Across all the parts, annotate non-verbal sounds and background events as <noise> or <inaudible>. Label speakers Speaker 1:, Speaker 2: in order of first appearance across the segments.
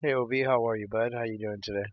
Speaker 1: Hey Ob, how are you, bud? How you doing today?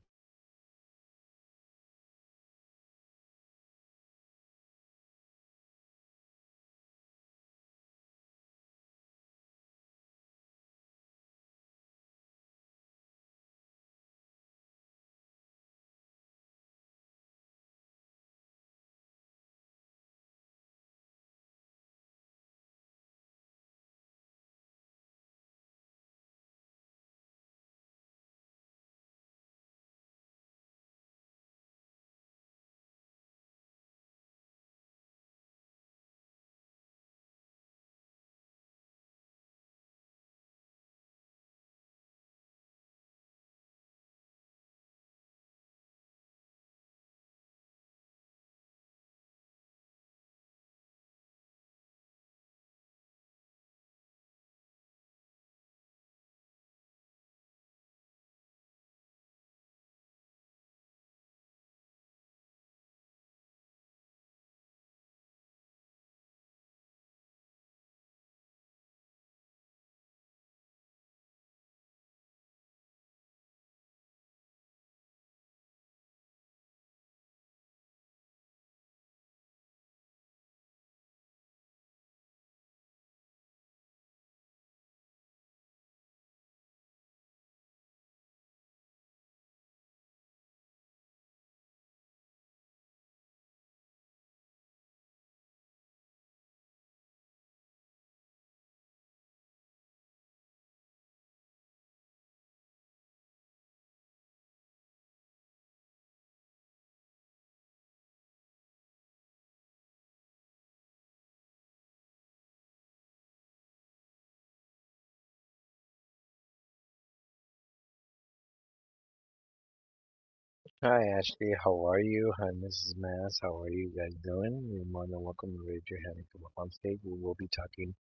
Speaker 1: Hi Ashley, how are you? Hi Mrs. Mass, how are you guys doing? You're more than welcome to raise your hand and come up on stage. We will be talking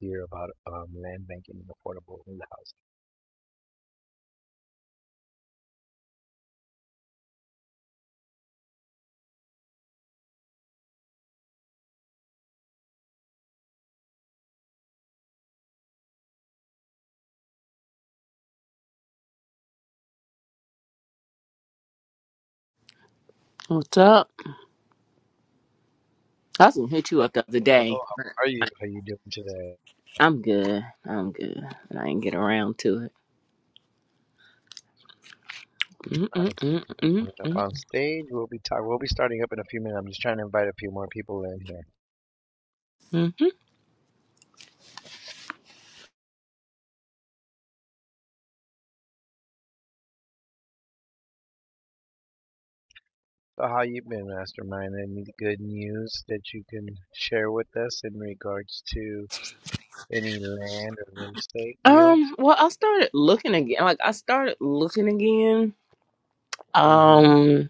Speaker 1: here about um, land banking and affordable housing.
Speaker 2: What's up? I was gonna hit you up
Speaker 1: Hello,
Speaker 2: the other
Speaker 1: hello,
Speaker 2: day.
Speaker 1: how are you? How you doing today?
Speaker 2: I'm good. I'm good. And I didn't get around to it.
Speaker 1: Nice. Thank you for coming up
Speaker 2: Mm-mm-mm-mm-mm-mm.
Speaker 1: on stage. We'll be talk. We'll be starting up in a few minutes. I'm just trying to invite a few more people in here. So how you been, Mastermind? Any good news that you can share with us in regards to any land or real estate deals?
Speaker 2: Um, well, I started looking again. Like, I started looking again.
Speaker 1: mm hmm
Speaker 2: Um,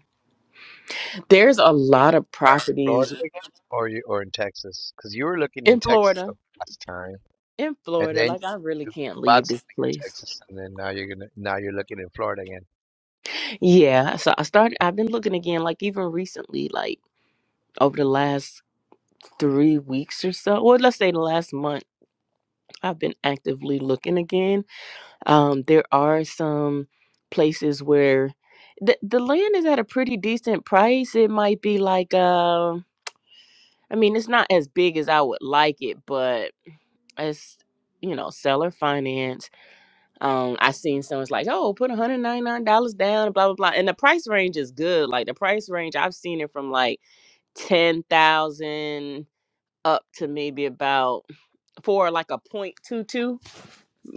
Speaker 2: there's a lot of
Speaker 1: Where in Florida
Speaker 2: properties
Speaker 1: again, or you or in Texas? Because you were looking in
Speaker 2: in
Speaker 1: Texas the
Speaker 2: Florida.
Speaker 1: last time,
Speaker 2: In
Speaker 1: and
Speaker 2: Florida,
Speaker 1: then you,
Speaker 2: like, I really
Speaker 1: you, you
Speaker 2: can't
Speaker 1: bought
Speaker 2: leave this
Speaker 1: something in
Speaker 2: place.
Speaker 1: Texas, and then now you're gonna now you're looking in Florida again.
Speaker 2: Yeah. So I started, I've been looking again, like, even recently, like, over the last three weeks or so, or let's say the last month, I've been actively looking again Um, there are some places where the the land is at a pretty decent price. It might be like uh, I mean, it's not as big as I would like it, but it's you know seller finance. Um, I seen someone's like, oh, put one hundred ninety nine dollars down, blah blah blah, and the price range is good. Like the price range, I've seen it from like ten thousand up to maybe about for like a point two two,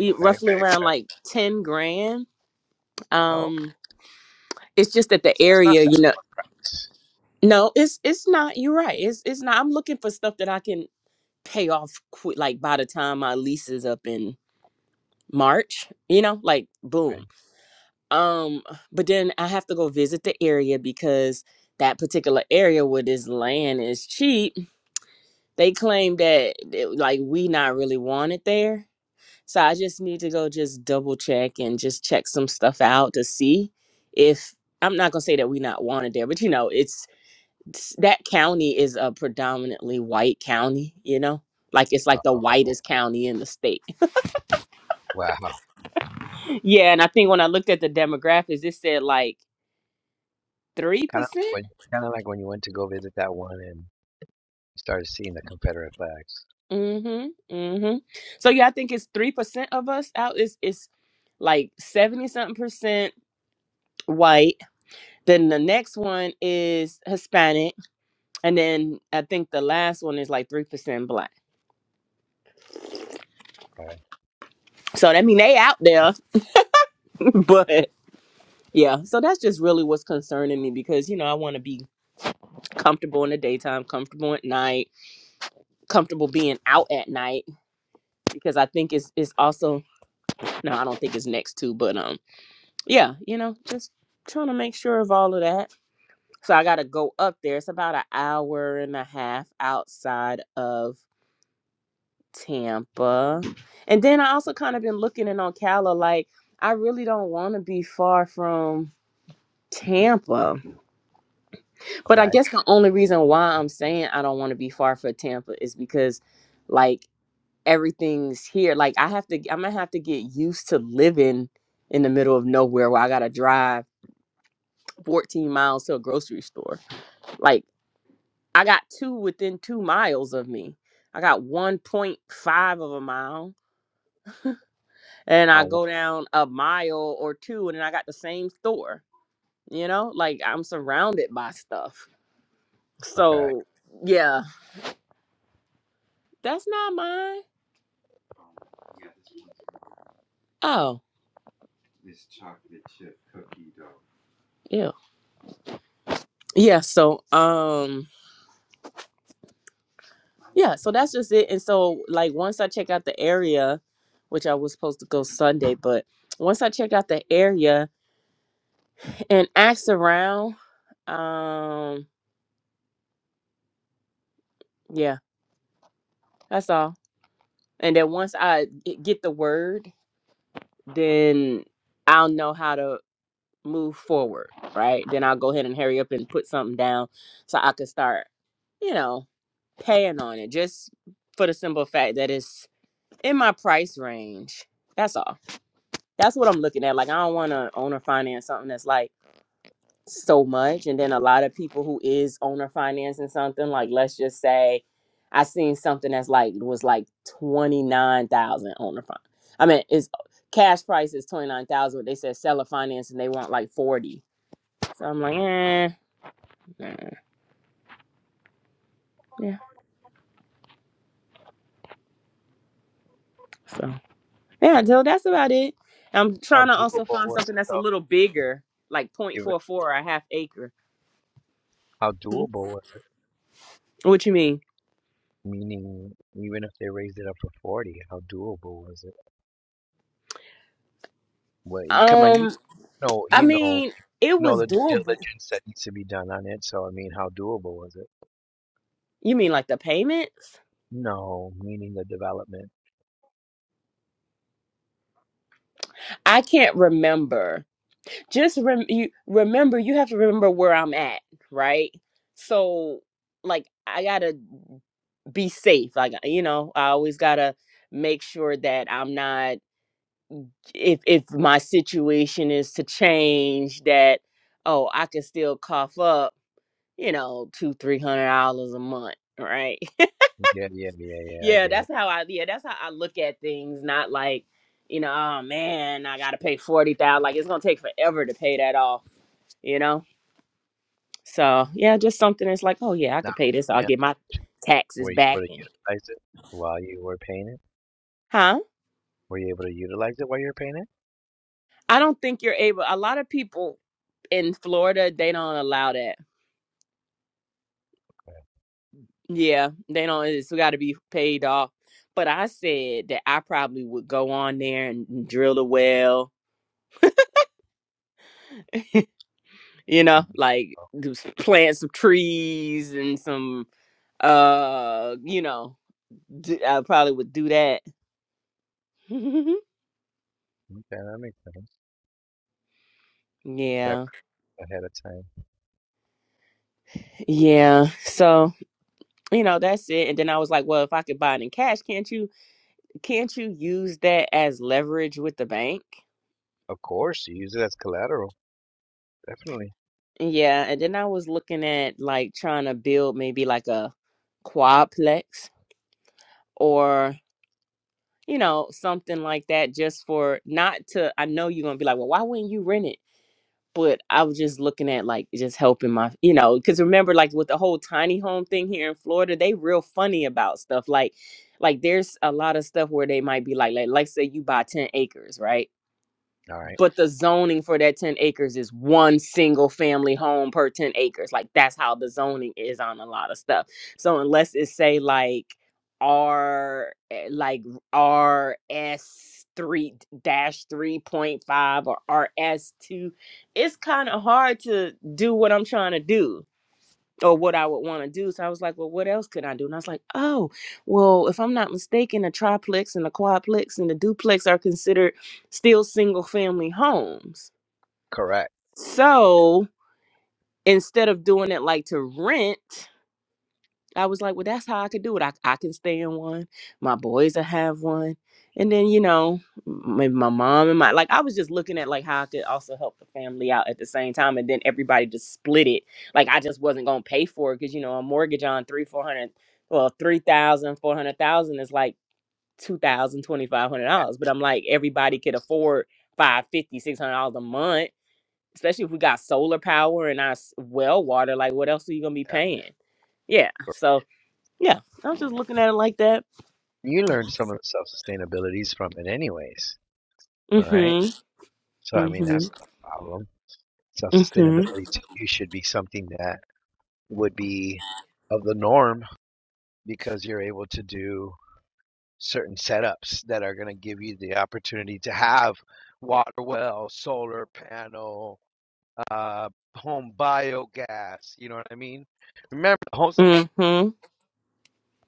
Speaker 1: Okay,
Speaker 2: roughly around
Speaker 1: okay.
Speaker 2: like ten grand.
Speaker 1: Oh, okay.
Speaker 2: Um it's just that the
Speaker 1: that's not
Speaker 2: area, you
Speaker 1: bad
Speaker 2: know.
Speaker 1: for price.
Speaker 2: No, it's it's not. You're right. It's it's not. I'm looking for stuff that I can pay off quick, like by the time my lease is up in March. You know, like
Speaker 1: Right?
Speaker 2: boom. Um, but then I have to go visit the area because that particular area where this land is cheap, they claim that it- like we not really wanted there. So I just need to go just double check and just check some stuff out to see if I'm not gonna say that we not wanted there, but you know, it's s- that county is a predominantly white county, you know? Like it's
Speaker 1: Oh,
Speaker 2: like the
Speaker 1: oh, oh,
Speaker 2: whitest county in the state.
Speaker 1: wow.
Speaker 2: <laughs> yeah, and I think when I looked at the demographics, it said like 3%.
Speaker 1: Kind of when kind of like when you went to go visit that one and you started seeing the Confederate flags.
Speaker 2: Mm-hmm. Mm-hmm. So yeah, I think it's 3% of us out is it's it's like 70 something percent white. Then the next one is Hispanic. And then I think the last one is like 3% black.
Speaker 1: Okay,
Speaker 2: So that mean they out there, <laughs> but yeah. So that's just really what's concerning me because you know I want to be comfortable in the daytime, comfortable at night, comfortable being out at night because I think it's it's also no, I don't think it's next to, but um yeah, you know, just trying to make sure of all of that. So I got to go up there. It's about an hour and a half outside of Tampa. And then I also kind of been looking in on Ocala like I really don't want to be far from Tampa. But I
Speaker 1: okay.
Speaker 2: guess the only reason why I'm saying I don't want to be far from Tampa is because like everything's here. Like I have to, I'm gonna have to get used to living in the middle of nowhere where I gotta drive 14 miles to a grocery store. Like I got two within two miles of me. I got 1.5 of a mile, and
Speaker 1: How
Speaker 2: I go
Speaker 1: wa-
Speaker 2: down a mile or two, and then I got the same store. You know, like I'm surrounded by stuff.
Speaker 1: okay?
Speaker 2: So yeah, that's not mine. Oh yeah, yeah. So um. Yeah, so that's just it. And so, like, once I check out the area, which I was supposed to go Sunday, but once I check out the area and ask around, um, yeah, that's all. And then once I g- get the word, then I'll know how to move forward, right? Then I'll go ahead and hurry up and put something down so I can start, you know, paying on it just for the simple fact that it's in my price range. That's all. That's what I'm looking at. Like I don't want to owner finance something that's like so much, and then a lot of people who is owner financing something like let's just say I seen something that's like was like twenty nine thousand owner fin. I mean, it's cash price is twenty nine thousand, but they said seller finance and they want like forty. So I'm like, eh, nah, yeah. So yeah, so that's about it. I'm
Speaker 1: How
Speaker 2: trying to also
Speaker 1: doable
Speaker 2: find
Speaker 1: was
Speaker 2: something
Speaker 1: it
Speaker 2: that's a
Speaker 1: though?
Speaker 2: little bigger, like point
Speaker 1: Even
Speaker 2: four four or a half acre.
Speaker 1: how doable was it?
Speaker 2: What you mean?
Speaker 1: Meaning, even if they raised it up to 40, how doable was it? Well, you- come on, you
Speaker 2: Um.
Speaker 1: know,
Speaker 2: I
Speaker 1: you know,
Speaker 2: mean,
Speaker 1: you
Speaker 2: it
Speaker 1: know
Speaker 2: was
Speaker 1: the due
Speaker 2: doable.
Speaker 1: diligence that needs to be done on it. So, I mean, how doable was it?
Speaker 2: You mean like the payments?
Speaker 1: No, meaning the development.
Speaker 2: I can't remember. Just rem- you remember you have to remember where I'm at, right? So like I got to be safe. Like you know, I always got to make sure that I'm not if if my situation is to change that oh, I can still cough up, you know, two, three hundred dollars a month, right?
Speaker 1: Yeah, yeah, yeah, yeah. I
Speaker 2: yeah,
Speaker 1: get
Speaker 2: that's
Speaker 1: it.
Speaker 2: how I yeah, that's how I look at things. Not like, you know, oh man, I gotta pay forty thousand. Like it's gonna take forever to pay that off, you know? So yeah, just something that's like, oh yeah, I
Speaker 1: Now,
Speaker 2: could pay this,
Speaker 1: let
Speaker 2: I'll
Speaker 1: me ask
Speaker 2: get
Speaker 1: you
Speaker 2: my
Speaker 1: a question.
Speaker 2: taxes
Speaker 1: were you able
Speaker 2: back
Speaker 1: to
Speaker 2: in.
Speaker 1: utilize it while you were paying it?
Speaker 2: Huh?
Speaker 1: Were you able to utilize it while you were paying it?
Speaker 2: I don't think you're able a lot of people in Florida, they don't allow that.
Speaker 1: Okay.
Speaker 2: Yeah, they don't it's gotta be paid off. But I said that I probably would go on there and drill a well <laughs> you know,
Speaker 1: Mm,
Speaker 2: like
Speaker 1: Oh,
Speaker 2: do s- plant some trees and some uh you know do, i probably would do that <laughs>
Speaker 1: okay, that makes sense. Prep
Speaker 2: yeah
Speaker 1: Ahead of time.
Speaker 2: yeah so you know that's it and then i was like well if i could buy it in cash can't you can't you use that as leverage with the bank
Speaker 1: Of course, you use it as collateral. Definitely.
Speaker 2: yeah and then i was looking at like trying to build maybe like a quadplex or you know something like that just for not to i know you're gonna be like well why wouldn't you rent it but I was just looking at like just helping my, you know, because remember like with the whole tiny home thing here in Florida, they real funny about stuff. Like, like there's a lot of stuff where they might be like, like, like say you buy ten acres, right?
Speaker 1: All right.
Speaker 2: but the zoning for that 10 acres is one single family home per 10 acres like that's how the zoning is on a lot of stuff so unless it say like r eh, like rs 3 dash 3.5 or rs2 it's kind of hard to do what i'm trying to do or what I would want to do. So I was like, well, what else could I do? And I was like, oh, well, if I'm not mistaken, a triplex and a quadplex and a duplex are considered still single family homes.
Speaker 1: Correct.
Speaker 2: So instead of doing it like to rent, I was like, well, that's how I could do it. I, I can stay in one. My boys will have one. And then, you know, my, my mom and my, like, I was just looking at like how I could also help the family out at the same time. And then everybody just split it. Like, I just wasn't going to pay for it because, you know, a mortgage on three, 400, well, 3,000 400,000 is like two thousand twenty five hundred
Speaker 1: Yeah.
Speaker 2: dollars But I'm like, everybody could afford five fifty, six hundred dollars a month, especially if we got solar power and our s- well water. Like, what else are you going to be
Speaker 1: yeah.
Speaker 2: paying? Yeah. so. Yeah, I was just looking at it like that.
Speaker 1: You learned some of the self-sustainabilities from it anyways. All right.
Speaker 2: Mm-hmm.
Speaker 1: So I mean,
Speaker 2: Mm-hmm.
Speaker 1: that's not a problem. Self
Speaker 2: Mm-hmm.
Speaker 1: sustainability to you should be something that would be of the norm because you're able to do certain setups that are going to give you the opportunity to have water well, solar panel, uh, home biogas. You know what I mean? Remember the whole
Speaker 2: Mm-hmm.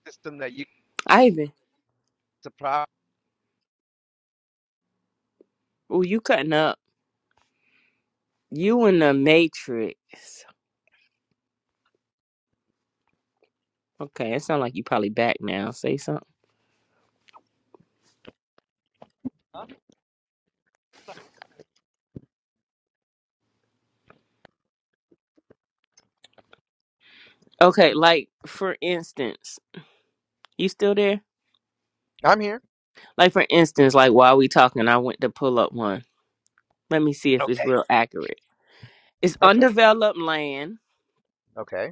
Speaker 1: system that you
Speaker 2: Ivan,
Speaker 1: supply.
Speaker 2: oh, you cutting up? You in the Matrix? Okay, it sounds like you probably back now. Say something. Okay, like for instance, you still there?
Speaker 1: I'm here.
Speaker 2: Like for instance, like while we talking, I went to pull up one. Let me see if it's
Speaker 1: Okay,
Speaker 2: real accurate. It's
Speaker 1: perfect.
Speaker 2: undeveloped land.
Speaker 1: Okay,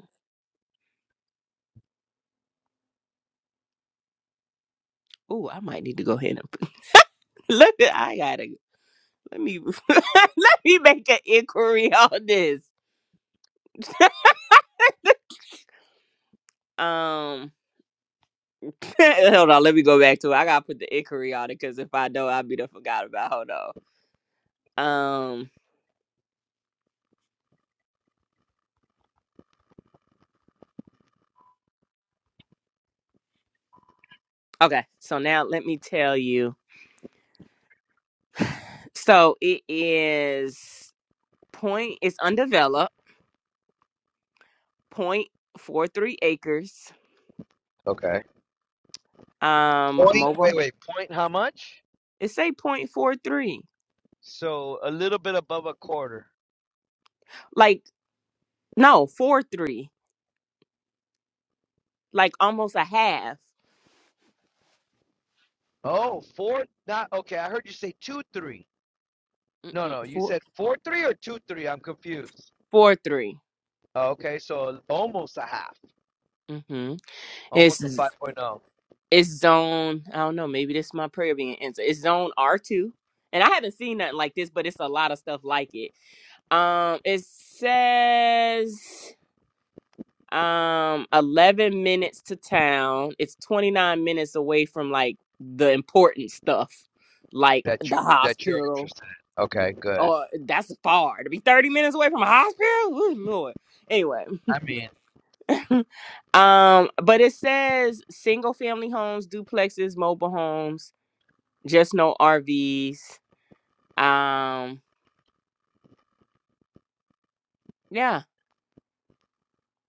Speaker 2: Oh, I might need to go ahead and <laughs> look. At, I gotta let me <laughs> let me make an inquiry on this. <laughs> um. <laughs> Hold on, let me go back to it. I gotta put the inquiry on it because if I don't, I'll be the forgot about. Hold on. Um. Okay. So now let me tell you. So it is point. It's undeveloped. Point four three acres.
Speaker 1: okay.
Speaker 2: Um.
Speaker 1: Point.
Speaker 2: Mobile.
Speaker 1: Wait, wait. Point. How much?
Speaker 2: It say point four three.
Speaker 1: So a little bit above a quarter.
Speaker 2: Like no four three. Like almost a half.
Speaker 1: Oh, four. Not okay. I heard you say two three. No,
Speaker 2: Mm-mm,
Speaker 1: no. You said four three or two three. I'm confused.
Speaker 2: four three.
Speaker 1: Oh, Okay, so almost a half,
Speaker 2: Mm-hmm.
Speaker 1: almost a
Speaker 2: It's
Speaker 1: 5.0
Speaker 2: It's zone. I don't know. Maybe this is my prayer being answered. It's zone R two, and I haven't seen nothing like this, but it's a lot of stuff like it. Um, it says um 11 minutes to town. It's 29 minutes away from like the important stuff, like
Speaker 1: that
Speaker 2: the
Speaker 1: you that you're
Speaker 2: hospital.
Speaker 1: interested in. Okay, good.
Speaker 2: Or that's far to be 30 minutes away from a hospital. Ooh, Lord. Anyway. <laughs> um, but it says single family homes, duplexes, mobile homes just no RVs. Um, yeah,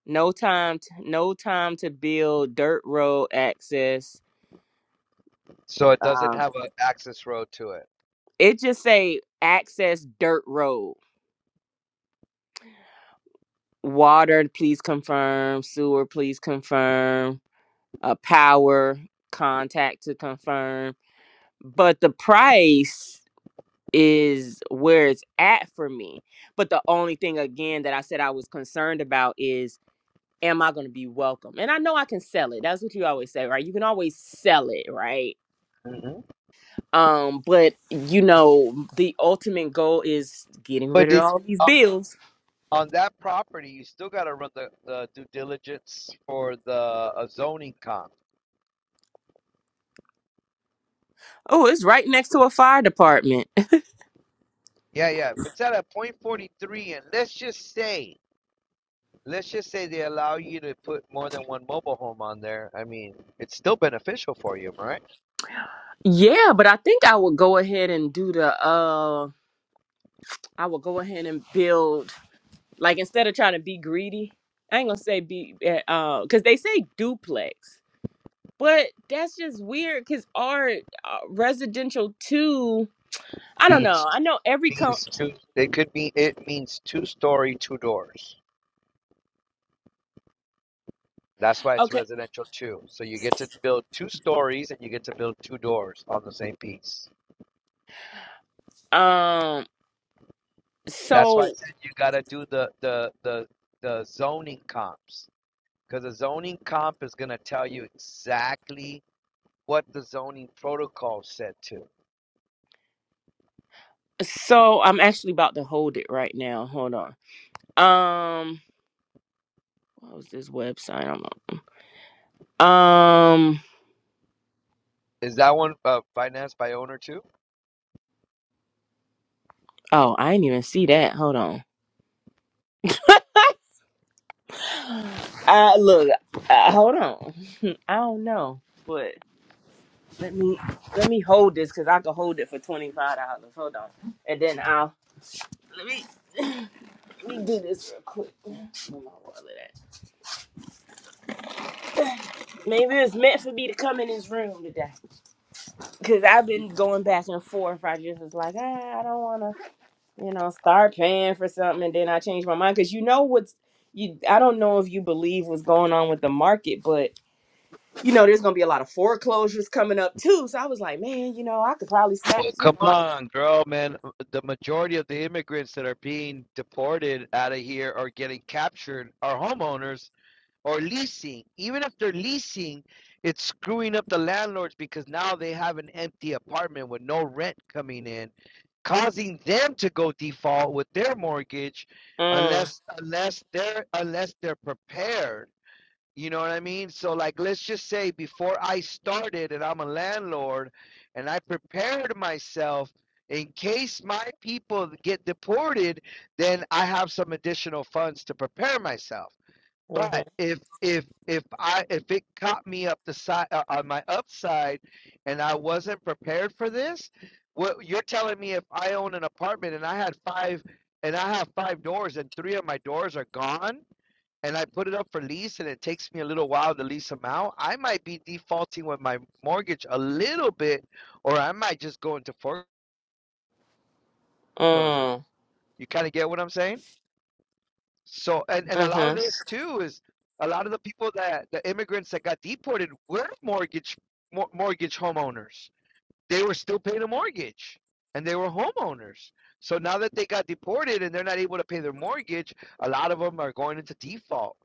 Speaker 2: no time, t- no time to build dirt road access.
Speaker 1: So it doesn't
Speaker 2: Um,
Speaker 1: have an access road to it.
Speaker 2: it just say access dirt road. Water, please confirm. Sewer, please confirm. Uh, power contact to confirm. But the price is where it's at for me. But the only thing again that I said I was concerned about is. am I going to be welcome? And I know I can sell it. That's what you always say, right? You can always sell it, right?
Speaker 1: hmm
Speaker 2: Um, but you know, the ultimate goal is getting
Speaker 1: But
Speaker 2: rid of
Speaker 1: did
Speaker 2: all these
Speaker 1: uh,
Speaker 2: bills.
Speaker 1: on that property, you still got to run the, the due diligence for the uh, zoning comp.
Speaker 2: Oh, it's right next to a fire department. <laughs>
Speaker 1: Yeah, yeah. If it's at a point forty three, and let's just say let's just say they allow you to put more than one mobile home on there. I mean, it's still beneficial for you, right?
Speaker 2: Yeah, but I think I would go ahead and do the uh I would go ahead and build like instead of trying to be greedy, I ain't gonna say be eh, uh cuz they say duplex. But that's just weird cuz our uh, residential 2 I don't know.
Speaker 1: Means
Speaker 2: I know every co-
Speaker 1: means two. It could be it means two story, two doors. That's why it's
Speaker 2: Okay.
Speaker 1: residential too. So you get to build two stories and you get to build two doors on the same piece.
Speaker 2: Um.
Speaker 1: That's why I
Speaker 2: So
Speaker 1: said you got to do the the the the zoning comps because the zoning comp is going to tell you exactly what the zoning protocol said to.
Speaker 2: so I'm actually about to hold it right now. Hold on. Um. What was this website? I'm on? Um.
Speaker 1: Is that one uh, financed by owner too?
Speaker 2: Oh, I didn't even see that. Hold on. <sighs> Uh, look. Uh, hold on. <laughs> I don't know, but let me let me hold this because I can hold it for twenty five dollars. Hold on, and then I'll let me <sighs> let me do this real quick. Where my wallet at? Maybe it's meant for me to come in this room today. Cause I've been going back and forth. I just was like, ah, I don't want to, you know, start paying for something, and then I changed my mind. Cause you know what's you. I don't know if you believe what's going on with the market, but you know, there's gonna be a lot of foreclosures coming up too. So I was like, man, you know, I could probably
Speaker 1: Well,
Speaker 2: snatch, you
Speaker 1: come
Speaker 2: know.
Speaker 1: on, girl, man. The majority of the immigrants that are being deported out of here or getting captured are homeowners or leasing. Even if they're leasing, it's screwing up the landlords because now they have an empty apartment with no rent coming in, causing them to go default with their mortgage
Speaker 2: Mm,
Speaker 1: unless unless they're unless they're prepared. You know what I mean? So, like, let's just say before I started and I'm a landlord and I prepared myself in case my people get deported, then I have some additional funds to prepare myself. But
Speaker 2: mm-hmm,
Speaker 1: if if if I if it caught me up the side uh, on my upside and I wasn't prepared for this, what you're telling me if I own an apartment and I had five and I have five doors and three of my doors are gone, and I put it up for lease and it takes me a little while to lease them out, I might be defaulting with my mortgage a little bit, or I might just go into foreclosure.
Speaker 2: mm,
Speaker 1: You kind of get what I'm saying? So, and, and a lot of
Speaker 2: mm-hmm,
Speaker 1: this too is a lot of the people that the immigrants that got deported were mortgage mor- mortgage homeowners. they were still paying a mortgage and they were homeowners. So now that they got deported and they're not able to pay their mortgage, a lot of them are going into default.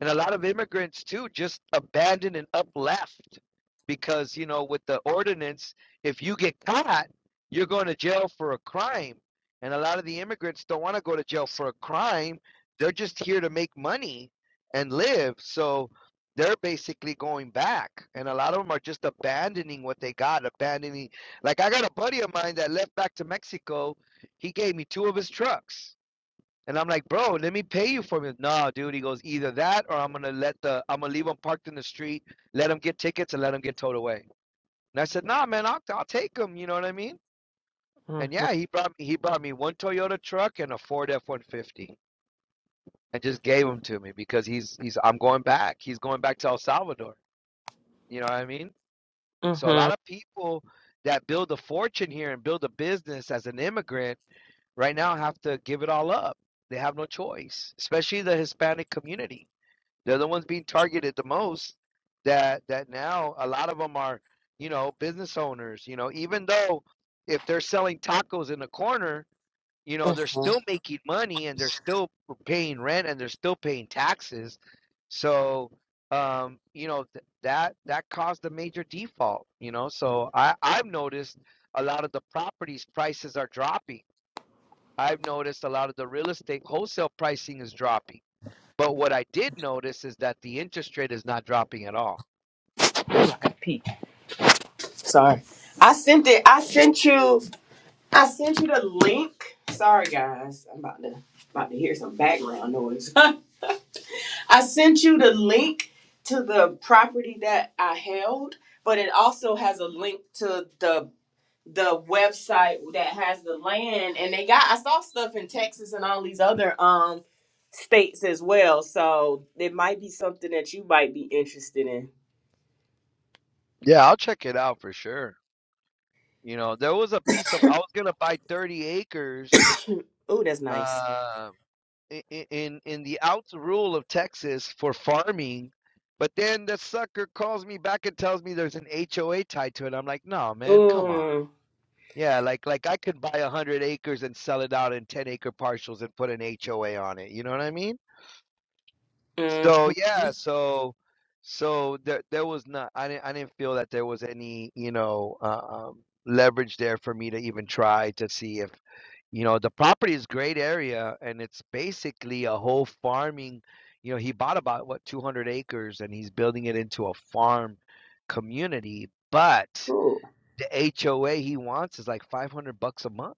Speaker 1: And a lot of immigrants too just abandoned and up left because, you know, with the ordinance, if you get caught, you're going to jail for a crime. And a lot of the immigrants don't want to go to jail for a crime. They're just here to make money and live. So, they're basically going back and a lot of them are just abandoning what they got abandoning like i got a buddy of mine that left back to mexico he gave me two of his trucks and i'm like bro let me pay you for it no dude he goes either that or i'm gonna let the i'm gonna leave them parked in the street let them get tickets and let them get towed away and i said nah man i'll, I'll take them you know what i mean and yeah
Speaker 2: mm-hmm,
Speaker 1: he brought me he brought me one toyota truck and a ford f-150 and just gave them to me because he's he's i'm going back he's going back to el salvador you know what i mean So a
Speaker 2: mm-hmm,
Speaker 1: lot of people that build a fortune here and build a business as an immigrant right now have to give it all up. They have no choice, especially the Hispanic community. They're the ones being targeted the most. That that now a lot of them are, you know, business owners. You know, even though if they're selling tacos in the corner, you know, they're
Speaker 2: mm-hmm.
Speaker 1: still making money and they're still paying rent and they're still paying taxes. So, um, you know, th that that caused a major default, you know. So I I've noticed a lot of the properties prices are dropping. I've noticed a lot of the real estate wholesale pricing is dropping. But what I did notice is that the interest rate is not dropping at all.
Speaker 2: Oh, I got pee. Sorry. I sent it. I sent you. I sent you the link. Sorry guys, I'm about to about to hear some background noise. <laughs> I sent you the link to the property that I held, but it also has a link to the the website that has the land and they got I saw stuff in Texas and all these other um states as well. So it might be something that you might be interested in.
Speaker 1: Yeah, I'll check it out for sure. You know, there was a piece of I was gonna buy 30 acres
Speaker 2: <clears throat> oh, that's nice.
Speaker 1: uh, i- i- in in the outs rural of Texas for farming, but then the sucker calls me back and tells me there's an HOA tied to it. I'm like, no, man, come on.
Speaker 2: Ooh.
Speaker 1: Yeah, like like I could buy 100 acres and sell it out in 10 acre parcels and put an HOA on it. You know what I mean? So yeah,
Speaker 2: Mm-hmm.
Speaker 1: so so there there was not I didn't I didn't feel that there was any you know uh, um, leverage there for me to even try to see if You know, the property is great area and it's basically a whole farming, you know, he bought about what 200 acres and he's building it into a farm community, but the HOA he wants is like 500 bucks a month.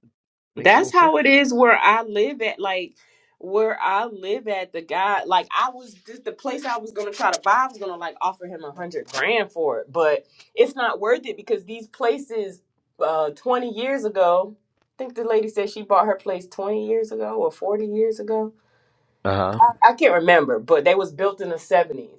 Speaker 1: Makes no
Speaker 2: That's how it
Speaker 1: sense.
Speaker 2: is where I live at. Like where I live at, the guy, like I was just the place I was gonna try to buy. I was gonna like offer him a hundred grand for it, but it's not worth it because these places, uh, twenty years ago, I think the lady said she bought her place twenty years ago or forty years ago.
Speaker 1: Uh-huh.
Speaker 2: I, I can't remember, but they was built in the '70s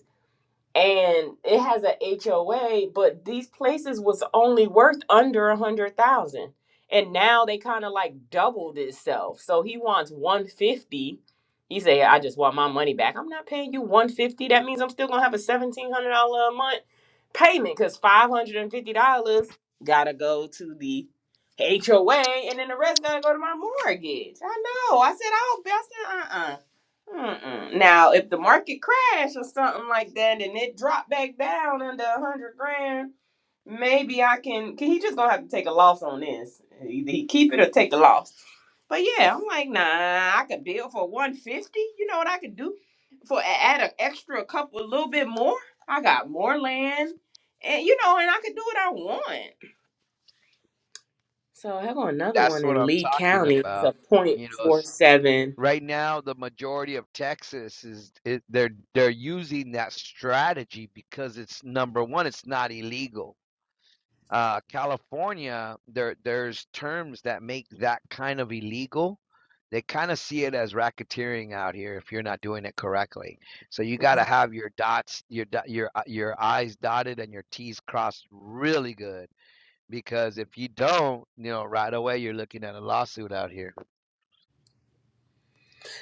Speaker 2: and it has a HOA, but these places was only worth under a hundred thousand, and now they kind of like doubled itself. So he wants one fifty. He say, "I just want my money back. I'm not paying you one fifty. That means I'm still gonna have a seventeen hundred dollar a month payment because five hundred and fifty dollars gotta go to the HOA, and then the rest gotta go to my mortgage. I know. I said, I'll best. Uh uh Mm-mm. Now, if the market crash or something like that, and it dropped back down under a hundred grand, maybe I can. Can He just gonna have to take a loss on this. Either he keep it or take a loss. But yeah, I'm like, nah, I could build for one fifty. You know what I could do? For add an extra couple, a little bit more. I got more land, and you know, and I could do what I want. So I got another
Speaker 1: That's
Speaker 2: one
Speaker 1: what
Speaker 2: in
Speaker 1: I'm
Speaker 2: Lee
Speaker 1: talking
Speaker 2: County. It's
Speaker 1: about.
Speaker 2: a point
Speaker 1: You know,
Speaker 2: four
Speaker 1: s-
Speaker 2: seven.
Speaker 1: right now the majority of Texas is it, they're they're using that strategy because it's number one, it's not illegal. Uh, California, there there's terms that make that kind of illegal. They kind of see it as racketeering out here if you're not doing it correctly. So you got to have your dots, your your uh, your I's dotted and your T's crossed really good because if you don't, you know, right away you're looking at a lawsuit out here.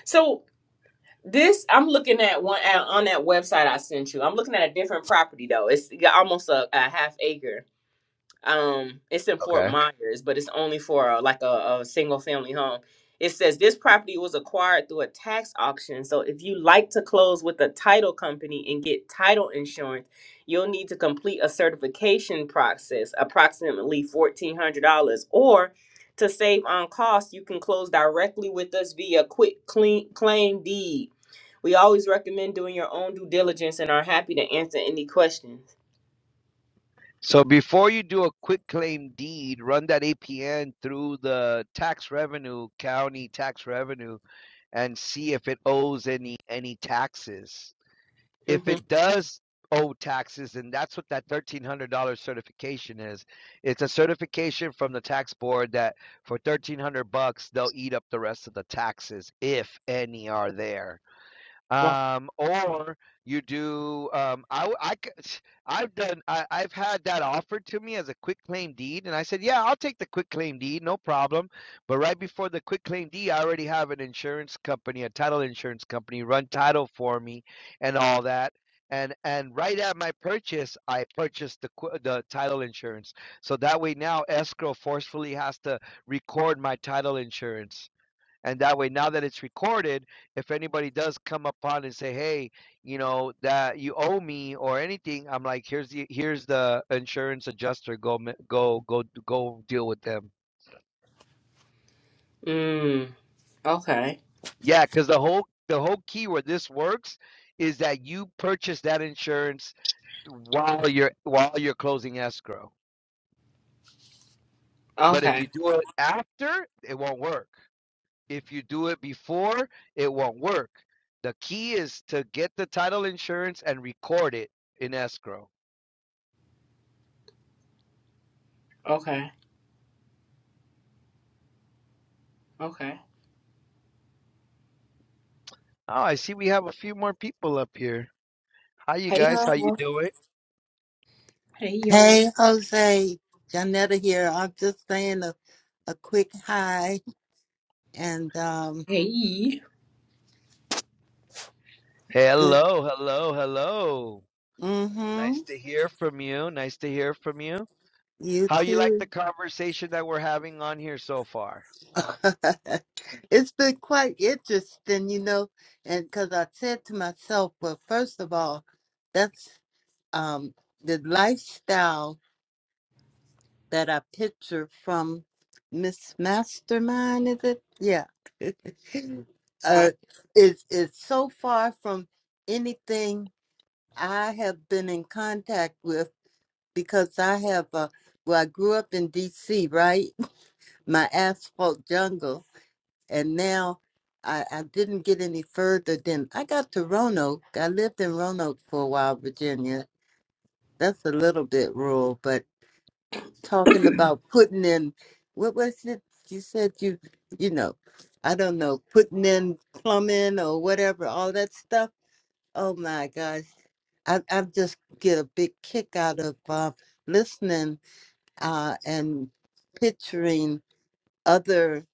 Speaker 2: So this, I'm looking at one at, on that website I sent you. I'm looking at a different property though. It's got almost a, a half acre. um it's in fort
Speaker 1: Okay.
Speaker 2: myers but it's only for uh, like a, a single family home it says this property was acquired through a tax auction so if you like to close with a title company and get title insurance you'll need to complete a certification process approximately $1400 or to save on costs you can close directly with us via quick clean claim deed we always recommend doing your own due diligence and are happy to answer any questions
Speaker 1: So before you do a quick claim deed, run that APN through the tax revenue, county tax revenue and see if it owes any any taxes.
Speaker 2: mm
Speaker 1: If it does owe taxes, and that's what that thirteen hundred dollar certification is. It's a certification from the tax board that for thirteen hundred bucks they'll eat up the rest of the taxes if any are there
Speaker 2: hmm
Speaker 1: um or you do um i w- i c- i've done I, i've had that offered to me as a quick claim deed and i said yeah i'll take the quick claim deed no problem but right before the quick claim deed i already have an insurance company a title insurance company run title for me and all that and and right at my purchase i purchased the qu- the title insurance so that way now escrow forcefully has to record my title insurance and that way now that it's recorded if anybody does come upon and say hey you know that you owe me or anything i'm like here's the here's the insurance adjuster go ma- go go go deal with them
Speaker 2: mm, okay
Speaker 1: yeah because the whole the whole key where this works is that you purchase that insurance while you're while you're closing escrow but if
Speaker 2: Okay.
Speaker 1: you do it after it won't work If you do it before, it won't work. The key is to get the title insurance and record it in escrow.
Speaker 2: Okay. Okay.
Speaker 1: Oh, I see we have a few more people up here. Hi, you
Speaker 2: Hey
Speaker 1: guys. How you
Speaker 2: y'all.
Speaker 1: doing?
Speaker 2: Hey y'all.
Speaker 3: Hey, Jose, Janetta here. I'm just saying a, a quick hi and um,
Speaker 2: Hey.
Speaker 3: good.
Speaker 1: Hello, hello, hello.
Speaker 3: Mm-hmm.
Speaker 1: Nice to hear from you. Nice to hear from you.
Speaker 3: You
Speaker 1: How you like
Speaker 3: too.
Speaker 1: the conversation that we're having on here so far?
Speaker 3: <laughs> it's been quite interesting, you know, and because I said to myself, well, first of all, that's um, the lifestyle that I picture from Miss Mastermind, is it? Yeah. <laughs>
Speaker 2: All
Speaker 3: uh,
Speaker 2: right.
Speaker 3: it's, it's so far from anything I have been in contact with because I have a well, I grew up in DC, right? <laughs> My asphalt jungle. And now I, I didn't get any further than I got to Roanoke. I lived in Roanoke for a while, Virginia. That's a little bit rural, but talking about putting in what was it? You said you you know, I don't know, putting in plumbing or whatever, all that stuff. Oh my gosh. I, I just get a big kick out of uh, listening uh, and picturing other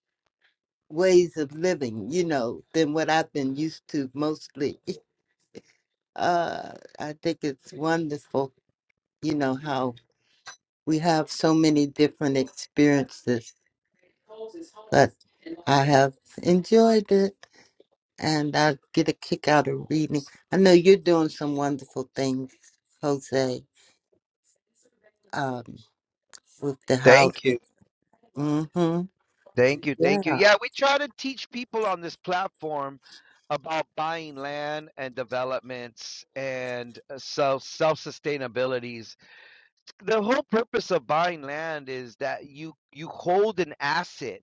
Speaker 3: ways of living, you know, than what I've been used to mostly. Uh, I think it's wonderful, you know, how we have so many different experiences. But I have enjoyed it and I get a kick out of reading. I know you're doing some wonderful things, Jose, um, with the house.
Speaker 1: Thank you.
Speaker 3: Mm-hmm.
Speaker 1: Thank you, thank you.
Speaker 3: Yeah.
Speaker 1: Yeah, we try to teach people on this platform about buying land and developments and uh, self self sustainabilities. The whole purpose of buying land is that you you hold an asset,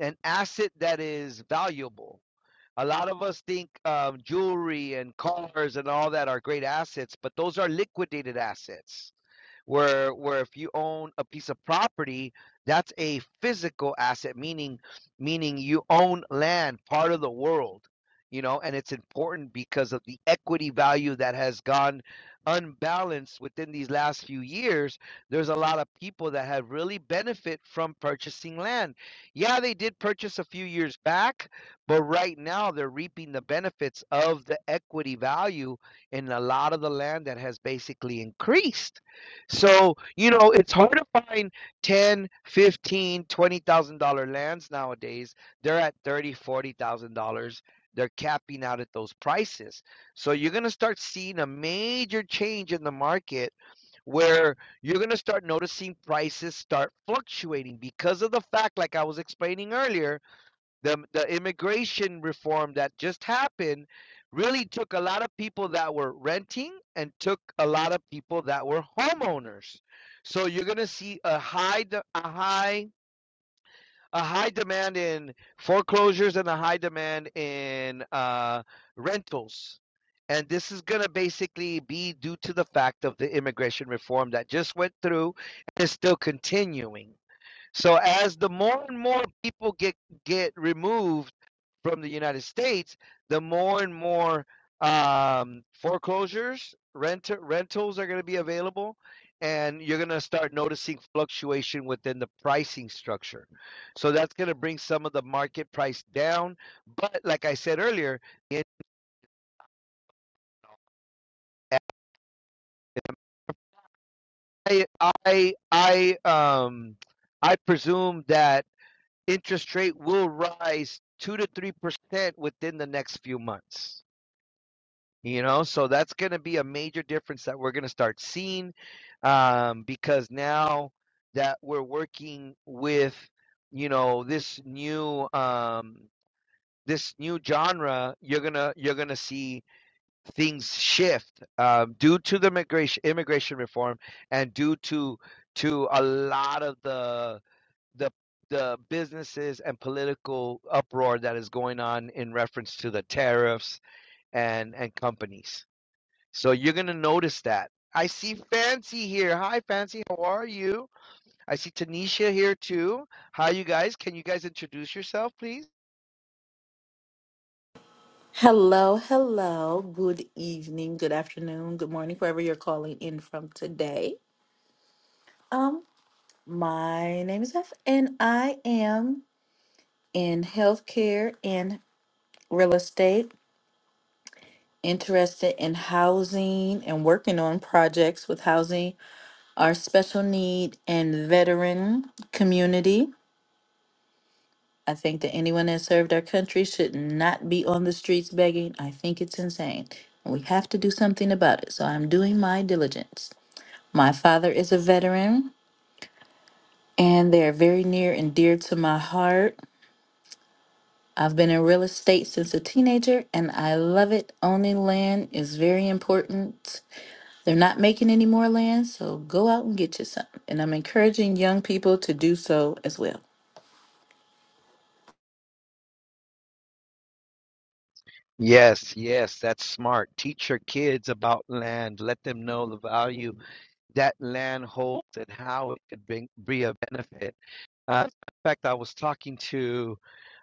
Speaker 1: an asset that is valuable. A lot of us think um, jewelry and cars and all that are great assets, but those are liquidated assets where where if you own a piece of property that's a physical asset meaning meaning you own land part of the world you know and it's important because of the equity value that has gone unbalanced within these last few years there's a lot of people that have really benefit from purchasing land yeah they did purchase a few years back but right now they're reaping the benefits of the equity value in a lot of the land that has basically increased so, you know, it's hard to find ten, fifteen, twenty thousand dollar lands nowadays. They're at 30, 40,000 dollars. They're capping out at those prices. So you're going to start seeing a major change in the market where you're going to start noticing prices start fluctuating because of the fact like I was explaining earlier the the immigration reform that just happened really took a lot of people that were renting and took a lot of people that were homeowners. So you're going to see a high de- a high a high demand in foreclosures and a high demand in uh, rentals. And this is going to basically be due to the fact of the immigration reform that just went through and is still continuing. So as the more and more people get get removed from the United States, the more and more um, foreclosures, rent rentals are going to be available, and you're going to start noticing fluctuation within the pricing structure. So that's going to bring some of the market price down. But like I said earlier, it, I I I um I presume that interest rate will rise two to three percent within the next few months. You know, so that's going to be a major difference that we're going to start seeing um, because now that we're working with, you know, this new um, this new genre, you're gonna you're gonna see things shift um, due to the migration immigration reform and due to to a lot of the the the businesses and political uproar that is going on in reference to the tariffs and and companies. So you're gonna notice that. I see Fancy here. Hi, Fancy. How are you? I see Tanisha here too. Hi, you guys. Can you guys introduce yourself, please?
Speaker 4: Hello, hello. Good evening, good afternoon, good morning, wherever you're calling in from today. Um, my name is F, and I am in healthcare and real estate, interested in housing and working on projects with housing, our special need and veteran community. I think that anyone that served our country should not be on the streets begging. I think it's insane. and We have to do something about it. So I'm doing my diligence. My father is a veteran, and they are very near and dear to my heart. I've been in real estate since a teenager, and I love it. Owning land is very important. They're not making any more land, so go out and get you some. And I'm encouraging young people to do so as well.
Speaker 1: Yes, yes, that's smart. Teach your kids about land. Let them know the value that land holds and how it could bring, be a benefit. Uh, in fact, I was talking to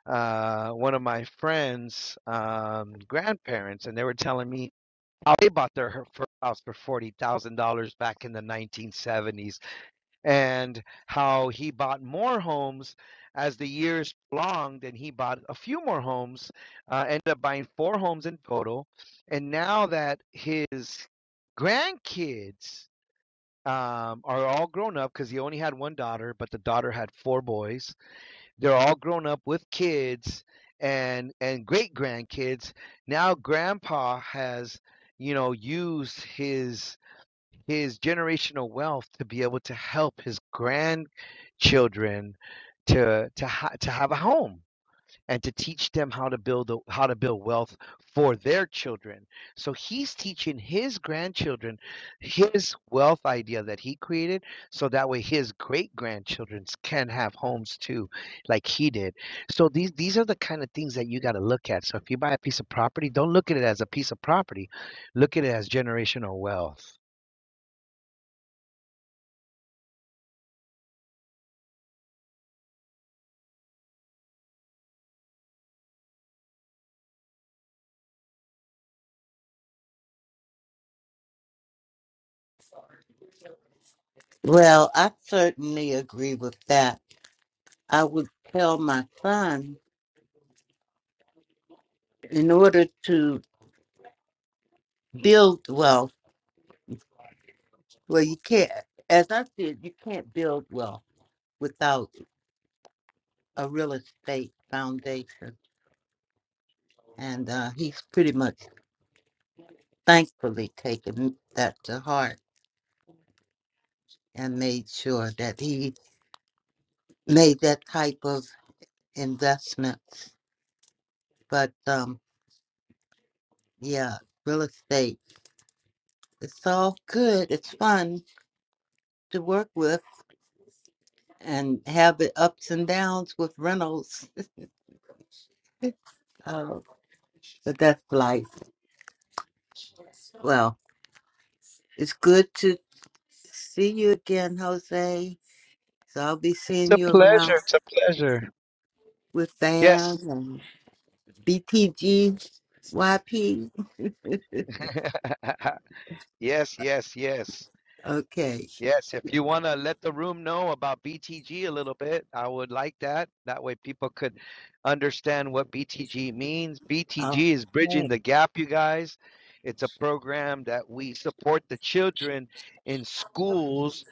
Speaker 1: uh, one of my friends' um, grandparents, and they were telling me how they bought their first house for forty thousand dollars back in the nineteen seventies, and how he bought more homes as the years prolonged, and he bought a few more homes, uh, ended up buying four homes in total, and now that his grandkids um, are all grown up because he only had one daughter, but the daughter had four boys they're all grown up with kids and and great grandkids now grandpa has you know used his his generational wealth to be able to help his grandchildren to to ha- to have a home and to teach them how to build a, how to build wealth for their children. So he's teaching his grandchildren his wealth idea that he created so that way his great grandchildren can have homes too like he did. So these these are the kind of things that you got to look at. So if you buy a piece of property, don't look at it as a piece of property. Look at it as generational wealth.
Speaker 3: Well, I certainly agree with that. I would tell my son in order to build wealth, well, you can't, as I said, you can't build wealth without a real estate foundation. And uh, he's pretty much thankfully taken that to heart and made sure that he made that type of investment. But um, yeah, real estate, it's all good. It's fun to work with and have the ups and downs with Reynolds, Uh, <laughs> but that's life. Well, it's good to see you again, Jose. So I'll be
Speaker 1: It's
Speaker 3: seeing
Speaker 1: a
Speaker 3: you
Speaker 1: pleasure.
Speaker 3: around
Speaker 1: It's a pleasure.
Speaker 3: with Van
Speaker 1: Yes.
Speaker 3: and BTG YP.
Speaker 1: <laughs> yes, yes, yes.
Speaker 3: Okay.
Speaker 1: Yes, if you want to let the room know about BTG a little bit, I would like that. That way people could understand what BTG means.
Speaker 3: Oh,
Speaker 1: BTG is Bridging
Speaker 3: okay.
Speaker 1: the Gap, you guys. It's a program that we support the children in schools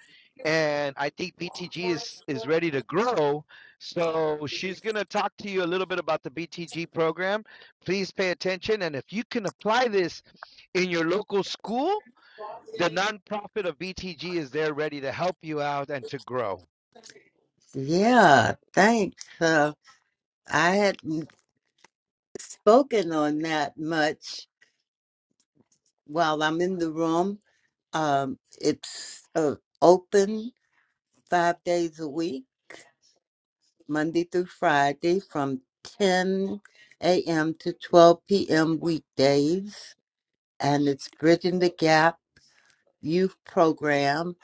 Speaker 1: and I think BTG is is ready to grow. So she's going to talk to you a little bit about the BTG program. Please pay attention, and if you can apply this in your local school, the nonprofit of BTG is there ready to help you out and to grow.
Speaker 3: Yeah, thanks. Uh, I hadn't spoken on that much while I'm in the room. Um, it's uh, open five days a week Monday through Friday from 10 a.m. to 12 p.m. weekdays. And it's Bridging the Gap Youth Program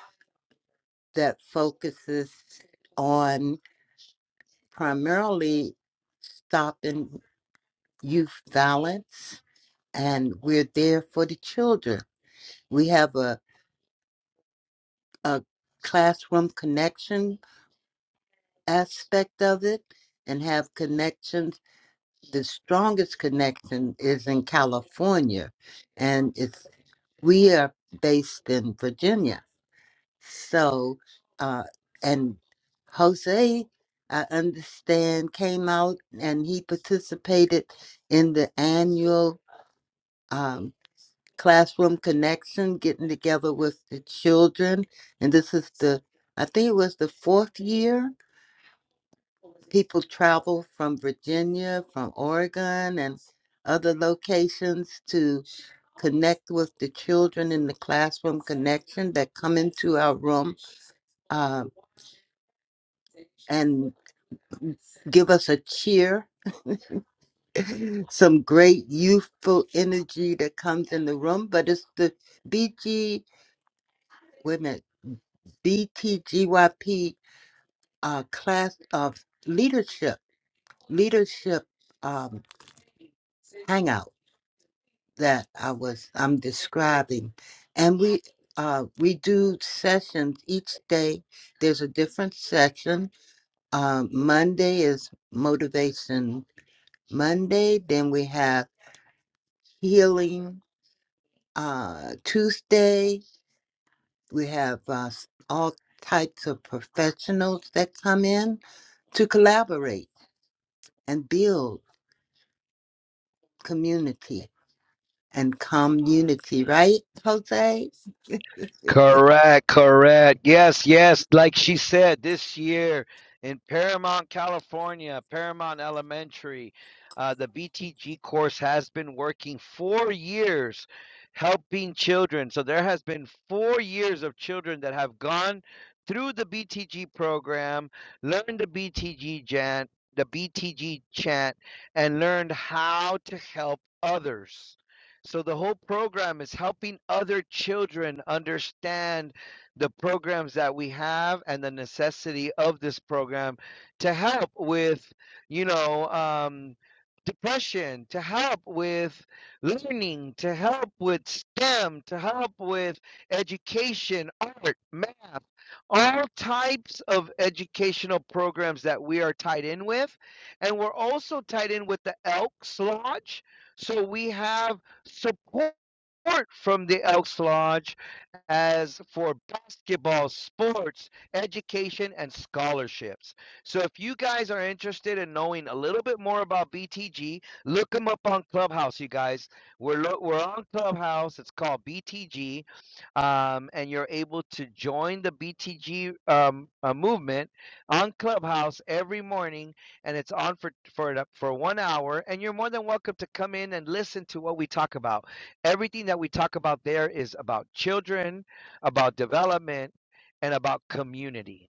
Speaker 3: that focuses on primarily stopping youth violence. And we're there for the children. We have a, a classroom connection aspect of it and have connections the strongest connection is in California, and it's we are based in Virginia. So, uh, and Jose, I understand, came out and he participated in the annual um, classroom connection, getting together with the children. And this is the, I think it was the fourth year People travel from Virginia, from Oregon, and other locations to connect with the children in the classroom connection that come into our room uh, and give us a cheer, some great youthful energy that comes in the room. But it's the BG, wait a minute, BTGYP uh, class of leadership, leadership um, hangout. that I was I'm describing. And we uh we do sessions each day. There's a different session. Um Monday is motivation Monday, then we have healing uh Tuesday, we have uh, s- all types of professionals that come in to collaborate and build community and community, right, Jose?
Speaker 1: Correct, correct. Yes, yes. Like she said, this year in Paramount, California, Paramount Elementary, uh, the BTG course has been working four years helping children. So there has been four years of children that have gone through the BTG program, learned the BTG chant, the BTG chant, and learned how to help others. So the whole program is helping other children understand the programs that we have and the necessity of this program to help with, you know, um, depression, to help with learning, to help with STEM, to help with education, art, math, all types of educational programs that we are tied in with. And we're also tied in with the Elks Lodge. So we have support from the Elks Lodge as for basketball, sports, education, and scholarships. So if you guys are interested in knowing a little bit more about BTG, look them up on Clubhouse, you guys. We're, lo- we're on Clubhouse. It's called BTG, um, and you're able to join the BTG um, uh, movement on Clubhouse every morning, and it's on for for an- for one hour. And you're more than welcome to come in and listen to what we talk about everything that we talk about there is about children, about development, and about community.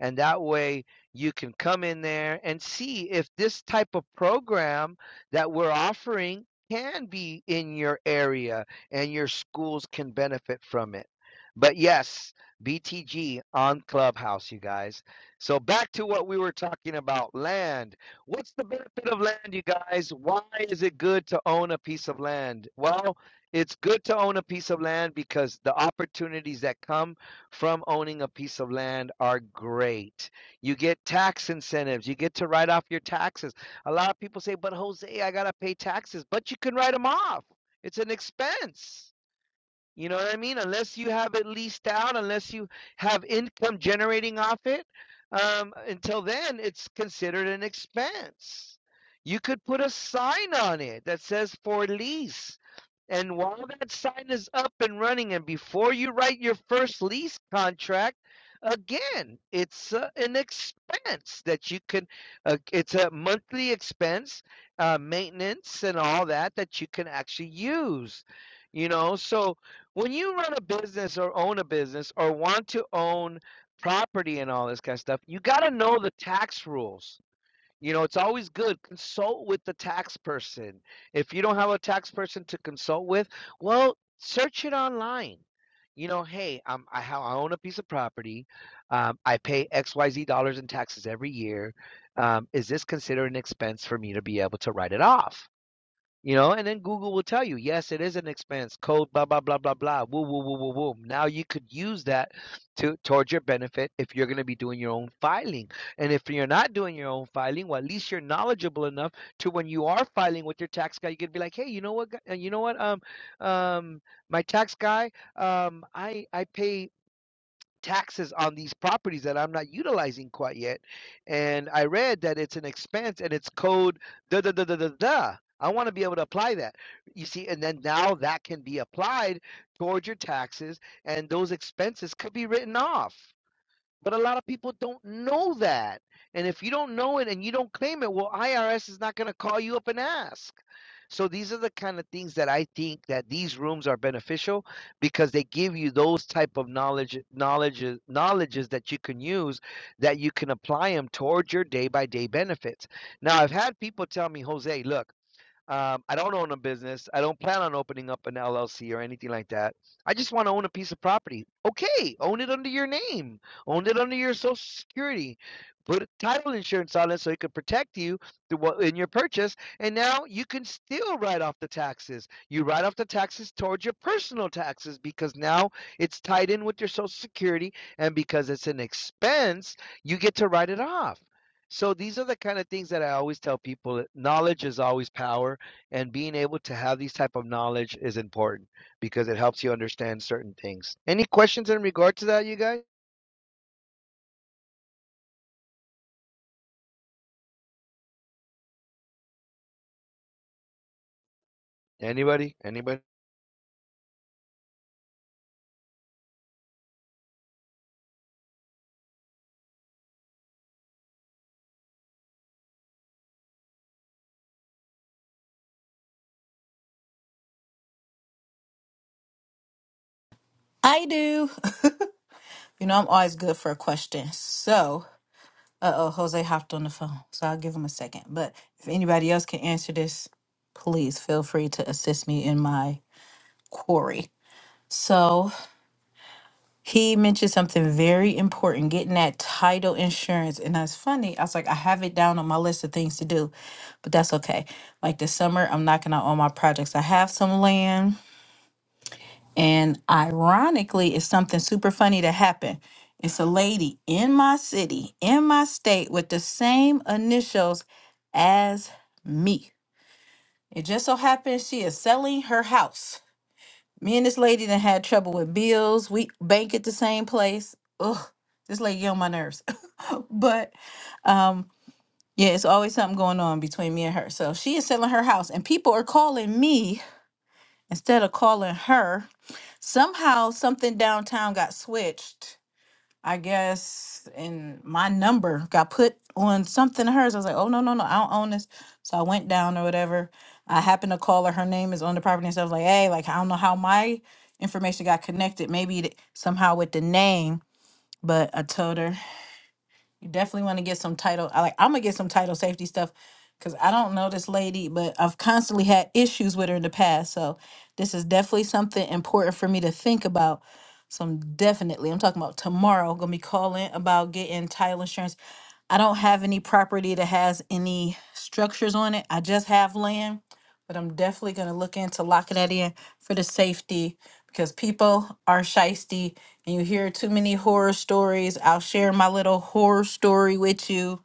Speaker 1: And that way you can come in there and see if this type of program that we're offering can be in your area and your schools can benefit from it. But yes, BTG on Clubhouse, you guys. So back to what we were talking about land. What's the benefit of land, you guys? Why is it good to own a piece of land? Well, it's good to own a piece of land because the opportunities that come from owning a piece of land are great. You get tax incentives. You get to write off your taxes. A lot of people say, but Jose, I got to pay taxes, but you can write them off. It's an expense. You know what I mean? Unless you have it leased out, unless you have income generating off it, um, until then, it's considered an expense. You could put a sign on it that says for lease. And while that sign is up and running, and before you write your first lease contract, again, it's uh, an expense that you can, uh, it's a monthly expense, uh, maintenance and all that, that you can actually use. You know, so when you run a business or own a business or want to own property and all this kind of stuff, you got to know the tax rules. You know, it's always good consult with the tax person. If you don't have a tax person to consult with, well, search it online. You know, hey, um, I, ha- I own a piece of property. Um, I pay X, Y, Z dollars in taxes every year. Um, is this considered an expense for me to be able to write it off? You know, and then Google will tell you, yes, it is an expense, code, blah, blah, blah, blah, blah, woo, woo, woo, woo, woo. Now you could use that to towards your benefit if you're going to be doing your own filing. And if you're not doing your own filing, well, at least you're knowledgeable enough to when you are filing with your tax guy, you could be like, hey, you know what, gu- uh, you know what, um, um, my tax guy, um, I, I pay taxes on these properties that I'm not utilizing quite yet. And I read that it's an expense and it's code da da da da da da. I want to be able to apply that. You see, and then now that can be applied towards your taxes, and those expenses could be written off. But a lot of people don't know that. And if you don't know it and you don't claim it, well, IRS is not going to call you up and ask. So these are the kind of things that I think that these rooms are beneficial because they give you those type of knowledge knowledge, knowledges that you can use that you can apply them towards your day by day benefits. Now I've had people tell me, Jose, look, um, I don't own a business. I don't plan on opening up an LLC or anything like that. I just want to own a piece of property. Okay, own it under your name. Own it under your social security. Put a title insurance on it so it could protect you in your purchase. And now you can still write off the taxes. You write off the taxes towards your personal taxes because now it's tied in with your social security. And because it's an expense, you get to write it off. So these are the kind of things that I always tell people. Knowledge is always power and being able to have these type of knowledge is important because it helps you understand certain things any questions in regard to that you guys anybody anybody
Speaker 4: I do. <laughs> you know, I'm always good for a question. So, uh oh, Jose hopped on the phone. So I'll give him a second. But if anybody else can answer this, please feel free to assist me in my quarry. So, He mentioned something very important, getting that title insurance. And that's funny. I was like, I have it down on my list of things to do, but that's okay. Like this summer, I'm knocking out all my projects. I have some land, and ironically, it's something super funny that happened. It's a lady in my city, in my state, with the same initials as me. It just so happens she is selling her house. Me and this lady that had trouble with bills. We bank at the same place. Ugh, this lady get on my nerves. <laughs> but um, yeah, it's always something going on between me and her. So she is selling her house, and people are calling me instead of calling her. Somehow, something downtown got switched I guess, and my number got put on something of hers. I was like, oh, no, no, no, I don't own this. So I went down or whatever. I happened to call her. Her name is on the property. And so I was like, hey, like, I don't know how my information got connected. Maybe it- somehow with the name. But I told her, you definitely want to get some title. I like I'm gonna get some title safety stuff because I don't know this lady, but I've constantly had issues with her in the past. So this is definitely something important for me to think about. So I'm definitely I'm talking about tomorrow gonna be calling about getting title insurance. I don't have any property that has any structures on it. I just have land, but I'm definitely gonna look into locking that in for the safety because people are shisty and you hear too many horror stories. I'll share my little horror story with you.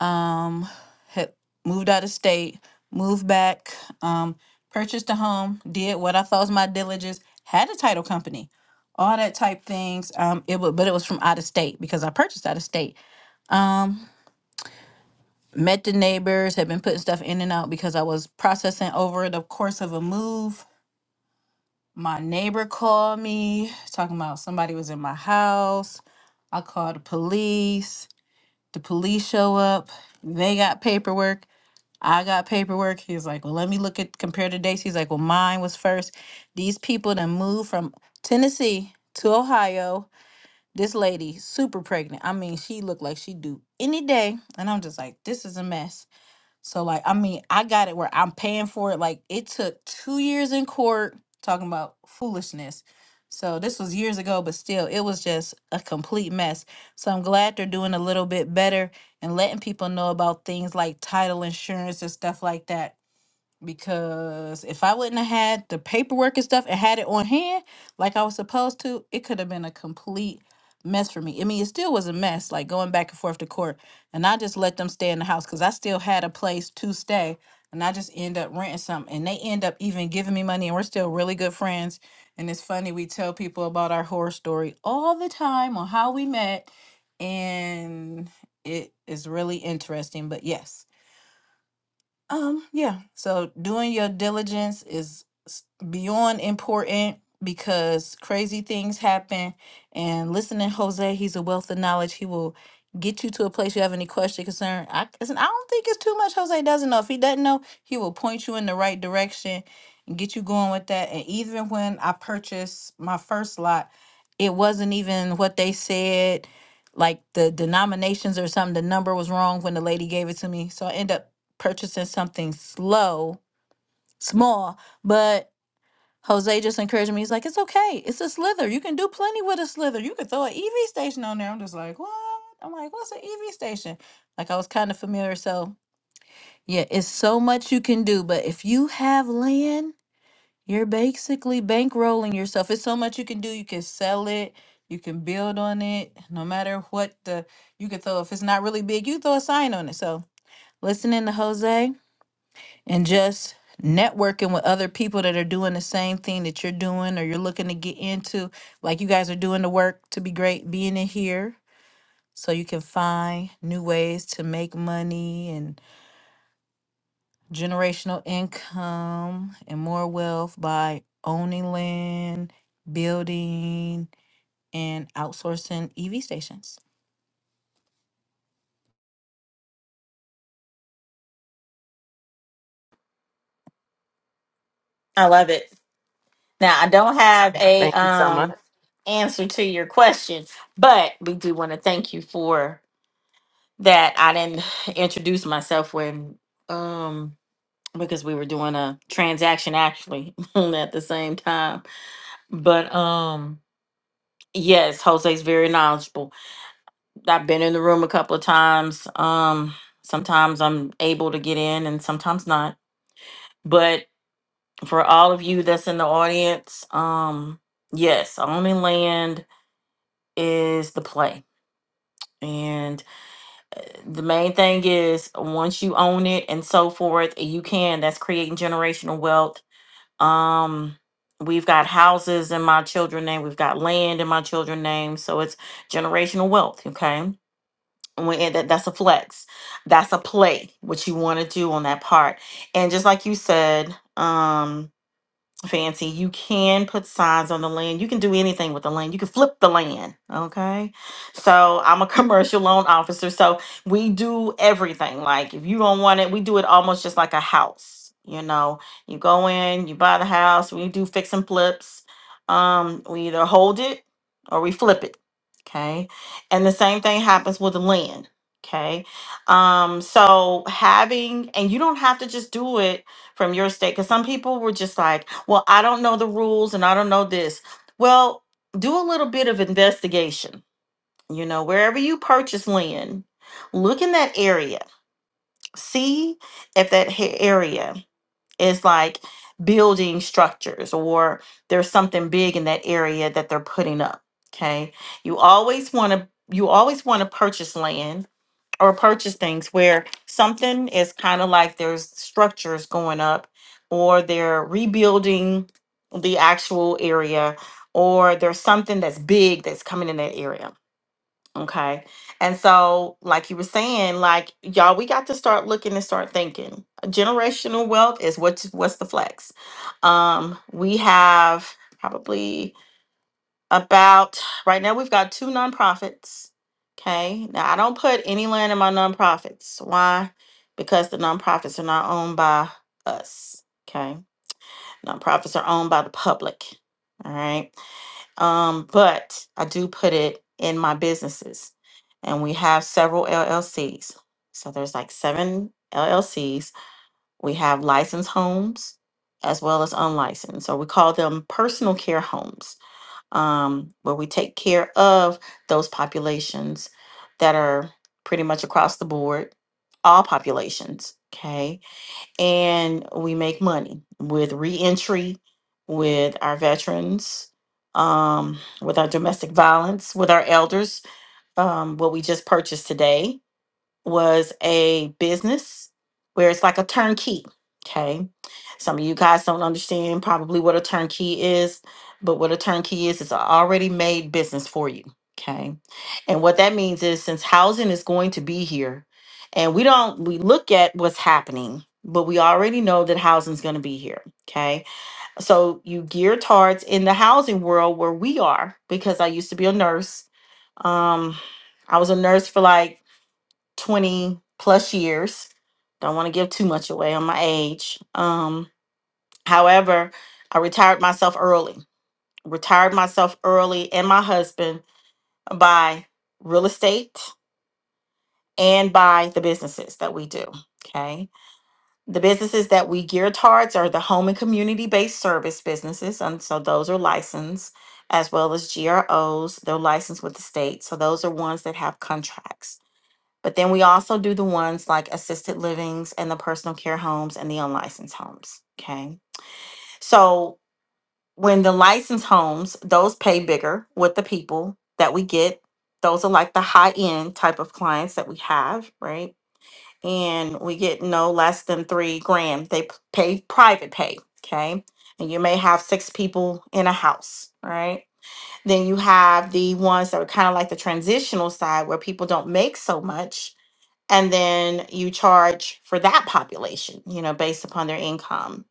Speaker 4: Um, had moved out of state, moved back, um, purchased a home, did what I thought was my diligence, had a title company, all that type things. Um, it was, but it was from out of state because I purchased out of state. Um, met the neighbors, had been putting stuff in and out because I was processing over the course of a move My neighbor called me talking about somebody was in my house. I called the police. The police show up. They got paperwork. I got paperwork. He's like, well, let me look at compare the dates. He's like, well, mine was first. These people that moved from Tennessee to Ohio. This lady, super pregnant. I mean, she looked like she do any day. And I'm just like, this is a mess. So like, I mean, I got it where I'm paying for it. Like it took two years in court talking about foolishness. So this was years ago, but still, it was just a complete mess. So I'm glad they're doing a little bit better and letting people know about things like title insurance and stuff like that because if I wouldn't have had the paperwork and stuff and had it on hand like I was supposed to, it could have been a complete mess for me. I mean, it still was a mess, like going back and forth to court. And I just let them stay in the house because I still had a place to stay. And I just end up renting something. And they end up even giving me money. And we're still really good friends. And it's funny, we tell people about our horror story all the time on how we met. And it is really interesting. But yes. Um, yeah. So doing your diligence is s- beyond important because crazy things happen. And listening, Jose, he's a wealth of knowledge. He will get you to a place you have any question, concern. I, listen, I don't think it's too much Jose doesn't know. If he doesn't know, he will point you in the right direction and get you going with that. And even when I purchased my first lot, it wasn't even what they said like the denominations or something the number was wrong when the lady gave it to me so i end up purchasing something slow, small, but Jose just encouraged me. He's like, it's okay. It's a slither. You can do plenty with a slither. You could throw an EV station on there. I'm just like, what? I'm like, what's an EV station? Like I was kind of familiar. So yeah, it's so much you can do. But if you have land, you're basically bankrolling yourself. It's so much you can do. You can sell it. You can build on it. No matter what the you could throw. If it's not really big, you throw a sign on it. So listening to Jose. and just networking with other people that are doing the same thing that you're doing or you're looking to get into. Like you guys are doing the work to be great, being in here so you can find new ways to make money and generational income and more wealth by owning land, building, and outsourcing EV stations.
Speaker 5: I love it. Now, I don't have a
Speaker 2: Thank you so
Speaker 5: um
Speaker 2: much.
Speaker 5: answer to your question, but we do want to thank you for that. I didn't <sighs> introduce myself when um because we were doing a transaction actually <laughs> at the same time. But um yes, Jose's very knowledgeable. I've been in the room a couple of times. Um sometimes I'm able to get in and sometimes not. But for all of you that's in the audience, um yes, only land is the play. And the main thing is once you own it and so forth, you can. That's creating generational wealth. Um, we've got houses in my children's name. We've got land in my children's name. So it's generational wealth. Okay. When, and that, that's a flex. That's a play, what you want to do on that part. And just like you said, um, Fancy, you can put signs on the land. You can do anything with the land. You can flip the land. Okay. So I'm a <laughs> commercial loan officer. So we do everything. Like if you don't want it, we do it almost just like a house. You know, you go in, you buy the house, we do fix and flips. Um, we either hold it or we flip it. Okay. And the same thing happens with the land. Okay. Um, so having, and you don't have to just do it from your state because some people were just like well i don't know the rules and i don't know this well do a little bit of investigation you know wherever you purchase land look in that area see if that ha- area is like building structures or there's something big in that area that they're putting up okay you always want to you always want to purchase land or purchase things where something is kind of like there's structures going up or they're rebuilding the actual area or there's something that's big that's coming in that area okay and so like you were saying like y'all we got to start looking and start thinking generational wealth is what's what's the flex um we have probably about right now we've got two nonprofits. Okay. Now I don't put any land in my nonprofits. Why? Because the nonprofits are not owned by us. Okay. Nonprofits are owned by the public. All right. Um, but I do put it in my businesses. And we have several LLCs. So there's like seven LLCs. We have licensed homes as well as unlicensed. So we call them personal care homes um, where we take care of those populations that are pretty much across the board, all populations. Okay. And we make money with reentry, with our veterans, um, with our domestic violence, with our elders, um, what we just purchased today was a business where it's like a turnkey. Okay. Some of you guys don't understand probably what a turnkey is, but what a turnkey is, is an already made business for you. Okay. And what that means is since housing is going to be here, and we don't, we look at what's happening, but we already know that housing is going to be here. Okay. So you gear towards in the housing world where we are, because I used to be a nurse. Um, I was a nurse for like 20 plus years. Don't want to give too much away on my age. Um, however, I retired myself early. Retired myself early and my husband by real estate and by the businesses that we do. Okay. The businesses that we gear towards are the home and community based service businesses. And so those are licensed as well as GROs. They're licensed with the state. So those are ones that have contracts But then we also do the ones like assisted livings and the personal care homes and the unlicensed homes. Okay. So when the licensed homes, those pay bigger with the people that we get. Those are like the high end type of clients that we have, right? And we get no less than three grand. They p- pay private pay. Okay. And you may have six people in a house, right? Then you have the ones that are kind of like the transitional side where people don't make so much and then you charge for that population, you know, based upon their income.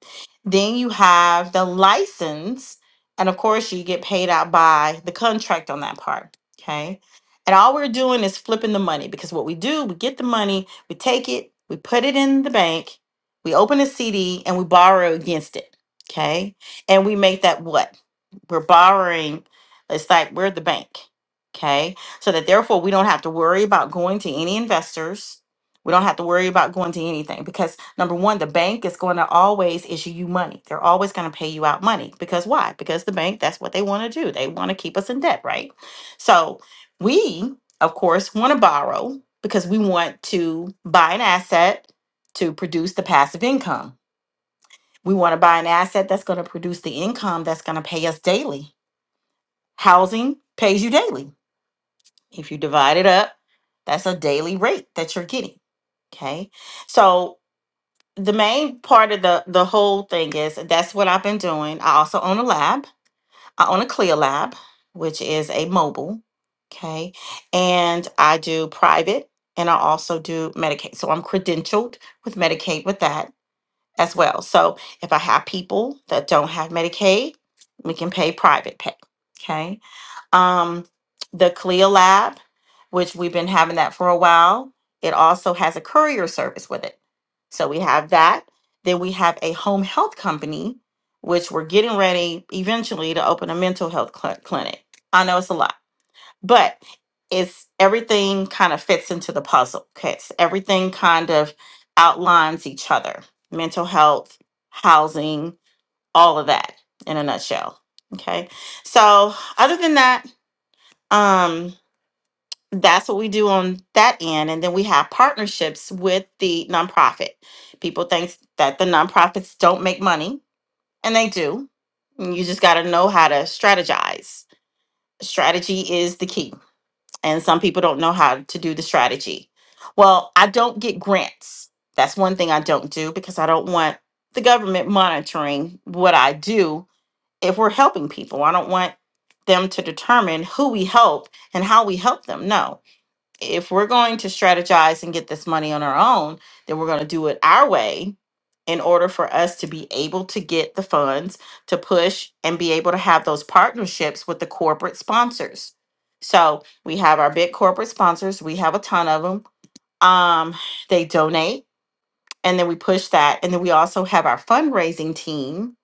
Speaker 5: Then you have the license, and of course, you get paid out by the contract on that part, okay? And all we're doing is flipping the money because what we do, we get the money, we take it, we put it in the bank, we open a CD, and we borrow against it, okay? And we make that what? We're borrowing, it's like we're the bank, okay? so that therefore we don't have to worry about going to any investors. We don't have to worry about going to anything because number one, the bank is going to always issue you money. They're always going to pay you out money because why? Because the bank, that's what they want to do. They want to keep us in debt, right? So we, of course, want to borrow because we want to buy an asset to produce the passive income. We want to buy an asset that's going to produce the income that's going to pay us daily. Housing pays you daily if you divide it up, that's a daily rate that you're getting. Okay. So the main part of the the whole thing is that's what I've been doing. I also own a lab. I own a Clear lab, which is a mobile. Okay. And I do private and I also do Medicaid. So I'm credentialed with Medicaid with that as well. So if I have people that don't have Medicaid, we can pay private pay. Okay um, the CLIA lab, which we've been having that for a while. It also has a courier service with it. So we have that. Then we have a home health company, which we're getting ready eventually to open a mental health cl- clinic. I know it's a lot, but it's everything kind of fits into the puzzle. Okay. It's everything kind of outlines each other mental health, housing, all of that in a nutshell. Okay. So, other than that, um that's what we do on that end and then we have partnerships with the nonprofit people think that the nonprofits don't make money and they do And you just got to know how to strategize strategy is the key and some people don't know how to do the strategy well i don't get grants that's one thing i don't do because i don't want the government monitoring what i do if we're helping people i don't want them to determine who we help and how we help them no if we're going to strategize and get this money on our own, then we're going to do it our way in order for us to be able to get the funds to push and be able to have those partnerships with the corporate sponsors. So we have our big corporate sponsors, we have a ton of them. Um, they donate and then we push that. And then we also have our fundraising team,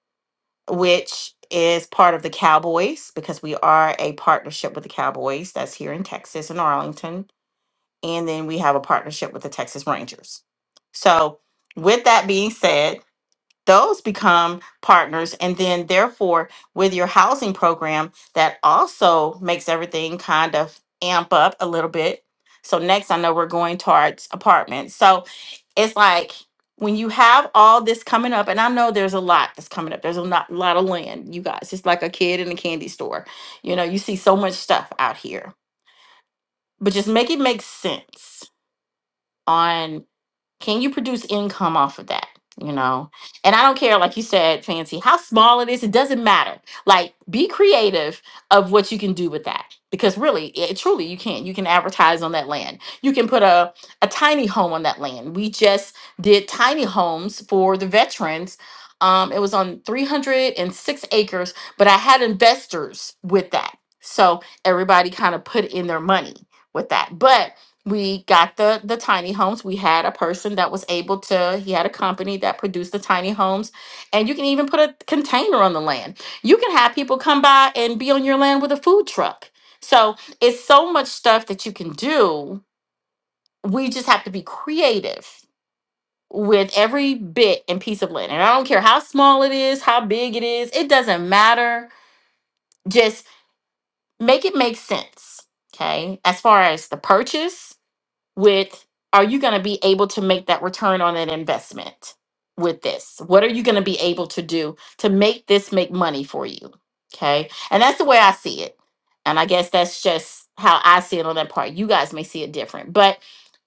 Speaker 5: which is part of the Cowboys because we are a partnership with the Cowboys that's here in Texas and Arlington and then we have a partnership with the Texas Rangers. So, with that being said, those become partners, and then therefore, with your housing program, that also makes everything kind of amp up a little bit. So, next, I know we're going towards apartments. So, it's like when you have all this coming up, and I know there's a lot that's coming up, there's a lot, lot of land, you guys. It's like a kid in a candy store. You know, you see so much stuff out here, but just make it make sense on can you produce income off of that? You know, and I don't care, like you said, fancy, how small it is, it doesn't matter. Like, be creative of what you can do with that because really, it, truly, you can. You can advertise on that land, you can put a, a tiny home on that land. We just did tiny homes for the veterans. Um, it was on 306 acres, but I had investors with that. So everybody kind of put in their money with that. But we got the the tiny homes we had a person that was able to he had a company that produced the tiny homes and you can even put a container on the land you can have people come by and be on your land with a food truck so it's so much stuff that you can do we just have to be creative with every bit and piece of land and i don't care how small it is how big it is it doesn't matter just make it make sense okay as far as the purchase with are you going to be able to make that return on an investment with this? What are you going to be able to do to make this make money for you? Okay. And that's the way I see it. And I guess that's just how I see it on that part. You guys may see it different. But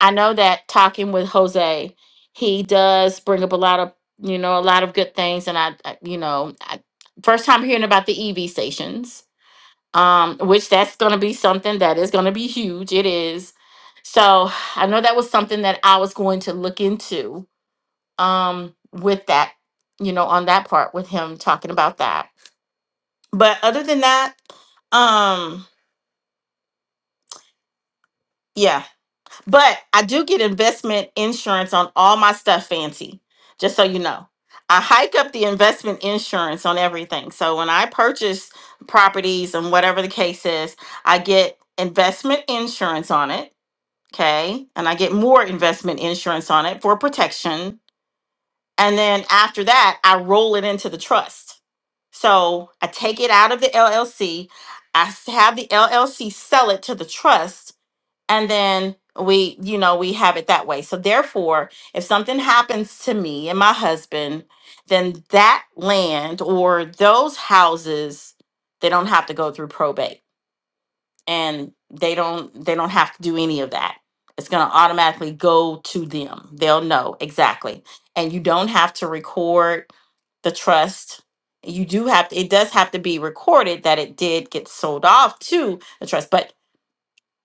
Speaker 5: I know that talking with Jose, he does bring up a lot of, you know, a lot of good things. And I, I you know, I, first time hearing about the EV stations um, which that's going to be something that is going to be huge. It is. So I know that was something that I was going to look into um, with that, you know, on that part with him talking about that. But other than that, um, yeah. But I do get investment insurance on all my stuff, fancy, just so you know. I hike up the investment insurance on everything. So when I purchase properties and whatever the case is, I get investment insurance on it Okay. And I get more investment insurance on it for protection. And then after that, I roll it into the trust. So I take it out of the LLC. I s- have the LLC sell it to the trust. And then we, you know, we have it that way. So therefore, if something happens to me and my husband, then that land or those houses, they don't have to go through probate and they don't they don't have to do any of that it's going to automatically go to them they'll know exactly and you don't have to record the trust you do have to. it does have to be recorded that it did get sold off to the trust but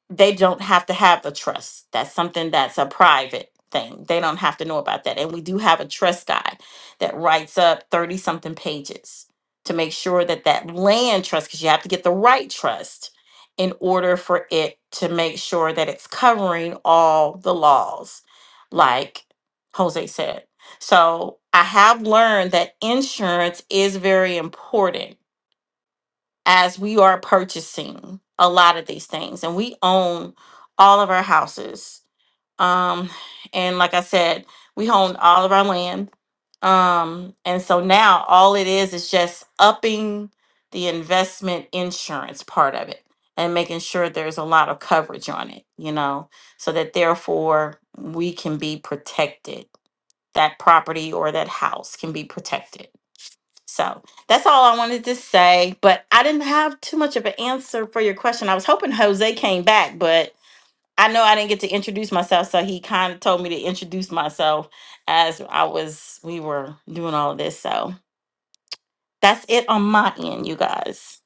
Speaker 5: they don't have to have the trust. That's something that's a private thing. They don't have to know about that. And we do have a trust guide that writes up 30 something pages to make sure that that land trust, because you have to get the right trust in order for it to make sure that it's covering all the laws, like Jose said. So I have learned that insurance is very important as we are purchasing a lot of these things and we own all of our houses um and like i said we own all of our land um and so now all it is is just upping the investment insurance part of it and making sure there's a lot of coverage on it you know so that therefore we can be protected that property or that house can be protected so that's all I wanted to say. But I didn't have too much of an answer for your question. I was hoping Jose came back, but I know I didn't get to introduce myself. So he kind of told me to introduce myself as I was, we were doing all of this. So that's it on my end, you guys.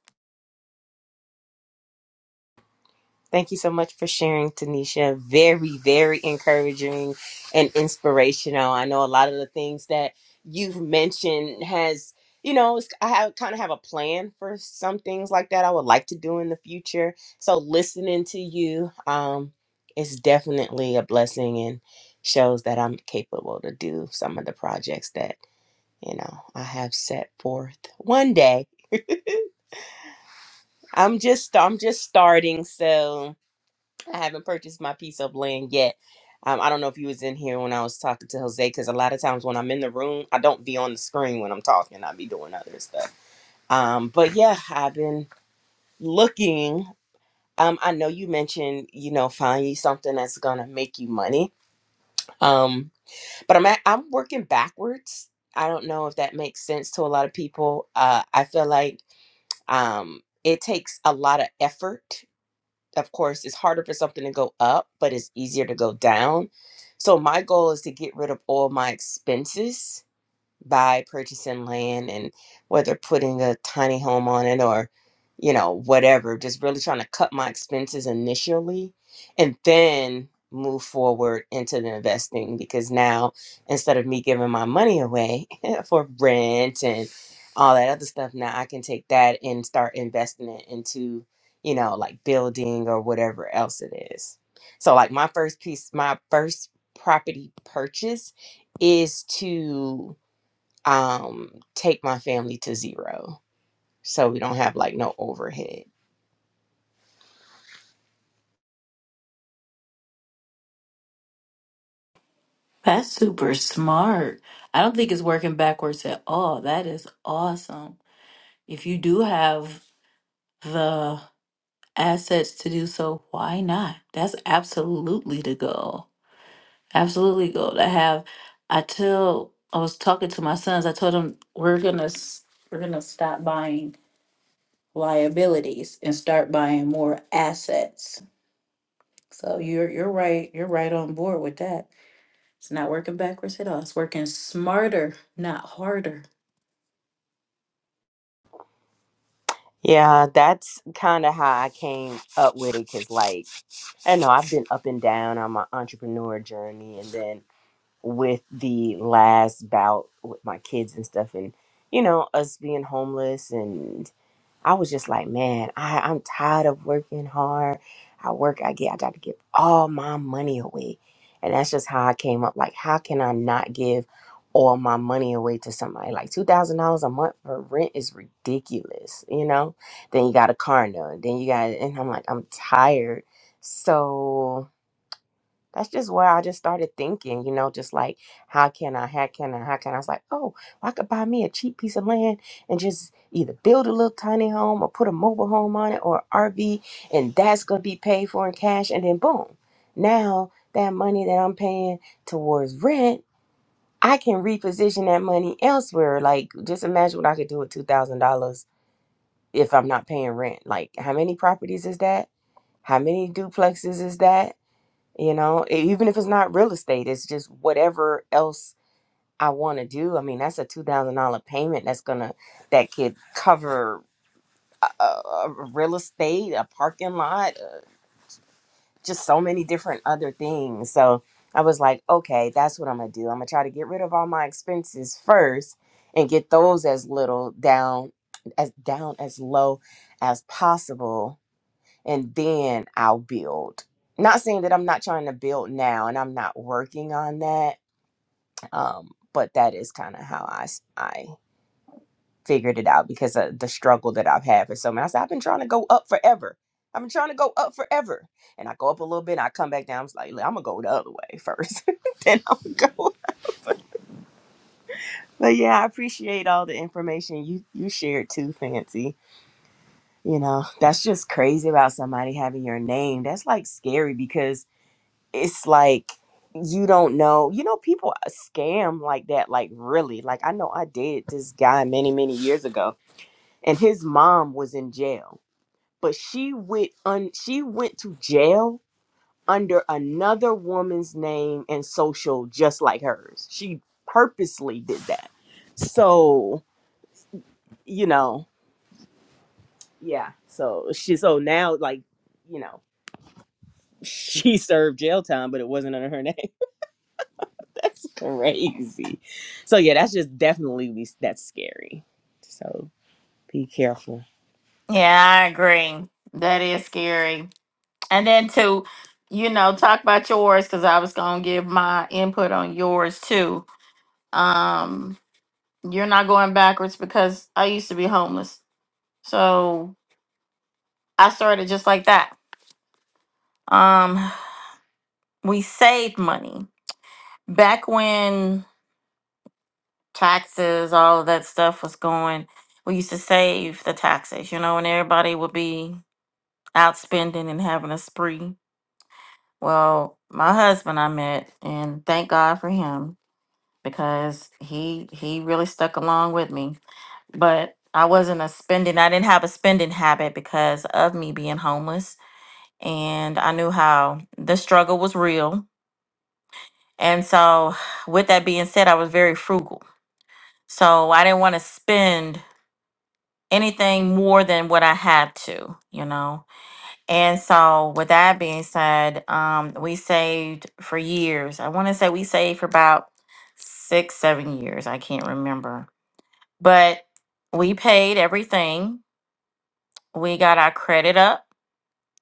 Speaker 2: Thank you so much for sharing, Tanisha. Very, very encouraging and inspirational. I know a lot of the things that you've mentioned has, you know, it's- I have, kind of have a plan for some things like that I would like to do in the future. So listening to you um, is definitely a blessing and shows that I'm capable to do some of the projects that you know i have set forth one day i'm just i'm just starting so i haven't purchased my piece of land yet um, i don't know if you was in here when i was talking to jose because a lot of times when i'm in the room i don't be on the screen when i'm talking i be doing other stuff um, but yeah i've been looking um, i know you mentioned you know find you something that's gonna make you money um, but i'm at, i'm working backwards i don't know if that makes sense to a lot of people uh, i feel like Um, it takes a lot of effort. Of course, it's harder for something to go up, but it's easier to go down. So my goal is to get rid of all my expenses by purchasing land and whether putting a tiny home on it or you know whatever just really trying to cut my expenses initially and then move forward into the investing because now instead of me giving my money away <laughs> for rent and all that other stuff now I can take that and start investing it into you know like building or whatever else it is so like my first piece my first property purchase is to um take my family to zero so we don't have like no overhead
Speaker 4: That's super smart. I don't think it's working backwards at all. That is awesome. If you do have the assets to do so, why not? That's absolutely the goal. Absolutely goal to have. I tell I was talking to my sons. I told them we're gonna s- we're gonna stop buying liabilities and start buying more assets. So you're you're right. You're right on board with that. It's not working backwards at all. It's working smarter, not harder.
Speaker 2: yeah that's kind of how i came up with it because like i know i've been up and down on my entrepreneur journey and then with the last bout with my kids and stuff and you know us being homeless and I was just like, man, I, I'm tired of working hard. I work, I get, I got to give all my money away. And that's just how I came up. Like, how can I not give all my money away to somebody? Like, $2,000 a month for rent is ridiculous, you know? Then you got a car note. Then you got, and I'm like, I'm tired. So that's just where I just started thinking, you know, just like how can I, how can I, how can I? I was like, oh, well, I could buy me a cheap piece of land and just either build a little tiny home or put a mobile home on it or RV, and that's gonna be paid for in cash, and then boom, now that money that I'm paying towards rent, I can reposition that money elsewhere. Like, just imagine what I could do with two thousand dollars if I'm not paying rent. Like, how many properties is that? How many duplexes is that? you know E- even if it's not real estate it's just whatever else i want to do i mean that's a $2000 payment that's gonna that could cover uh, uh, real estate a parking lot uh, just so many different other things so i was like okay that's what i'm gonna do i'm gonna try to get rid of all my expenses first and get those as little down as down as low as possible and then I'll build. Not saying that I'm not trying to build now and I'm not working on that, um, but that is kind of how I, s- I figured it out because of the struggle that I've had for so many. I said, I've been trying to go up forever. I've been trying to go up forever. And I go up a little bit and I come back down. I'm like, I'm going to go the other way first. <laughs> then I'm going to go. <laughs> But yeah, I appreciate all the information you, you shared too, Fancy. You know, that's just crazy about somebody having your name. That's like scary because it's like you don't know you know people uh, scam like that like really like i know i dated this guy many many years ago and his mom was in jail but she went un she went to jail under another woman's name and social just like hers she purposely did that so you know yeah so she so now like you know <laughs> she served jail time but it wasn't under her name <laughs> That's crazy. So yeah, that's just definitely we that's scary. So be careful.
Speaker 5: Yeah, I agree. That is scary. And then to, you know, talk about yours, because I was going to give my input on yours too. Um, you're not going backwards because I used to be homeless So I started just like that. Um, we saved money back when taxes, all of that stuff was going. We used to save the taxes, you know, and everybody would be out spending and having a spree. Well, my husband I met, and thank God for him because he he really stuck along with me. But I wasn't a spending. I didn't have a spending habit because of me being homeless, and I knew how the struggle was real And so, with that being said, I was very frugal. So, I didn't want to spend anything more than what I had to, you know. And so, with that being said, um, we saved for years. I want to say we saved for about six, seven years. I can't remember. But we paid everything, we got our credit up.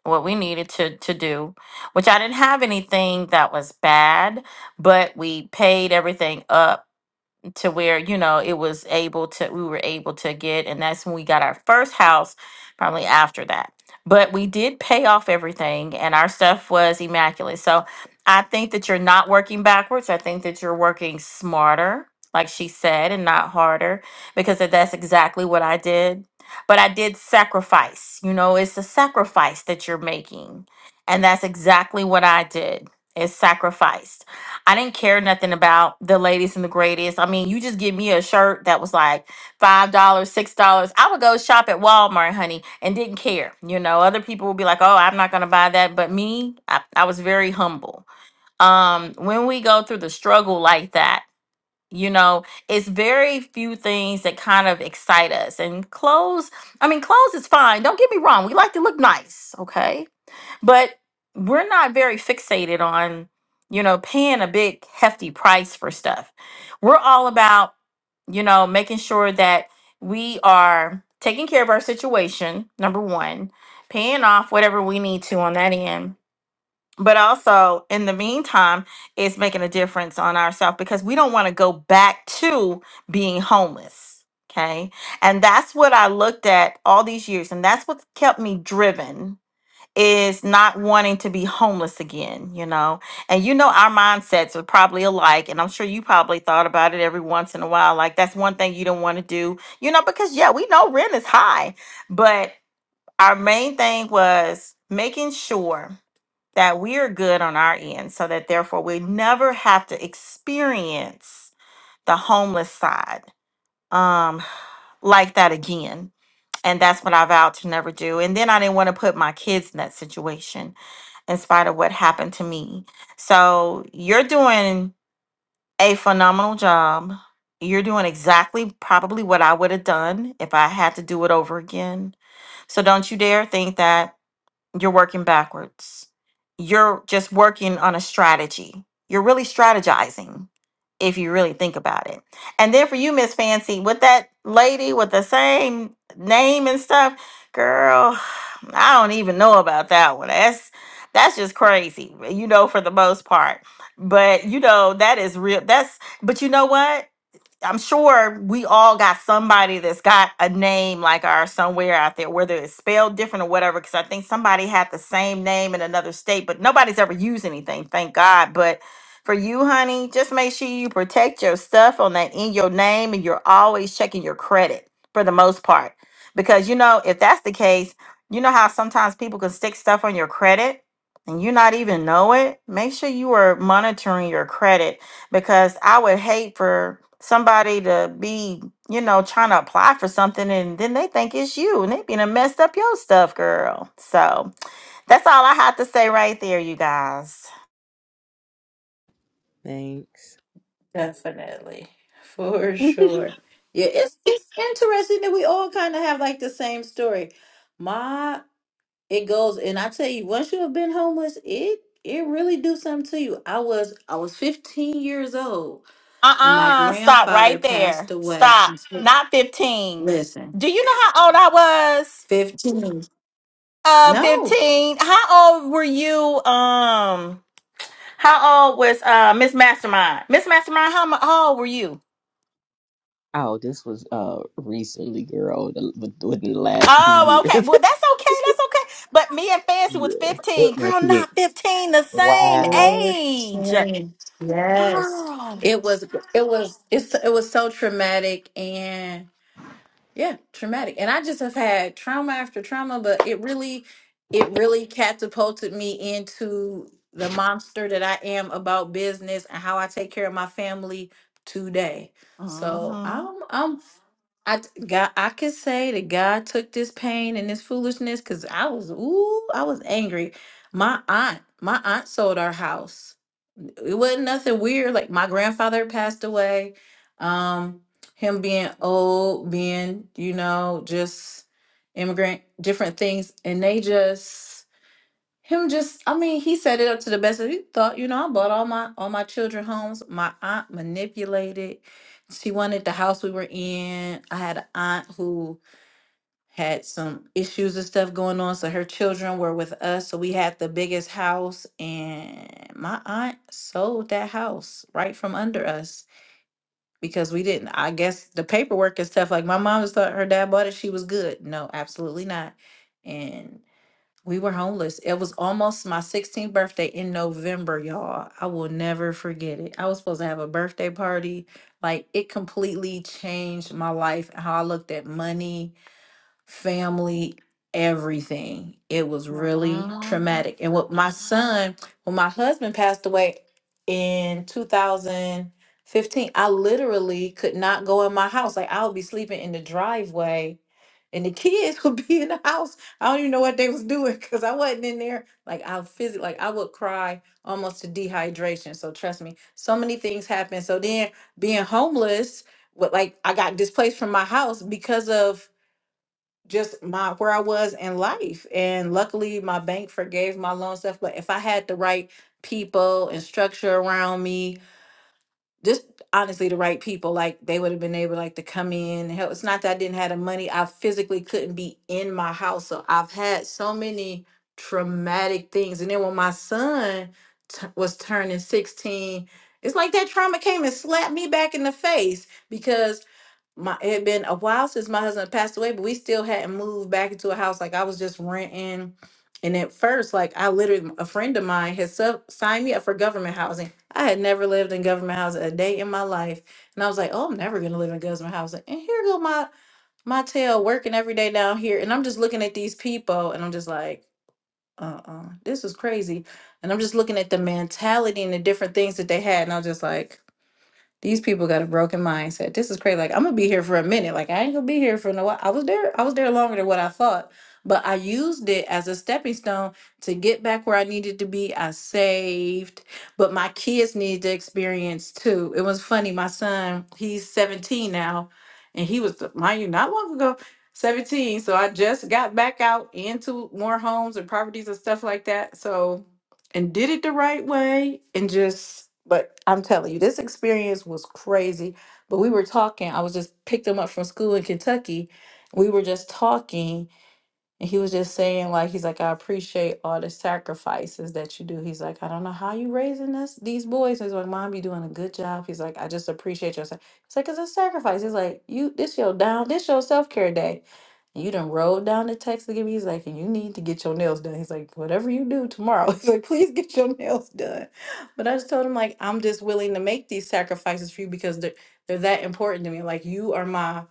Speaker 5: What we needed to, to do, which I didn't have anything that was bad, but we paid everything up to where you know it was able to we were able to get and that's when we got our first house probably after that but we did pay off everything and our stuff was immaculate so i think that you're not working backwards i think that you're working smarter like she said and not harder because that- that's exactly what i did but i did sacrifice you know it's a sacrifice that you're making and that's exactly what i did is sacrifice I didn't care nothing about the latest and the greatest. I mean, you just give me a shirt that was like five dollars, six dollars. I would go shop at Walmart, honey, and didn't care. You know, other people would be like, "Oh, I'm not gonna buy that," but me, I, I was very humble. Um, when we go through the struggle like that, you know, it's very few things that kind of excite us. And clothes, I mean, clothes is fine. Don't get me wrong; we like to look nice, okay? But we're not very fixated on, you know, paying a big hefty price for stuff. We're all about, you know, making sure that we are taking care of our situation, number one, paying off whatever we need to on that end. But also, in the meantime, it's making a difference on ourselves because we don't want to go back to being homeless. Okay. And that's what I looked at all these years, and that's what's kept me driven is not wanting to be homeless again, you know? And you know, our mindsets are probably alike. And I'm sure you probably thought about it every once in a while. Like, that's one thing you don't want to do, you know, because yeah, we know rent is high. But our main thing was making sure that we are good on our end so that therefore we never have to experience the homeless side um, like that again. And that's what I vowed to never do. And then I didn't want to put my kids in that situation in spite of what happened to me. So you're doing a phenomenal job. You're doing exactly probably what I would have done if I had to do it over again. So don't you dare think that you're working backwards. You're just working on a strategy. You're really strategizing if you really think about it. And then for you, Miss Fancy, with that lady with the same name and stuff, girl, I don't even know about that one. That's that's just crazy, you know, for the most part. But you know, that is real. That's but you know what? I'm sure we all got somebody that's got a name like ours somewhere out there, whether it's spelled different or whatever. Because I think somebody had the same name in another state, but nobody's ever used anything, thank God. But for you, honey, just make sure you protect your stuff on that in your name and you're always checking your credit for the most part. Because, you know, if that's the case, you know how sometimes people can stick stuff on your credit and you not even know it? Make sure you are monitoring your credit because I would hate for somebody to be, you know, trying to apply for something and then they think it's you and they been done messed up your stuff, girl. So that's all I have to say right there, you guys.
Speaker 2: Thanks.
Speaker 4: Definitely, for
Speaker 2: <laughs>
Speaker 4: sure. Yeah, it's it's interesting that we all kind of have like the same story. My it goes and i tell you once you have been homeless it it really do something to you i was i was 15 years old and my
Speaker 5: Uh-uh. Stop
Speaker 4: grandfather
Speaker 5: right
Speaker 4: passed
Speaker 5: there.
Speaker 4: away <laughs>
Speaker 5: Stop.
Speaker 4: And so-
Speaker 5: Not 15.
Speaker 4: listen
Speaker 5: Do you know how old I was?
Speaker 4: 15
Speaker 5: Uh
Speaker 4: no
Speaker 5: 15. How old were you? Um how old was uh Miss Mastermind? Miss Mastermind, how, mu- how old were you?
Speaker 2: Oh, this was uh recently, girl, the- with- within the last two
Speaker 5: Oh,
Speaker 2: years. <laughs>
Speaker 5: okay. Well, that's okay. That's okay. But me and Fancy was
Speaker 2: yeah,
Speaker 5: 15.
Speaker 2: with my
Speaker 5: Girl, not
Speaker 2: kids.
Speaker 5: 15, the same
Speaker 2: Wow.
Speaker 5: age.
Speaker 4: 15 yes
Speaker 5: Girl.
Speaker 4: it was it was it's, it was so traumatic and Yeah, traumatic. And I just have had trauma after trauma, but it really, it really catapulted me into the monster that I am about business and how I take care of my family today. So
Speaker 5: Mm-hmm.
Speaker 4: I'm, I'm, I t- God, I could say that God took this pain and this foolishness because I was, ooh, I was angry. My aunt, my aunt sold our house it wasn't nothing weird. Like my grandfather passed away. Um, him being old, being, you know, just immigrant, different things. And they just him just I mean, he set it up to the best that he thought, you know, I bought all my all my children homes. My aunt manipulated. She wanted the house we were in. I had an aunt who had some issues and stuff going on. So her children were with us. So we had the biggest house, and my aunt sold that house right from under us because we didn't. I guess the paperwork and stuff like my mom just thought her dad bought it. She was good. No, absolutely not. And we were homeless. It was almost my 16th birthday in November, y'all. I will never forget it. I was supposed to have a birthday party. Like it completely changed my life, how I looked at money family, everything. It was really
Speaker 5: hmm
Speaker 4: traumatic. And what my son, when my husband passed away in 2015, I literally could not go in my house. Like I would be sleeping in the driveway and the kids <laughs> would be in the house. I don't even know what they was doing because I wasn't in there. Like I physically, like I would cry almost to dehydration. So trust me, so many things happen. So then being homeless, what like I got displaced from my house because of just my where I was in life. And luckily my bank forgave my loan stuff. But if I had the right people and structure around me, just honestly the right people, like they would have been able like to come in and help. It's not that I didn't have the money. I physically couldn't be in my house. So I've had so many traumatic things. And then when my son t- was turning 16, it's like that trauma came and slapped me back in the face because my it had been a while since my husband passed away, but we still hadn't moved back into a house. Like I was just renting. And at first, like I literally, a friend of mine had sub- signed me up for government housing. I had never lived in government housing a day in my life, and I was like, "Oh, I'm never gonna live in government housing." And here go my my tail working every day down here, and I'm just looking at these people, and I'm just like, "Uh-uh, this is crazy." And I'm just looking at the mentality and the different things that they had, and I was just like, these people got a broken mindset. This is crazy. Like I'm gonna be here for a minute. Like I ain't gonna be here for no while. I was there. I was there longer than what I thought. But I used it as a stepping stone to get back where I needed to be. I saved, but my kids needed the experience too. It was funny. My son, he's 17 now, and he was mind you not long ago. 17 so i just got back out into more homes and properties and stuff like that so and did it the right way and just but I'm telling you this experience was crazy but we were talking I was just picked him up from school in Kentucky we were just talking and he was just saying, like, he's like, I appreciate all the sacrifices that you do. He's like, I don't know how you raising us these boys. He's like, Mom, you doing a good job. He's like, I just appreciate your. sa-" He's like, it's a sacrifice. He's like, you, this your down, this your self care day. And you done rolled down the text to give me. He's like, and you need to get your nails done. He's like, whatever you do tomorrow. <laughs> He's like, please get your nails done. But I just told him like, I'm just willing to make these sacrifices for you because they're they're that important to me. Like, you are my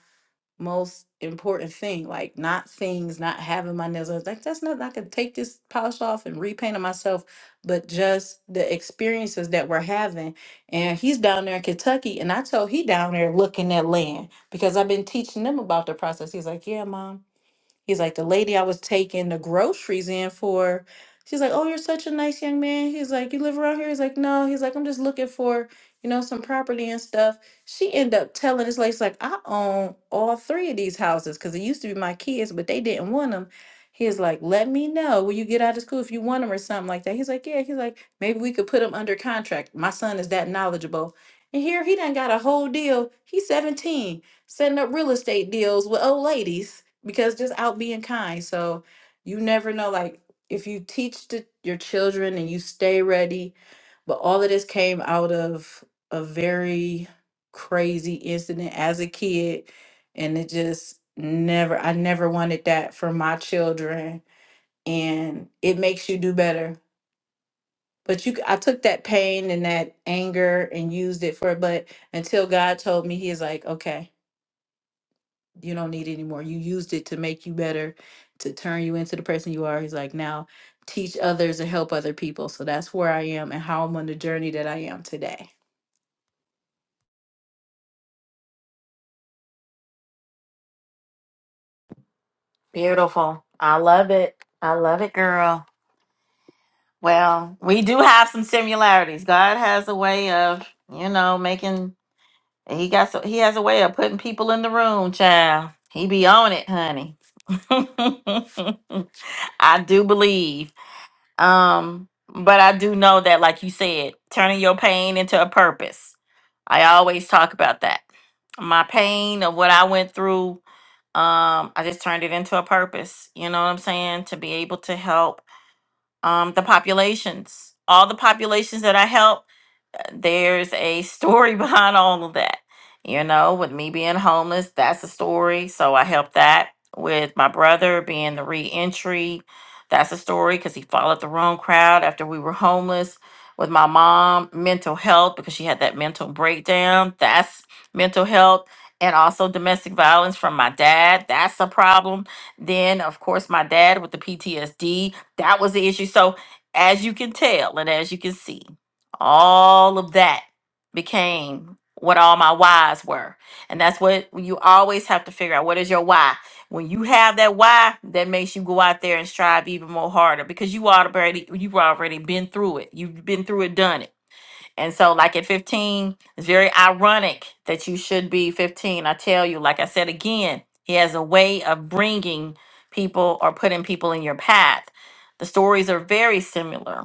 Speaker 4: most important thing. Like not things, not having my nails. I was like, that's nothing. I could take this polish off and repaint it myself. But just the experiences that we're having. And he's down there in Kentucky, and I told he down there looking at land because I've been teaching them about the process. He's like, yeah, mom. He's like, the lady I was taking the groceries in for, she's like, oh, you're such a nice young man. He's like, you live around here? He's like, no. He's like, I'm just looking for, you know, some property and stuff. She ended up telling this lady, she's like, I own all three of these houses because it used to be my kids, but they didn't want them. He's like, let me know when you get out of school if you want them or something like that. He's like, yeah. He's like, maybe we could put them under contract. My son is that knowledgeable. And here he done got a whole deal. He's 17, setting up real estate deals with old ladies because just out being kind. So you never know, like if you teach the, your children and you stay ready, but all of this came out of a very crazy incident as a kid, and it just never, I never wanted that for my children, and it makes you do better. But you, c- I took that pain and that anger and used it for, but until God told me, He is like, okay. You don't need it anymore. You used it to make you better, to turn you into the person you are. He's like, now teach others and help other people. So that's where I am and how I'm on the journey that I am today.
Speaker 5: Beautiful. I love it. I love it, girl. Well, we do have some similarities. God has a way of, you know, making he got so he has a way of putting people in the room, child. He be on it, honey. <laughs> I do believe. Um, but I do know that, like you said, turning your pain into a purpose. I always talk about that. My pain of what I went through, um, I just turned it into a purpose. You know what I'm saying? To be able to help um, the populations, all the populations that I help there's a story <laughs> behind all of that. You know, with me being homeless, that's a story. So I helped that with my brother being the reentry. That's a story because he followed the wrong crowd after we were homeless. With my mom, mental health because she had that mental breakdown. That's mental health. And also domestic violence from my dad. That's a problem. Then, of course, my dad with the PTSD. That was the issue. So, as you can tell and as you can see all of that became what all my whys were. And that's what you always have to figure out what is your why. When you have that why, that makes you go out there and strive even more harder because you already you've already been through it. You've been through it, done it. And so like at 15, it's very ironic that you should be 15. I tell you, like I said again, he has a way of bringing people or putting people in your path. The stories are very similar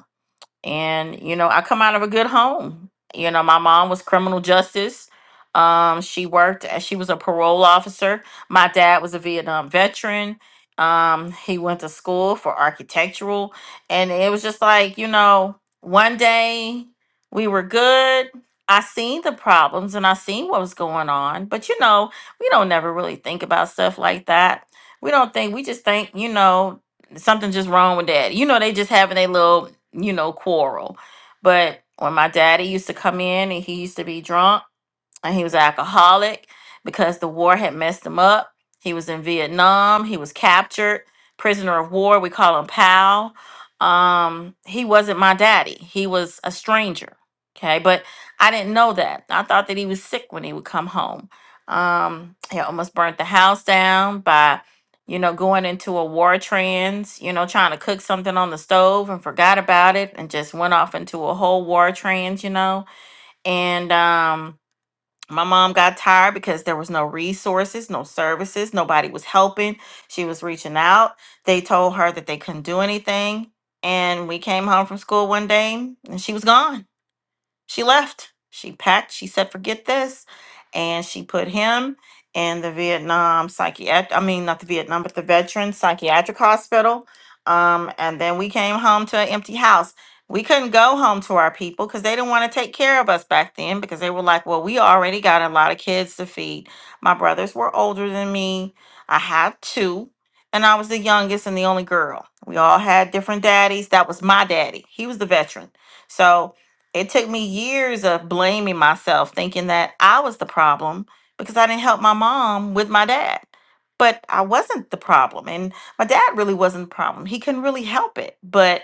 Speaker 5: and you know i come out of a good home you know my mom was criminal justice um, she worked as she was a parole officer my dad was a vietnam veteran um, he went to school for architectural and it was just like you know one day we were good i seen the problems and i seen what was going on but you know we don't never really think about stuff like that we don't think we just think you know something's just wrong with that you know they just having a little you know, quarrel. But when my daddy used to come in and he used to be drunk, and he was an alcoholic because the war had messed him up. He was in Vietnam. He was captured, prisoner of war. We call him Pal. Um, he wasn't my daddy. He was a stranger. Okay, but I didn't know that. I thought that he was sick when he would come home. Um, he almost burnt the house down by, you know, going into a war trance. You know, trying to cook something on the stove and forgot about it and just went off into a whole war trance. You know, and um my mom got tired because there was no resources, no services, nobody was helping. She was reaching out. They told her that they couldn't do anything. And we came home from school one day and she was gone. She left. She packed. She said, "Forget this," and she put him in the Vietnam psychiatric. I mean, not the Vietnam, but the veteran psychiatric hospital. Um, and then we came home to an empty house. We couldn't go home to our people because they didn't want to take care of us back then because they were like, "Well, we already got a lot of kids to feed." My brothers were older than me. I had two. And I was the youngest and the only girl. We all had different daddies. That was my daddy. He was the veteran. So it took me years of blaming myself, thinking that I was the problem because I didn't help my mom with my dad. But I wasn't the problem. And my dad really wasn't the problem. He couldn't really help it. But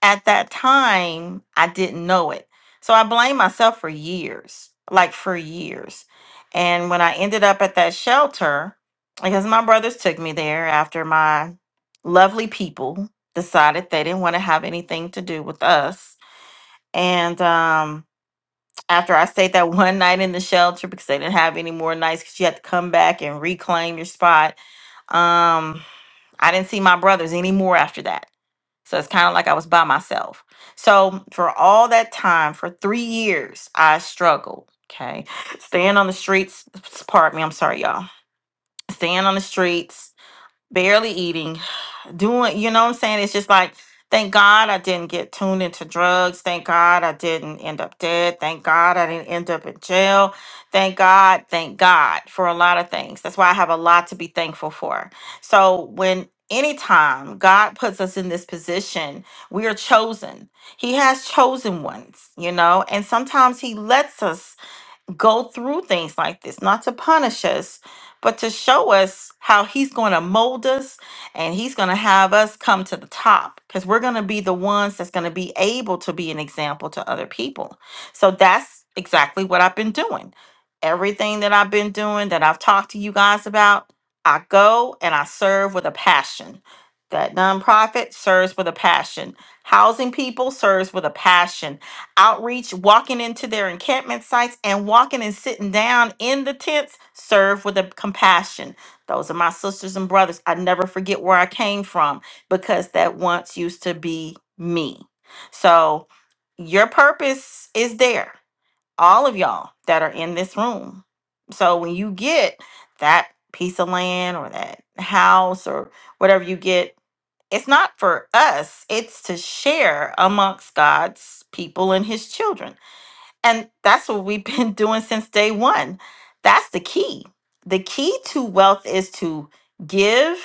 Speaker 5: at that time, I didn't know it. So I blamed myself for years, like for years. And when I ended up at that shelter, because my brothers took me there after my lovely people decided they didn't want to have anything to do with us and um, after I stayed that <laughs> one night in the shelter because they didn't have any more nights because you had to come back and reclaim your spot, um, I didn't see my brothers anymore after that. So it's kind of like I was by myself. So for all that time, for three years, I struggled. Okay. Staying on the streets, s- pardon me, I'm sorry, y'all. Staying on the streets, barely eating, doing, you know what I'm saying? It's just like, thank God I didn't get tuned into drugs. Thank God I didn't end up dead. Thank God I didn't end up in jail. Thank God, thank God for a lot of things. That's why I have a lot to be thankful for. So when anytime God puts us in this position, we are chosen. He has chosen ones, you know, and sometimes he lets us go through things like this, not to punish us, but to show us how He's going to mold us and He's going to have us come to the top because we're going to be the ones that's going to be able to be an example to other people. So that's exactly what I've been doing. Everything that I've been doing that I've talked to you guys about, I go and I serve with a passion. That nonprofit serves with a passion. Housing people serves with a passion outreach, walking into their encampment sites, and walking and sitting down in the tents, serve with a compassion. Those are my sisters and brothers. I never forget where I came from because that once used to be me. So your purpose is there, all of y'all that are in this room. So when you get that piece of land or that house or whatever you get, it's not for us, it's to share amongst God's people and his children. And that's what we've been <laughs> doing since day one. That's the key. The key to wealth is to give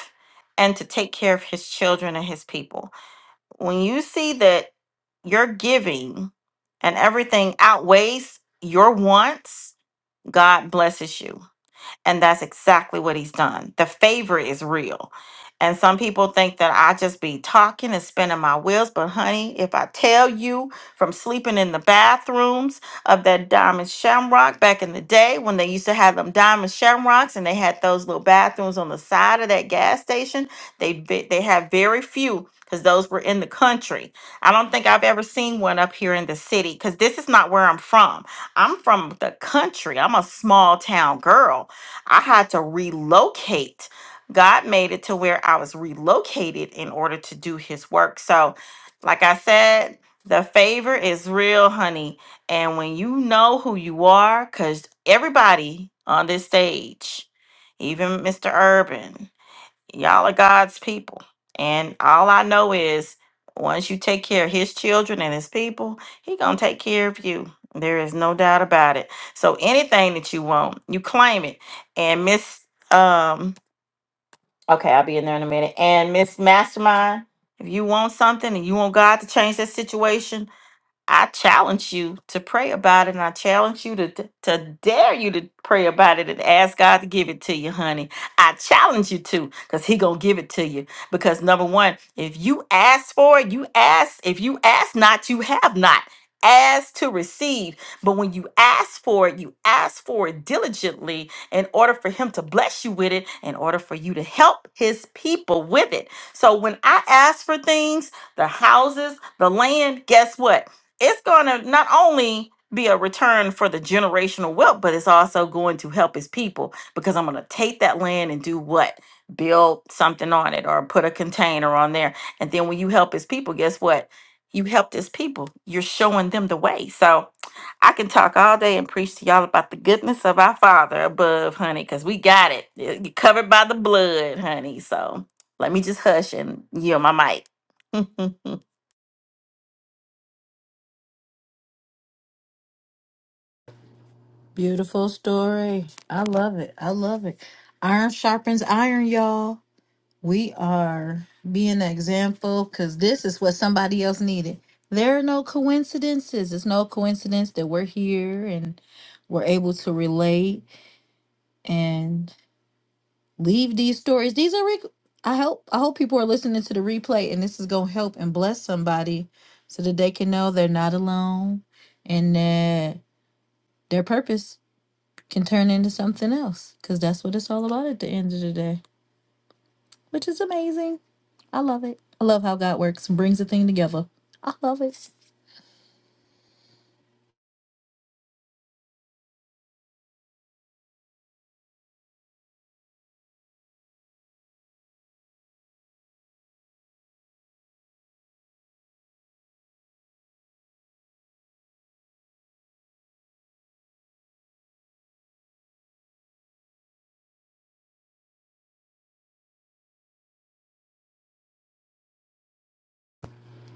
Speaker 5: and to take care of his children and his people. When you see that your giving and everything outweighs your wants, God blesses you and that's exactly what he's done. The favor is real. And some people think that I just be talking and spinning my wheels. But, honey, if I tell you from sleeping in the bathrooms of that diamond shamrock back in the day when they used to have them diamond shamrocks and they had those little bathrooms on the side of that gas station, they, ve- they have very few because those were in the country. I don't think I've ever seen one up here in the city because this is not where I'm from. I'm from the country, I'm a small town girl. I had to relocate. God made it to where I was relocated in order to do his work. So, like I said, the favor is real, honey. And when you know who you are, because everybody on this stage, even Mr. Urban, y'all are God's people. And all I know is once you take care of his children and his people, he gonna take care of you. There is no doubt about it. So anything that you want, you claim it. And Miss um okay, I'll be in there in a minute. And Miss Mastermind, if you want something and you want God to change that situation, I challenge you to pray about it, and I challenge you to to dare you to pray about it and ask God to give it to you, honey. I challenge you to, cause He gonna give it to you. Because number one, if you ask for it, you ask. If you ask not, you have not. Ask to receive, but when you ask for it, you ask for it diligently in order for Him to bless you with it, in order for you to help His people with it. So when I ask for things, the houses, the land, guess what? it's going to not only be a return for the generational wealth, but it's also going to help his people because I'm going to take that land and do what? Build something on it or put a container on there. And then when you help his people, guess what? You helped his people. You're showing them the way. So I can talk all day and preach to y'all about the goodness of our Father above, honey, because we got it. Y- You're covered by the blood, honey. So let me just hush and yield my mic. <laughs>
Speaker 4: Beautiful story. I love it. I love it. Iron sharpens iron, y'all. We are being an example because this is what somebody else needed. There are no coincidences. It's no coincidence that we're here and we're able to relate and leave these stories. These are, rec- I hope, I hope people are listening to the replay and this is going to help and bless somebody so that they can know they're not alone and that their purpose can turn into something else because that's what it's all about at the end of the day. which is amazing. I love it. I love how God works and brings the thing together. I love it.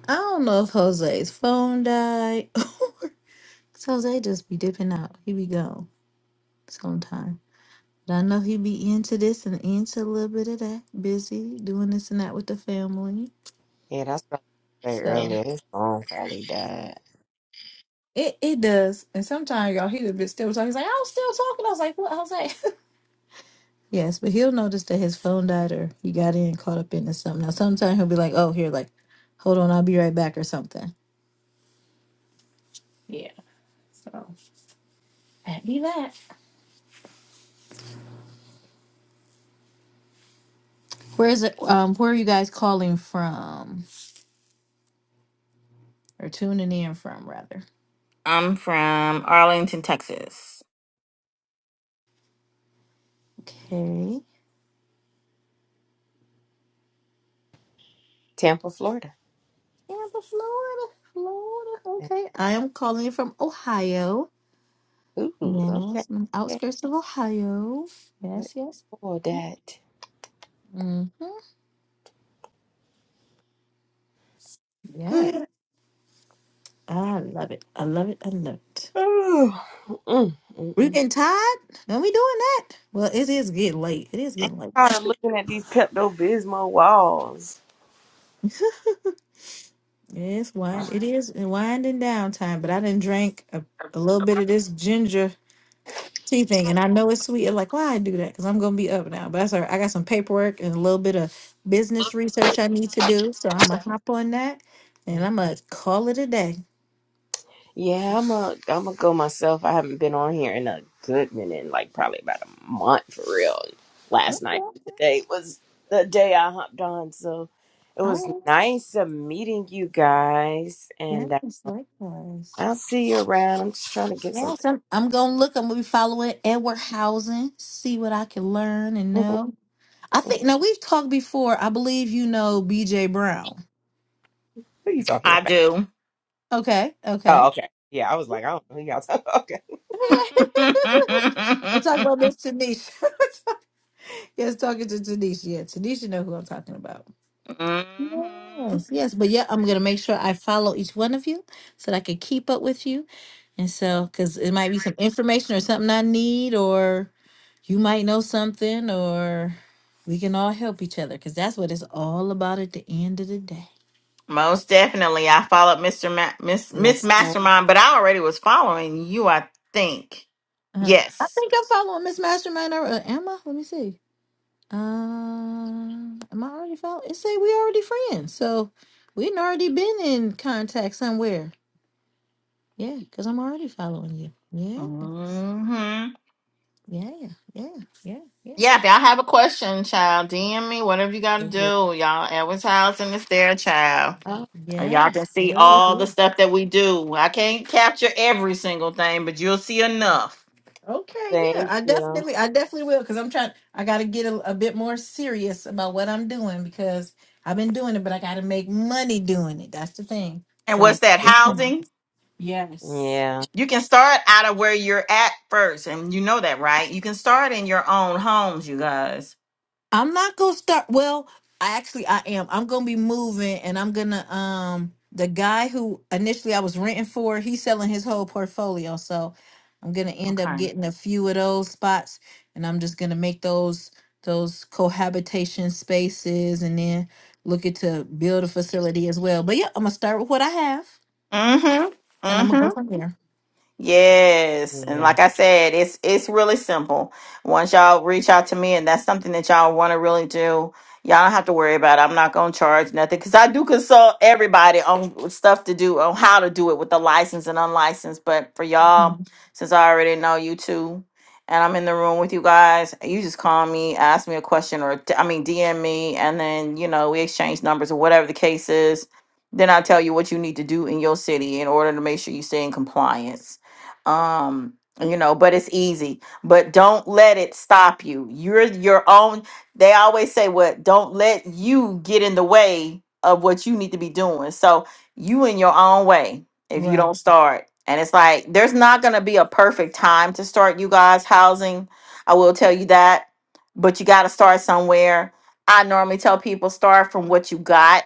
Speaker 4: I don't know if Jose's phone died, <laughs> died. 'Cause Jose just be dipping out. He be gone sometime. But I know he be into this and into a little bit of that. Busy doing this and that with the family.
Speaker 2: Yeah, that's what I was gonna say
Speaker 4: So Yeah.
Speaker 2: earlier. This song probably died.
Speaker 4: it, it does. And sometimes y'all he a bit still talking. He's like, I was still talking. I was like, what Jose? Yes, but he'll notice that his phone died or he got in caught up into something. Now, sometimes he'll be like, "Oh, here, like, hold on, I'll be right back" or something. Where is it? Um, where are you guys calling from or tuning in from, rather?
Speaker 5: I'm from Arlington, Texas.
Speaker 4: Okay,
Speaker 2: Tampa, Florida.
Speaker 4: Tampa, Florida, Florida. Okay, I am calling you from Ohio.
Speaker 2: Ooh, okay.
Speaker 4: Yes, I'm
Speaker 2: Yeah.
Speaker 4: outskirts of Ohio. Yes, yes.
Speaker 2: Oh, that.
Speaker 4: Mm-hmm. Yeah,
Speaker 2: <sighs>
Speaker 4: I love it. I love it. I love it.
Speaker 2: Oh, mm, mm,
Speaker 4: We're
Speaker 2: mm.
Speaker 4: getting tired? Are we doing that? Well, it is getting late. It is
Speaker 2: I'm
Speaker 4: getting late.
Speaker 2: tired of looking at these Pepto Bismol walls.
Speaker 4: <laughs> It's wind. It is winding down time. But I didn't drink a, a little bit of this ginger tea thing, and I know it's sweet. I'm like, why I do that? Because I'm gonna be up now. But that's all right. I got some paperwork and a little bit of business research I need to do, so I'm gonna hop on that, and I'm gonna call it a day.
Speaker 2: Yeah, I'm a I'm gonna go myself. I haven't been on here in a good minute, like probably about a month for real. Last night,
Speaker 4: Okay.
Speaker 2: today was the day I hopped on, so it was
Speaker 4: Oh,
Speaker 2: nice of meeting you guys,
Speaker 4: yeah,
Speaker 2: and uh,
Speaker 4: it's likewise.
Speaker 2: I'll see you around. I'm just trying to get
Speaker 4: Yes,
Speaker 2: something.
Speaker 4: I'm. I'm gonna look. I'm gonna be following Edward Housing, see what I can learn
Speaker 2: <laughs>
Speaker 4: and
Speaker 2: who
Speaker 4: know. I think now we've talked before. I believe you know BJ Brown.
Speaker 2: are you talking
Speaker 5: I
Speaker 2: about?
Speaker 5: do.
Speaker 4: Okay,
Speaker 2: Oh,
Speaker 4: okay.
Speaker 2: okay. Yeah, I was like, I don't know who y'all talking. about. <laughs> Okay.
Speaker 4: <laughs> I'm talking about
Speaker 5: <laughs>
Speaker 4: Miss Tanisha. <laughs> yes, talking to Tanisha. Yeah, Tanisha know who I'm talking about.
Speaker 5: Mhm.
Speaker 4: Yes, yes. But yeah, I'm gonna make sure I follow each one of you so that I can keep up with you. And so, because it might be some information or something I need, or you might know something, or we can all help each other because that's what it's all about at the end of the day.
Speaker 5: Most definitely. I followed Mr. Ma- Miss Miss
Speaker 2: Yes.
Speaker 5: Mastermind, but I already was following you, I think.
Speaker 4: Uh-huh. I
Speaker 5: Yes.
Speaker 4: think I'm following Miss Mastermind. Or, uh, am I? Let me see. Uh, am I already following? It say we already friends, so we would already been in contact somewhere. Yeah, because I'm already following you. Yes.
Speaker 5: hmm
Speaker 4: Yeah, yeah, yeah, yeah.
Speaker 5: Yeah, if y'all have a question, child, DM me, whatever you gotta do.
Speaker 2: Mhm.
Speaker 5: Y'all, Edward's house and it's there, child.
Speaker 2: Oh,
Speaker 5: And Y'all
Speaker 4: Yes,
Speaker 5: can see
Speaker 4: will
Speaker 2: good.
Speaker 5: all the
Speaker 4: do.
Speaker 5: stuff that we do. I can't capture every single thing, but you'll see enough.
Speaker 4: Okay, yeah,
Speaker 2: Thank
Speaker 4: I
Speaker 2: you.
Speaker 4: definitely, I definitely will, because I'm trying. I got to get a, a bit more serious about what I'm doing because I've been doing it, but I got to make money doing it. That's the thing.
Speaker 5: And
Speaker 4: So
Speaker 5: what's that?
Speaker 4: it's
Speaker 2: Yeah.
Speaker 4: coming.
Speaker 5: Housing?
Speaker 4: Yes.
Speaker 2: Yeah.
Speaker 5: You can start out of where you're at first, and you know that, right? You can start in your own homes, you guys.
Speaker 4: I'm not gonna start. Well, I actually I am. I'm gonna be moving, and I'm gonna um the guy who initially I was renting for, he's selling his whole portfolio, so I'm gonna end up
Speaker 5: Okay.
Speaker 4: getting a few of those spots, and I'm just gonna make those those cohabitation spaces, and then looking to build a facility as well. But yeah, I'm gonna start with what I have, and I'm gonna
Speaker 5: Mm-hmm.
Speaker 4: go from there.
Speaker 5: Yes, and
Speaker 2: yeah.
Speaker 5: like I said, it's it's really simple. Once y'all reach out to me, and that's something that y'all want to really do, y'all don't have to worry about. it. I'm not gonna charge nothing because I do consult everybody on stuff to do, on how to do it with the license and unlicensed. But for y'all,
Speaker 4: Mhm.
Speaker 5: since I already know you two, and I'm in the room with you guys, you just call me, ask me a question, or d- I mean DM me, and then you know we exchange numbers or whatever the case is. Then I tell you what you need to do in your city in order to make sure you stay in compliance um you know but it's easy but don't let it stop you you're your own they always say what don't let you get in the way of what you need to be doing so you in your own way if you
Speaker 4: Right.
Speaker 5: don't start and it's like there's not going to be a perfect time to start you guys housing i will tell you that but you got to start somewhere i normally tell people start from what you got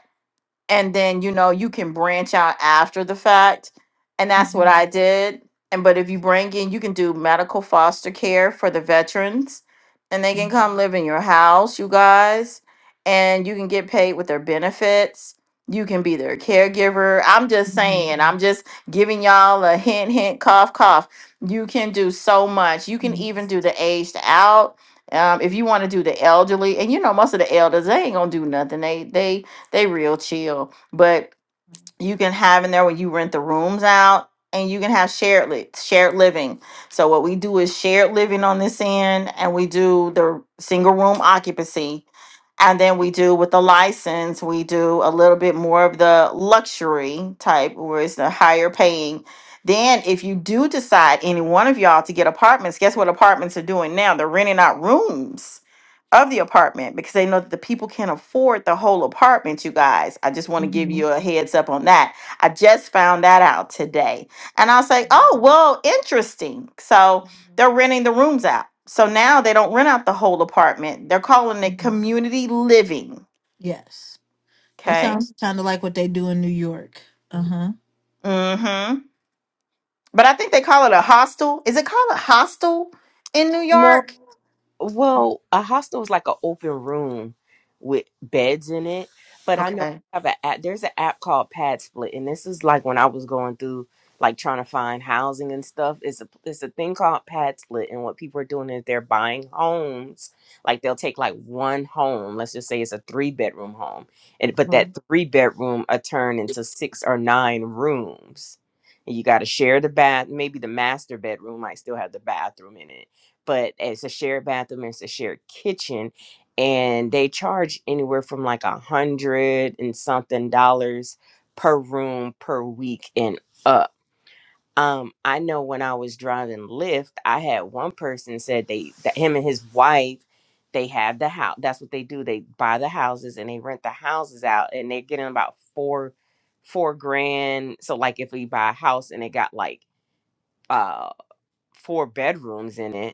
Speaker 5: and then you know you can branch out after the fact and that's what
Speaker 4: hmm
Speaker 5: i did and but if you bring in you can do medical foster care for the veterans and they can come live in your house you guys and you can get paid with their benefits you can be their caregiver i'm just
Speaker 4: hmm
Speaker 5: saying i'm just giving y'all a hint hint cough cough you can do so much you can
Speaker 4: hmm
Speaker 5: even do the aged out um, if you want to do the elderly and you know most of the elders they ain't gonna do nothing they they they real chill. But you can have in there when you rent the rooms out and you can have shared li- shared living. So what we do is shared living on this end and we do the single room occupancy. And then we do with the license, we do a little bit more of the luxury type where it's the higher paying. Then if you do decide any one of y'all to get apartments, guess what apartments are doing now? They're renting out rooms of the apartment because they know that the people can't afford the whole apartment, you guys. I just want to give
Speaker 4: hmm
Speaker 5: you a heads up on that. I just found that out today. And I was like, oh, well, interesting. So they're renting the rooms out. So now they don't rent out the whole apartment. They're calling it
Speaker 4: hmm
Speaker 5: community living.
Speaker 4: Yes. That
Speaker 5: Okay.
Speaker 4: sounds kind of like what they do in New York. Uh huh.
Speaker 5: Mm-hmm. But I think they call it a hostel. Is it called a hostel in New
Speaker 2: No,
Speaker 5: York?
Speaker 2: Well, a hostel is like an open room with beds in it, but I know we
Speaker 5: Okay.
Speaker 2: have an app. There's an app called Pad Split, and this is like when I was going through like trying to find housing and stuff. It's a it's a thing called Pad Split, and what people are doing is they're buying homes. Like they'll take like one home. Let's just say it's a three bedroom home, and but that
Speaker 5: Mm-hmm.
Speaker 2: three bedroom are turned into six or nine rooms. And you got to share the bath. Maybe the master bedroom might still have the bathroom in it but it's a shared bathroom, it's a shared kitchen, and they charge anywhere from like a hundred and something dollars per room per week and up. Um, I know when I was driving Lyft, I had one person said they that him and his wife they have the house. That's what they do. They buy the houses and they rent the houses out, and they're getting about four four grand. So like if we buy a house and it got like uh four bedrooms in it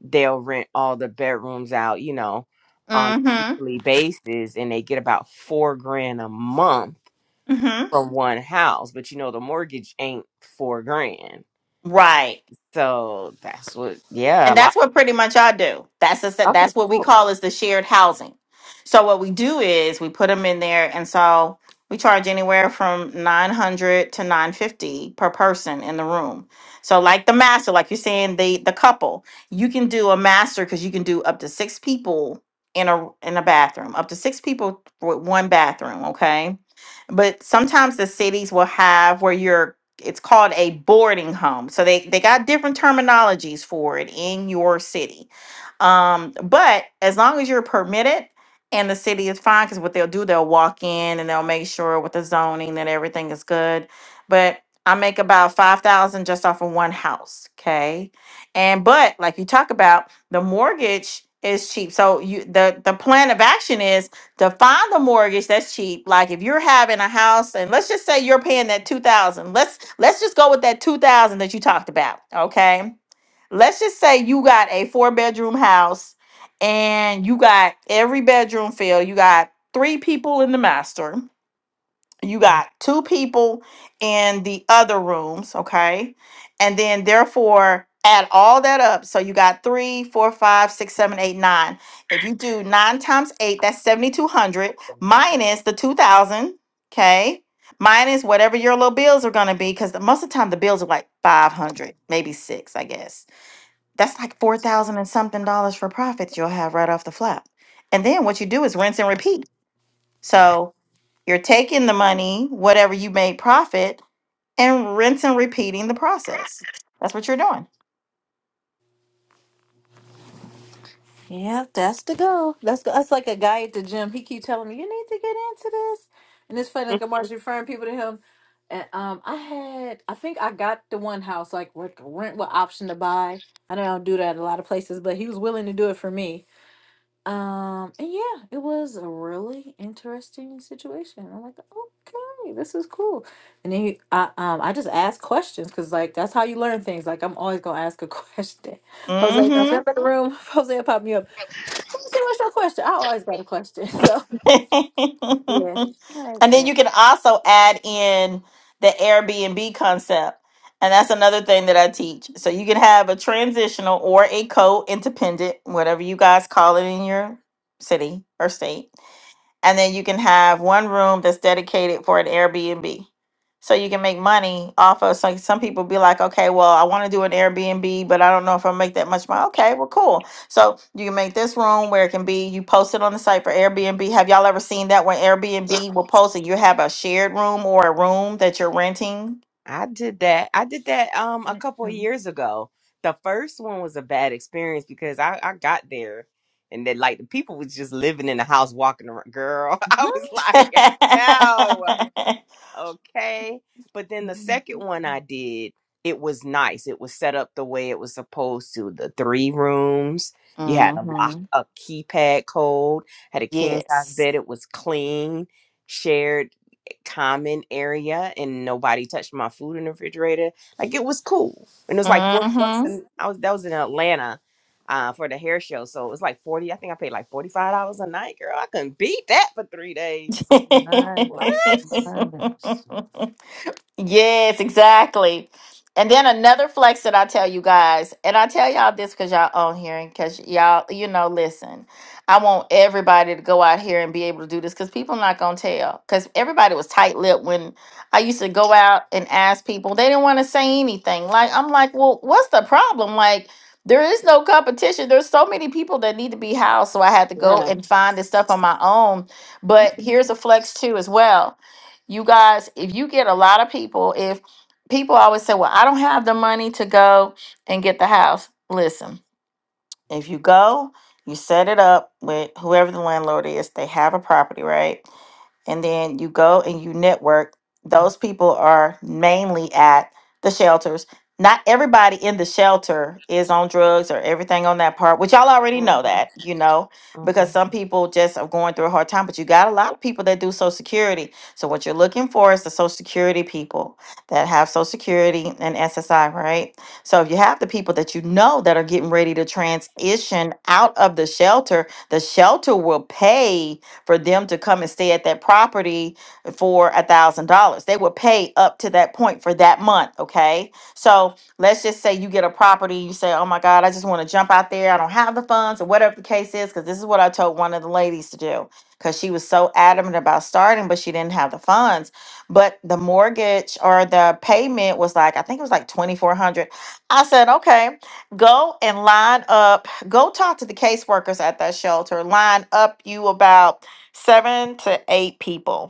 Speaker 2: they'll rent all the bedrooms out, you know, on a
Speaker 5: Mm-hmm.
Speaker 2: weekly basis and they get about four grand a month
Speaker 5: Mm-hmm.
Speaker 2: from one house. But you know the mortgage ain't four grand.
Speaker 5: Right.
Speaker 2: So that's what yeah, a
Speaker 5: And that's
Speaker 2: lot
Speaker 5: what pretty much I do. That's a,
Speaker 2: Okay,
Speaker 5: that's what we
Speaker 2: cool.
Speaker 5: call is the shared housing. So what we do is we put them in there, and so we charge anywhere from nine hundred to nine fifty per person in the room. So like the master, like you're saying the the couple, you can do a master because you can do up to six people in a in a bathroom, up to six people with one bathroom. Okay, but sometimes the cities will have where you're it's called a boarding home. So they they got different terminologies for it in your city. Um, but as long as you're permitted and the city is fine, because what they'll do, they'll walk in and they'll make sure with the zoning that everything is good. But I make about five thousand just off of one house, okay? And but like you talk about, the mortgage is cheap. So you the the plan of action is to find the mortgage that's cheap. Like if you're having a house and let's just say you're paying that two thousand. Let's let's just go with that two thousand that you talked about, okay? let's just say you got a four bedroom house and you got every bedroom filled. You got three people in the master, you got two people in the other rooms, okay? And then therefore add all that up. So you got three, four, five, six, seven, eight, nine. If you do nine times eight, that's 7,200 minus the 2,000, okay? Minus whatever your little bills are gonna be, because most of the time the bills are like 500, maybe six, I guess that's like four thousand and something dollars for profits you'll have right off the flap. And then what you do is rinse and repeat. So you're taking the money, whatever you made profit, and rinse and repeating the process. That's what you're doing.
Speaker 4: Yeah, that's the goal. That's that's like a guy at the gym. He keep telling me you need to get into this, and it's funny. Like I'm always referring people to him. And um, I had I think I got the one house like with rent with option to buy. I know I don't do that at a lot of places, but he was willing to do it for me. Um, and yeah, it was a really interesting situation. I'm like, okay, this is cool. And then he, I, um, I just asked questions because, like, that's how you learn things. Like, I'm always gonna ask a question. <laughs> Jose that's
Speaker 5: Mm-hmm.
Speaker 4: in the room. <laughs> Jose will pop me up. Let me see what's your question. I always got a question. <laughs> So yeah,
Speaker 5: <laughs>
Speaker 4: Like,
Speaker 5: and then
Speaker 4: yeah.
Speaker 5: you can also add in the Airbnb concept. And that's another thing that I teach. So you can have a transitional or a co-independent, whatever you guys call it in your city or state and then you can have one room that's dedicated for an Airbnb. So you can make money off of So like, some people be like, okay, well, I want to do an Airbnb, but I don't know if I'll make that much money. Okay, well, cool. So you can make this room where it can be you post it on the site for Airbnb. Have y'all ever seen that when Airbnb will post it? You have a shared room or a room that you're renting.
Speaker 2: I did that. I did that um a couple of
Speaker 4: mm
Speaker 2: years ago. The first one was a bad experience because I, I got there and then like the people was just living in the house walking around. Girl, <laughs> I was like,
Speaker 5: <laughs>
Speaker 2: no. okay. But then the second one I did, it was nice. It was set up the way it was supposed to. The three rooms, you had a lock,
Speaker 5: hmm
Speaker 2: a keypad code, had a king size
Speaker 5: Yes.
Speaker 2: bed. It was clean, shared common area, and nobody touched my food in the refrigerator. Like it was cool, and it was like forty bucks.
Speaker 5: hmm
Speaker 2: And I was that was in Atlanta. Uh, for the hair show, so it was like forty. I think I paid like forty five dollars a night, girl. I couldn't beat that for three days. What?
Speaker 4: Nice, nice,
Speaker 5: <laughs> Yes, exactly. And then another flex that I tell you guys, and I tell y'all this because y'all on here and because y'all, you know, listen, I want everybody to go out here and be able to do this because people not going to tell. Because everybody was tight lipped when I used to go out and ask people, they didn't want to say anything. Like, I'm like, well, what's the problem? Like, there is no competition. There's so many people that need to be housed. So I had to go
Speaker 4: Wow.
Speaker 5: and find this stuff on my own. But here's a flex too, as well you guys, if you get a lot of people, if people always say, Well, I don't have the money to go and get the house. Listen, if you go, you set it up with whoever the landlord is, they have a property, right? and then you go and you network. Those people are mainly at the shelters. Not everybody in the shelter is on drugs or everything on that part, which y'all already know
Speaker 2: Mhm,
Speaker 5: that, you know, because
Speaker 2: mhm.
Speaker 5: some people just are going through a hard time. But you got a lot of people that do Social Security. So what you're looking for is the Social Security people that have Social Security and SSI, right? So if you have the people that you know that are getting ready to transition out of the shelter, the shelter will pay for them to come and stay at that property for a thousand dollars. They would pay up to that point for that month. Okay. So let's just say you get a property, you say, Oh my God, I just want to jump out there. I don't have the funds or whatever the case is, because this is what I told one of the ladies to do. Because she was so adamant about starting, but she didn't have the funds. But the mortgage or the payment was like, I think it was like twenty four hundred. I said, okay, go and line up, go talk to the caseworkers at that shelter, line up you about seven to eight people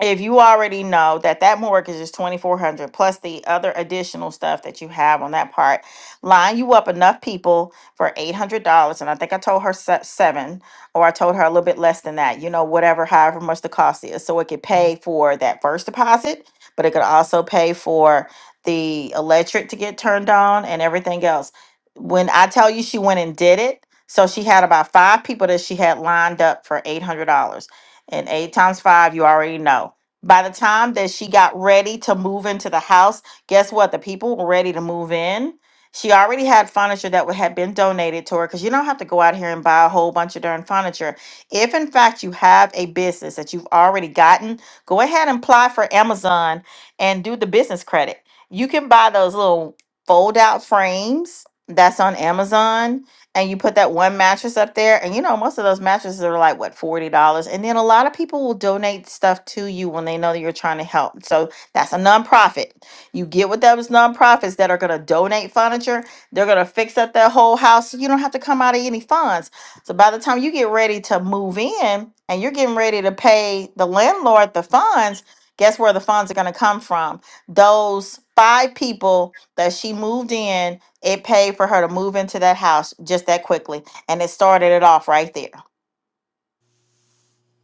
Speaker 5: if you already know that that mortgage is 2400 plus the other additional stuff that you have on that part line you up enough people for $800 and i think i told her se- seven or i told her a little bit less than that you know whatever however much the cost is so it could pay for that first deposit but it could also pay for the electric to get turned on and everything else when i tell you she went and did it so she had about five people that she had lined up for $800 and eight times five, you already know. By the time that she got ready to move into the house, guess what? The people were ready to move in. She already had furniture that would have been donated to her because you don't have to go out here and buy a whole bunch of darn furniture. If in fact you have a business that you've already gotten, go ahead and apply for Amazon and do the business credit. You can buy those little fold out frames that's on Amazon and you put that one mattress up there and you know most of those mattresses are like what $40 and then a lot of people will donate stuff to you when they know that you're trying to help so that's a nonprofit you get with those nonprofits that are going to donate furniture they're going to fix up their whole house so you don't have to come out of any funds so by the time you get ready to move in and you're getting ready to pay the landlord the funds guess where the funds are going to come from those five people that she moved in it paid for her to move into that house just that quickly, and it started it off right there.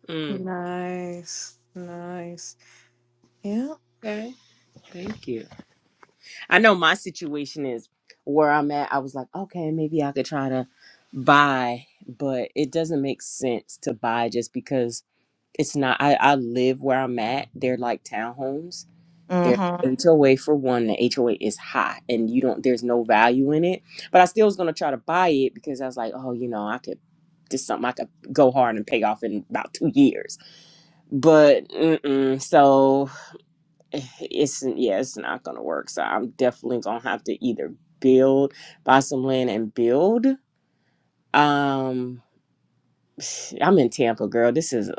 Speaker 2: Mm.
Speaker 4: nice, nice. Yeah.
Speaker 2: Okay, thank you. I know my situation is where I'm at. I was like, okay, maybe I could try to buy, but it doesn't make sense to buy just because it's not. I, I live where I'm at. They're like townhomes. They're
Speaker 5: hmm
Speaker 2: HOA for one. The HOA is high, and you don't. There's no value in it. But I still was gonna try to buy it because I was like, oh, you know, I could. Just something I could go hard and pay off in about two years. But mm-mm. so it's yeah, it's not gonna work. So I'm definitely gonna have to either build, buy some land and build. Um, <sighs> I'm in Tampa, girl. This is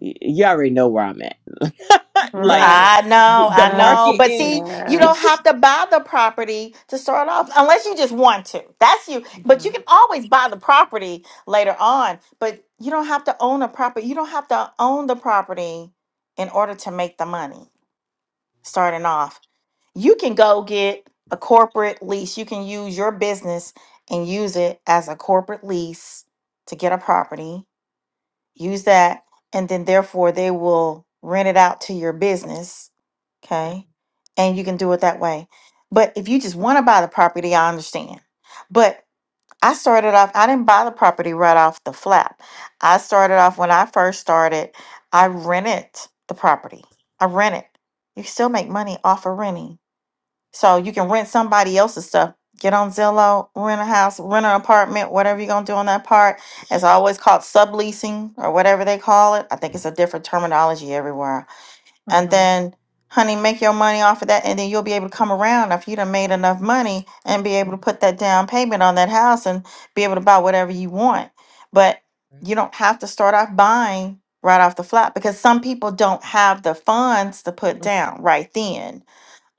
Speaker 2: y- you already know where I'm at. <laughs> Like
Speaker 4: Right.
Speaker 5: I
Speaker 2: th-
Speaker 5: know,
Speaker 2: the
Speaker 5: I
Speaker 4: Uh,
Speaker 5: know.
Speaker 2: market
Speaker 5: But
Speaker 2: is.
Speaker 5: see, you don't
Speaker 4: yes.
Speaker 5: have to buy the property to start off unless you just want to. That's you. But you
Speaker 4: Mhm.
Speaker 5: can always buy the property later on, but you don't have to own a property. You don't have to own the property in order to make the money starting off. you can go get a corporate lease. You can use your business and use it as a corporate lease to get a property, use that, and then therefore they will rent it out to your business. Okay. And you can do it that way. But if you just want to buy the property, I understand. But I started off, I didn't buy the property right off the flap. I started off when I first started, I rented the property. I rent it. You still make money off of renting so you can rent somebody else's stuff. Get on Zillow, rent a house, rent an apartment, whatever you're gonna do on that part. It's always called subleasing or whatever they call it. I think it's a different terminology everywhere. And
Speaker 4: Mhm.
Speaker 5: then, honey, make your money off of that, and then you'll be able to come around if you done made enough money and be able
Speaker 2: Mhm,
Speaker 5: to put that down payment on that house and be able to buy whatever you want. But you don't have to start off buying right off the flat because some people don't have the funds to put down right then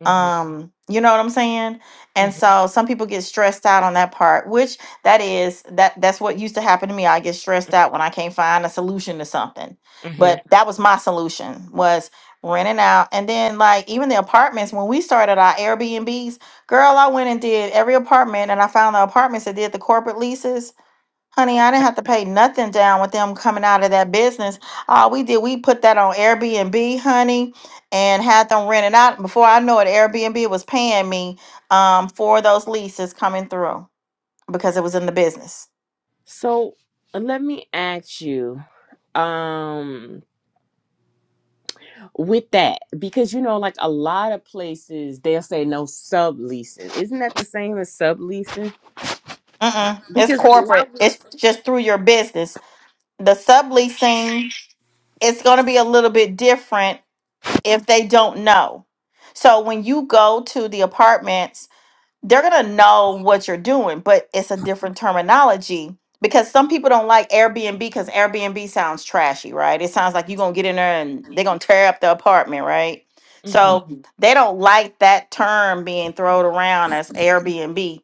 Speaker 2: mhm,
Speaker 5: um, you know what I'm saying? And
Speaker 2: mhm.
Speaker 5: so some people get stressed out on that part, which that is that that's what used to happen to me. I get stressed out when I can't find a solution to something.
Speaker 2: mhm.
Speaker 5: But that was my solution was renting out. And then like even the apartments when we started our Airbnbs, girl, I went and did every apartment and I found the apartments that did the corporate leases Honey, I didn't have to pay nothing down with them coming out of that business. All we did, we put that on Airbnb, honey, and had them rent it out. Before I know it, Airbnb was paying me um, for those leases coming through because it was in the business.
Speaker 2: So let me ask you, um, with that because you know, like a lot of places they'll say no subleasing. Isn't that the same as subleasing?
Speaker 5: Mm-mm. It's corporate. It's just through your business. The subleasing, it's going to be a little bit different if they don't know. So when you go to the apartments they're gonna know what you're doing, but it's a different terminology because some people don't like Airbnb because Airbnb sounds trashy, right? It sounds like you're gonna get in there and they're gonna tear up the apartment, right? So Mhm. they don't like that term being thrown around as Airbnb.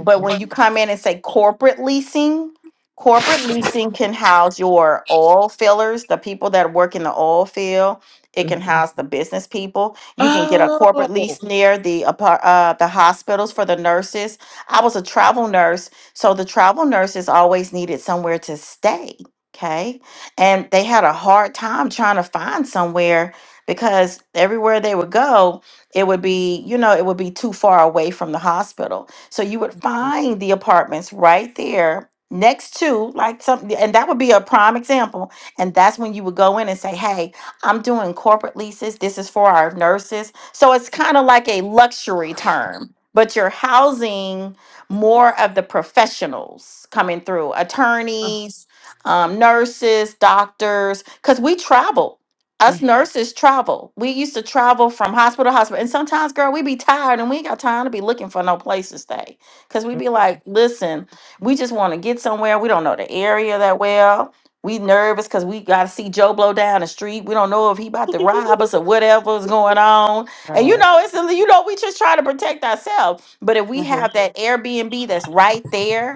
Speaker 5: But when you come in and say corporate leasing, corporate leasing can house your oil fillers, the people that work in the oil field. It can house the business people. You can get a corporate
Speaker 2: Oh.
Speaker 5: lease near the apar- uh, the hospitals for the nurses. I was a travel nurse, so the travel nurses always needed somewhere to stay. Okay, and they had a hard time trying to find somewhere because everywhere they would go, it would be you know it would be too far away from the hospital. So you would find the apartments right there next to like something and that would be a prime example and that's when you would go in and say hey i'm doing corporate leases this is for our nurses so it's kind of like a luxury term but you're housing more of the professionals coming through attorneys um, nurses doctors because we travel us nurses travel. We used to travel from hospital to hospital. And sometimes, girl, we be tired and we ain't got time to be looking for no place to stay. Cause we be like, listen, we just want to get somewhere. We don't know the area that well. We nervous because we gotta see Joe Blow down the street. We don't know if he about to rob us or whatever's going on. And you
Speaker 4: Right.
Speaker 5: know, it's you know, we just try to protect ourselves. But if we
Speaker 2: Mm-hmm.
Speaker 5: have that Airbnb that's right there,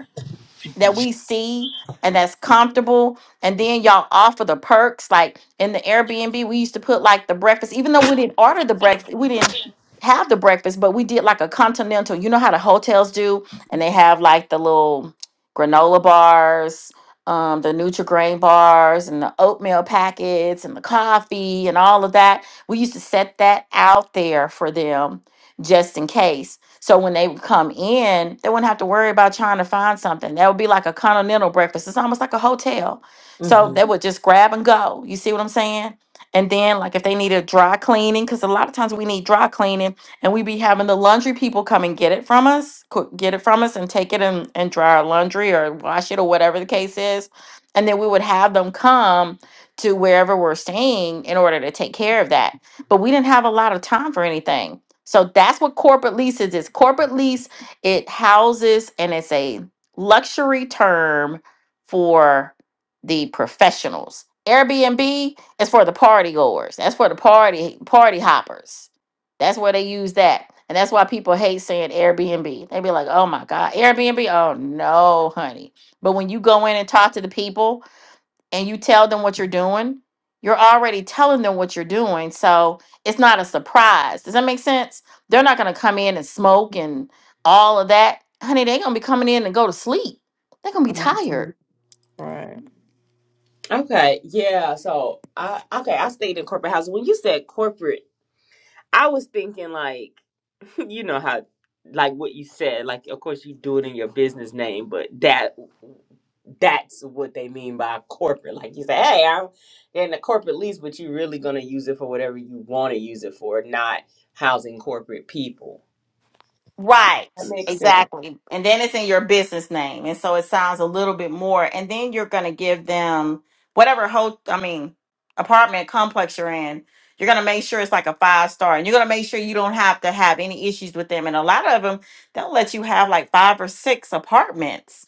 Speaker 5: that we see and that's comfortable. And then y'all offer the perks. Like in the Airbnb, we used to put like the breakfast, even though we didn't order the breakfast, we didn't have the breakfast, but we did like a continental. You know how the hotels do, and they have like the little granola bars, um, the Nutri-Grain bars, and the oatmeal packets, and the coffee, and all of that. We used to set that out there for them just in case. So when they would come in, they wouldn't have to worry about trying to find something. That would be like a continental breakfast. It's almost like a hotel. So
Speaker 2: hmm
Speaker 5: they Mhm. would just grab and go. You see what I'm saying? And then, like, if they needed dry cleaning, because a lot of times we need dry cleaning, and we be having the laundry people come and get it from us, co- get it from us, and take it and, and dry our laundry or wash it or whatever the case is. And then we would have them come to wherever we're staying in order to take care of that. But we didn't have a lot of time for anything. So that's what corporate leases is. Corporate lease, it houses and it's a luxury term for the professionals. Airbnb is for the party goers. That's for the party party hoppers. That's where they use that. And that's why people hate saying Airbnb. They be like, oh my God, Airbnb? Oh no, honey. But when you go in and talk to the people and you tell them what you're doing, you're already telling them what you're doing. So it's not a surprise. Does that make sense? They're not going to come in and smoke and all of that. Honey, they're going to be coming in and go to sleep. They're going to be tired
Speaker 4: Mhm. Right.
Speaker 2: Okay, yeah. So I okay, I stayed in corporate housing. When you said corporate, I was thinking like <laughs> you know how like what you said, like of course you do it in your business name, but that that's what they mean by corporate. Like you say, hey, I'm in the corporate lease, but you're really gonna use it for whatever you want to use it for, not housing corporate people.
Speaker 5: Right,
Speaker 2: That makes sense.
Speaker 5: exactly. And then it's in your business name. And so it sounds a little bit more. And then you're going to give them whatever whole, I mean, apartment complex you're in. You're going to make sure it's like a five star and you're going to make sure you don't have to have any issues with them. And a lot of them, they'll let you have like five or six apartments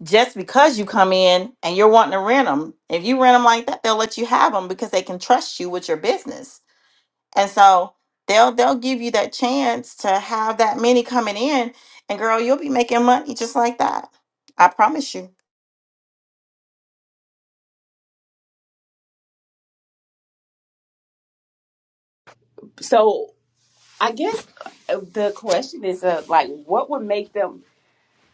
Speaker 5: just because you come in and you're wanting to rent them. If you rent them like that, they'll let you have them because they can trust you with your business and so they'll they'll give you that chance to have that many coming in, and girl, you'll be making money just like that. I promise you.
Speaker 2: So I guess uh, the question is, uh, like, what would make them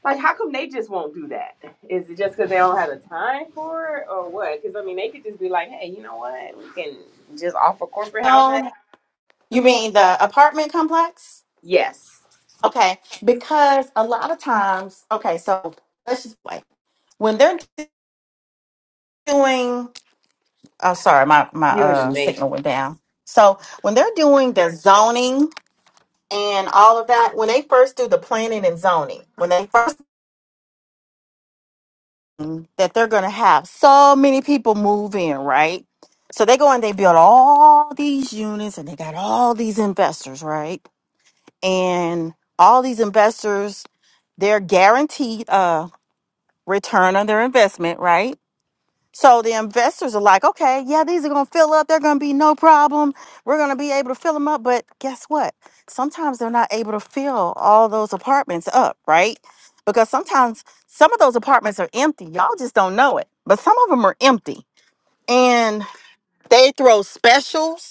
Speaker 2: like? How come they just won't do that? Is it just because they don't have the time for it, or what? Because I mean, they could just be like, "Hey, you know what? We can just offer corporate housing."
Speaker 5: Oh, you mean the apartment complex?
Speaker 2: Yes,
Speaker 5: Okay, because a lot of times, okay, so let's just wait. When they're doing, oh, sorry, my my
Speaker 2: you're in the
Speaker 5: uh
Speaker 2: make.
Speaker 5: signal went down. So when they're doing the zoning and all of that, when they first do the planning and zoning, when they first that they're going to have so many people move in, right? So they go and they build all these units and they got all these investors, right? And all these investors, they're guaranteed a return on their investment, right? So the investors are like, okay, yeah, these are going to fill up. They're going to be no problem. We're going to be able to fill them up. But guess what? Sometimes they're not able to fill all those apartments up, right? Because sometimes some of those apartments are empty. Y'all just don't know it. But some of them are empty. And they throw specials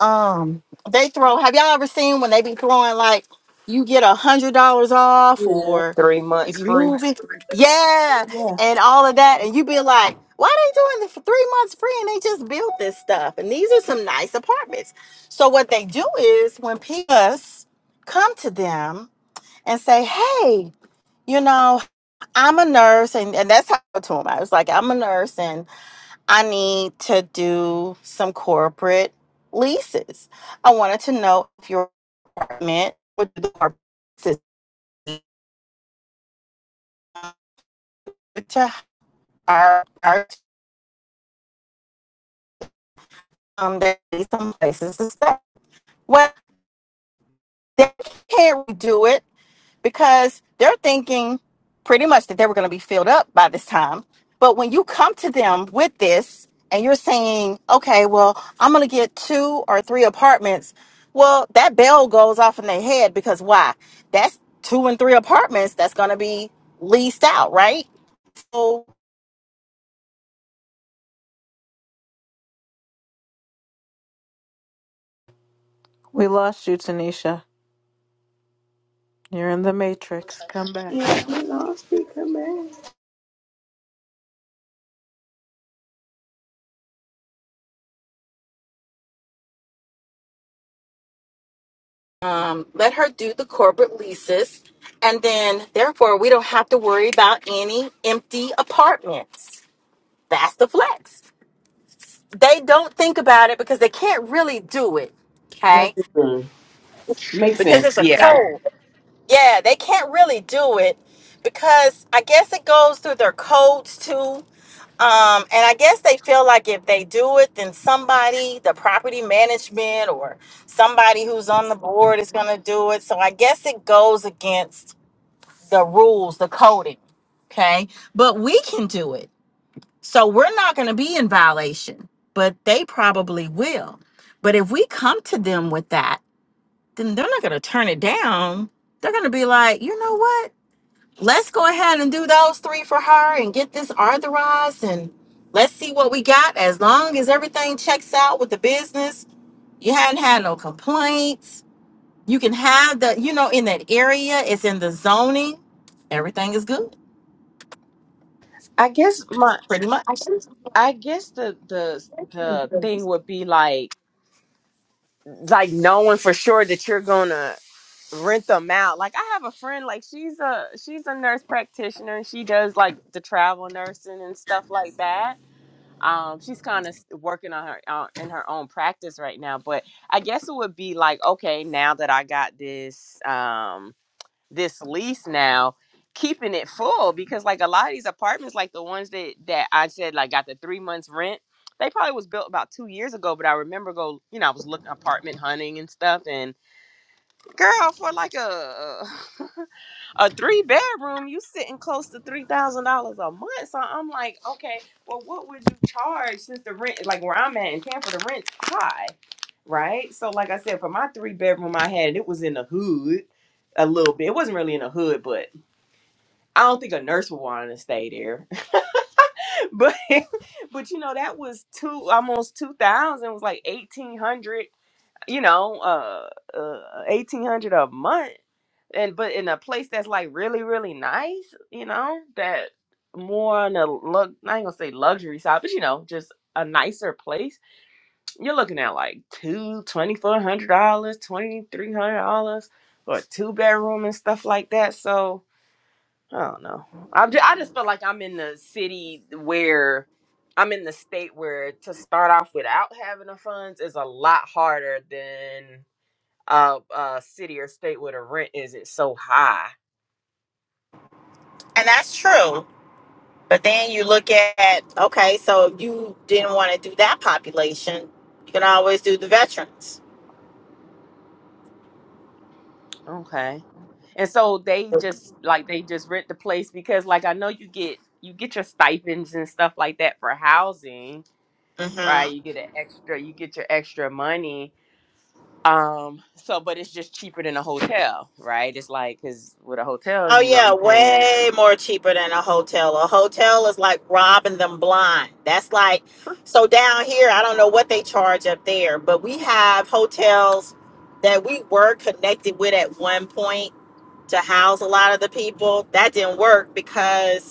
Speaker 5: um, they throw. Have y'all ever seen when they be throwing like you get a hundred dollars off,
Speaker 2: Yeah,
Speaker 5: or
Speaker 2: three
Speaker 5: if
Speaker 2: months
Speaker 5: you
Speaker 2: free.
Speaker 5: move it, yeah,
Speaker 2: Yeah,
Speaker 5: and all of that, and you be like, why they doing this for three months free? And they just built this stuff, and these are some nice apartments. So what they do is when people come to them and say, hey. You know, I'm a nurse, and, and that's how I told them. I was like, I'm a nurse, I need to do some corporate leases. I wanted to know if your apartment would do the corporate leases to hire our um they need some places to stay. Well, they can't redo it. because they're thinking pretty much that they were going to be filled up by this time. But when you come to them with this and you're saying, okay, well, I'm going to get two or three apartments, well, that bell goes off in their head because why? That's two and three apartments that's going to be leased out, right? So
Speaker 4: We lost you, Tanisha. You're in the Matrix. Come back.
Speaker 2: yeah, we lost speaker man.
Speaker 5: um, let her do the corporate leases. And then, therefore, we don't have to worry about any empty apartments. That's the flex they don't think about it because they can't really do it. Okay.
Speaker 2: Mhm. Makes sense.
Speaker 5: The
Speaker 2: Yeah,
Speaker 5: code. Yeah, they can't really do it because I guess it goes through their codes too. Um, and I guess they feel like if they do it, then somebody, the property management or somebody who's on the board is going to do it. So I guess it goes against the rules, the coding. Okay. But we can do it So we're not going to be in violation, but they probably will. But if we come to them with that, then they're not going to turn it down. They're going to be like, you know what? Let's go ahead and do those three for her and get this authorized and let's see what we got. As long as everything checks out with the business, you hadn't had no complaints. You can have the, you know, in that area, it's in the zoning. Everything is good,
Speaker 2: I guess my.
Speaker 5: pretty much.
Speaker 2: I guess the the the thing would be like like knowing for sure that you're gonna rent them out. Like I have a friend, like she's a she's a nurse practitioner and she does like the travel nursing and stuff like that. Um, she's kind of working on her uh, in her own practice right now, but I guess it would be like, okay, now that I got this um this lease now, keeping it full because like a lot of these apartments, like the ones that that I said like got the three months rent. They probably was built about two years ago, but I remember go, you know, I was looking apartment hunting and stuff, and Girl, for like a <laughs> a three bedroom, you sitting close to three thousand dollars a month. So I'm like, okay, well, what would you charge since the rent, like where I'm at in Tampa, the rent's high, right? So like I said, for my three bedroom I had, it was in the hood a little bit. It wasn't really in the hood, but I don't think a nurse would want to stay there. <laughs> but but you know that was two almost two thousand. It was like eighteen hundred. You know, uh, uh eighteen hundred a month and but in a place that's like really really nice you know that more on the look i ain't gonna say luxury side but you know just a nicer place you're looking at like two twenty four hundred dollars twenty three hundred dollars for a two bedroom and stuff like that so i don't know i just, I just feel like i'm in the city where i'm in the state where to start off without having the funds is a lot harder than a, a city or state where the rent isn't so high
Speaker 5: And that's true. But then you look at okay, so if you didn't want to do that population, you can always do the veterans.
Speaker 2: Okay. And so they just like they just rent the place because like I know you get you get your stipends and stuff like that for housing,
Speaker 5: hmm
Speaker 2: right? You get an extra you get your extra money. Um so but it's just cheaper than a hotel, right? It's like cuz with a hotel
Speaker 5: Oh
Speaker 2: you're going to
Speaker 5: yeah,
Speaker 2: be paying
Speaker 5: way more cheaper than a hotel. A hotel is like robbing them blind. That's like so down here. I don't know what they charge up there, but we have hotels that we were connected with at one point to house a lot of the people. That didn't work because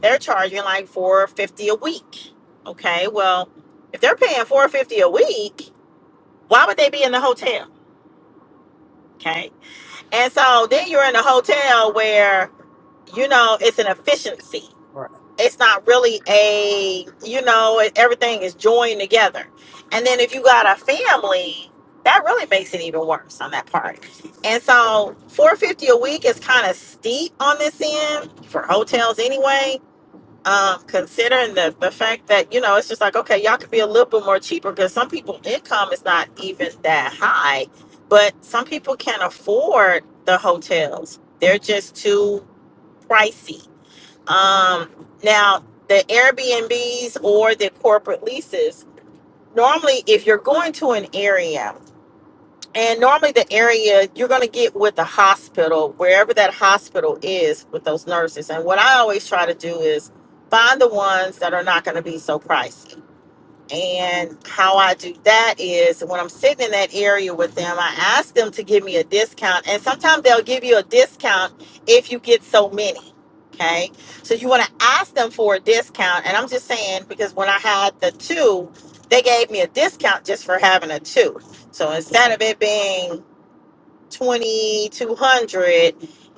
Speaker 5: They're charging like four fifty a week. Okay, well, if they're paying four fifty a week, why would they be in the hotel? Okay, and so then you're in a hotel where you know it's an efficiency.
Speaker 2: Right.
Speaker 5: It's not really a you know it- everything is joined together. And then if you got a family, that really makes it even worse on that part. And so 450 a week is kind of steep on this end for hotels anyway um, considering the the fact that you know it's just like okay, y'all could be a little bit more cheaper because some people income is not even that high, but some people can't afford the hotels. They're just too pricey. Um, now the Airbnbs or the corporate leases. Normally, if you're going to an area and normally, the area you're going to get with the hospital, wherever that hospital is with those nurses. And what I always try to do is find the ones that are not going to be so pricey. And how I do that is when I'm sitting in that area with them, I ask them to give me a discount. And sometimes they'll give you a discount if you get so many. Okay. So you want to ask them for a discount. And I'm just saying, because when I had the two, they gave me a discount just for having a two. So instead of it being 2200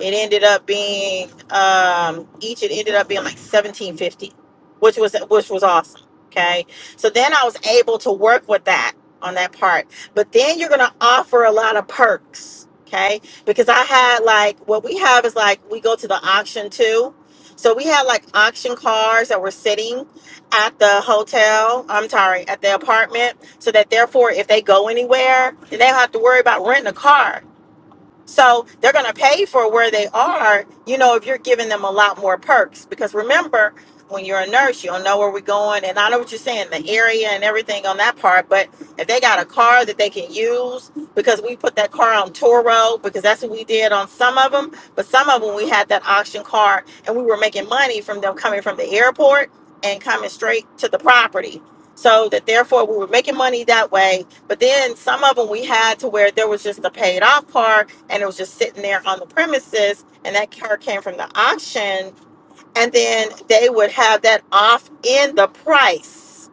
Speaker 5: it ended up being um each it ended up being like 1750 which was which was awesome okay so then i was able to work with that on that part but then you're gonna offer a lot of perks okay because i had like what we have is like we go to the auction too so we had like auction cars that were sitting at the hotel i'm sorry at the apartment so that therefore if they go anywhere they don't have to worry about renting a car so they're going to pay for where they are, you know, if you're giving them a lot more perks. Because remember, when you're a nurse, you'll know where we're going. And I know what you're saying, the area and everything on that part. But if they got a car that they can use, because we put that car on tour road, because that's what we did on some of them. But some of them, we had that auction car and we were making money from them coming from the airport and coming straight to the property. So that therefore we were making money that way. But then some of them we had to where there was just a paid off part and it was just sitting there on the premises. And that car came from the auction. And then they would have that off in the price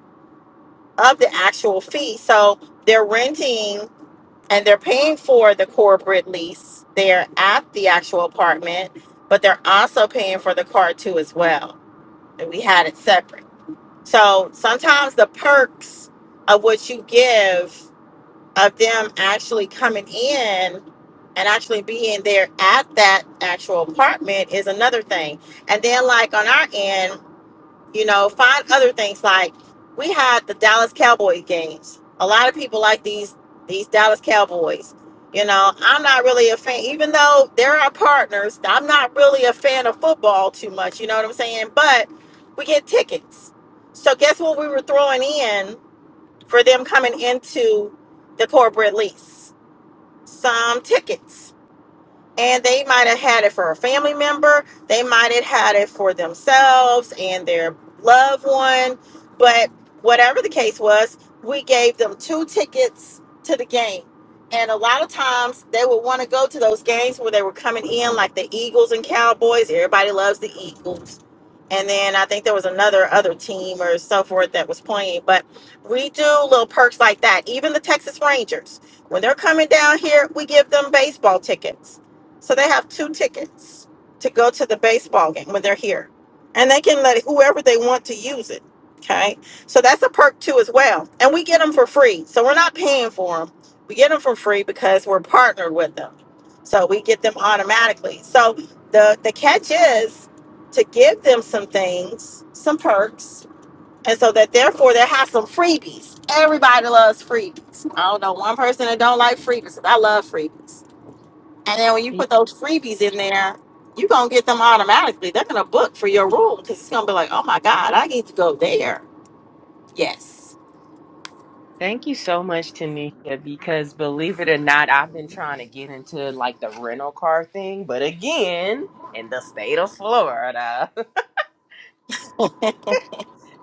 Speaker 5: of the actual fee. So they're renting and they're paying for the corporate lease there at the actual apartment, but they're also paying for the car too as well. And we had it separate. So sometimes the perks of what you give of them actually coming in and actually being there at that actual apartment is another thing. And then like on our end, you know, find other things like we had the Dallas Cowboy games. A lot of people like these these Dallas Cowboys. You know, I'm not really a fan, even though they're our partners. I'm not really a fan of football too much. You know what I'm saying? But we get tickets. So guess what we were throwing in for them coming into the corporate lease? Some tickets and they might have had it for a family member they might have had it for themselves and their loved one but whatever the case was we gave them two tickets to the game and a lot of times they would want to go to those games where they were coming in like the eagles and cowboys everybody loves the eagles and then i think there was another other team or so forth that was playing but we do little perks like that even the texas rangers when they're coming down here we give them baseball tickets so they have two tickets to go to the baseball game when they're here. And they can let whoever they want to use it. Okay. So that's a perk too as well. And we get them for free. So we're not paying for them. We get them for free because we're partnered with them. So we get them automatically. So the the catch is to give them some things, some perks, and so that therefore they have some freebies. Everybody loves freebies. I don't know one person that don't like freebies. I love freebies and then when you
Speaker 2: Yeah.
Speaker 5: put those freebies in there, you're going to get them automatically. They're going to book for your room because it's going to be like, oh my God, I need to go there. Yes.
Speaker 2: Thank you so much, Tanisha, because believe it or not, I've been trying to get into like the rental car thing, but again, in the state of Florida.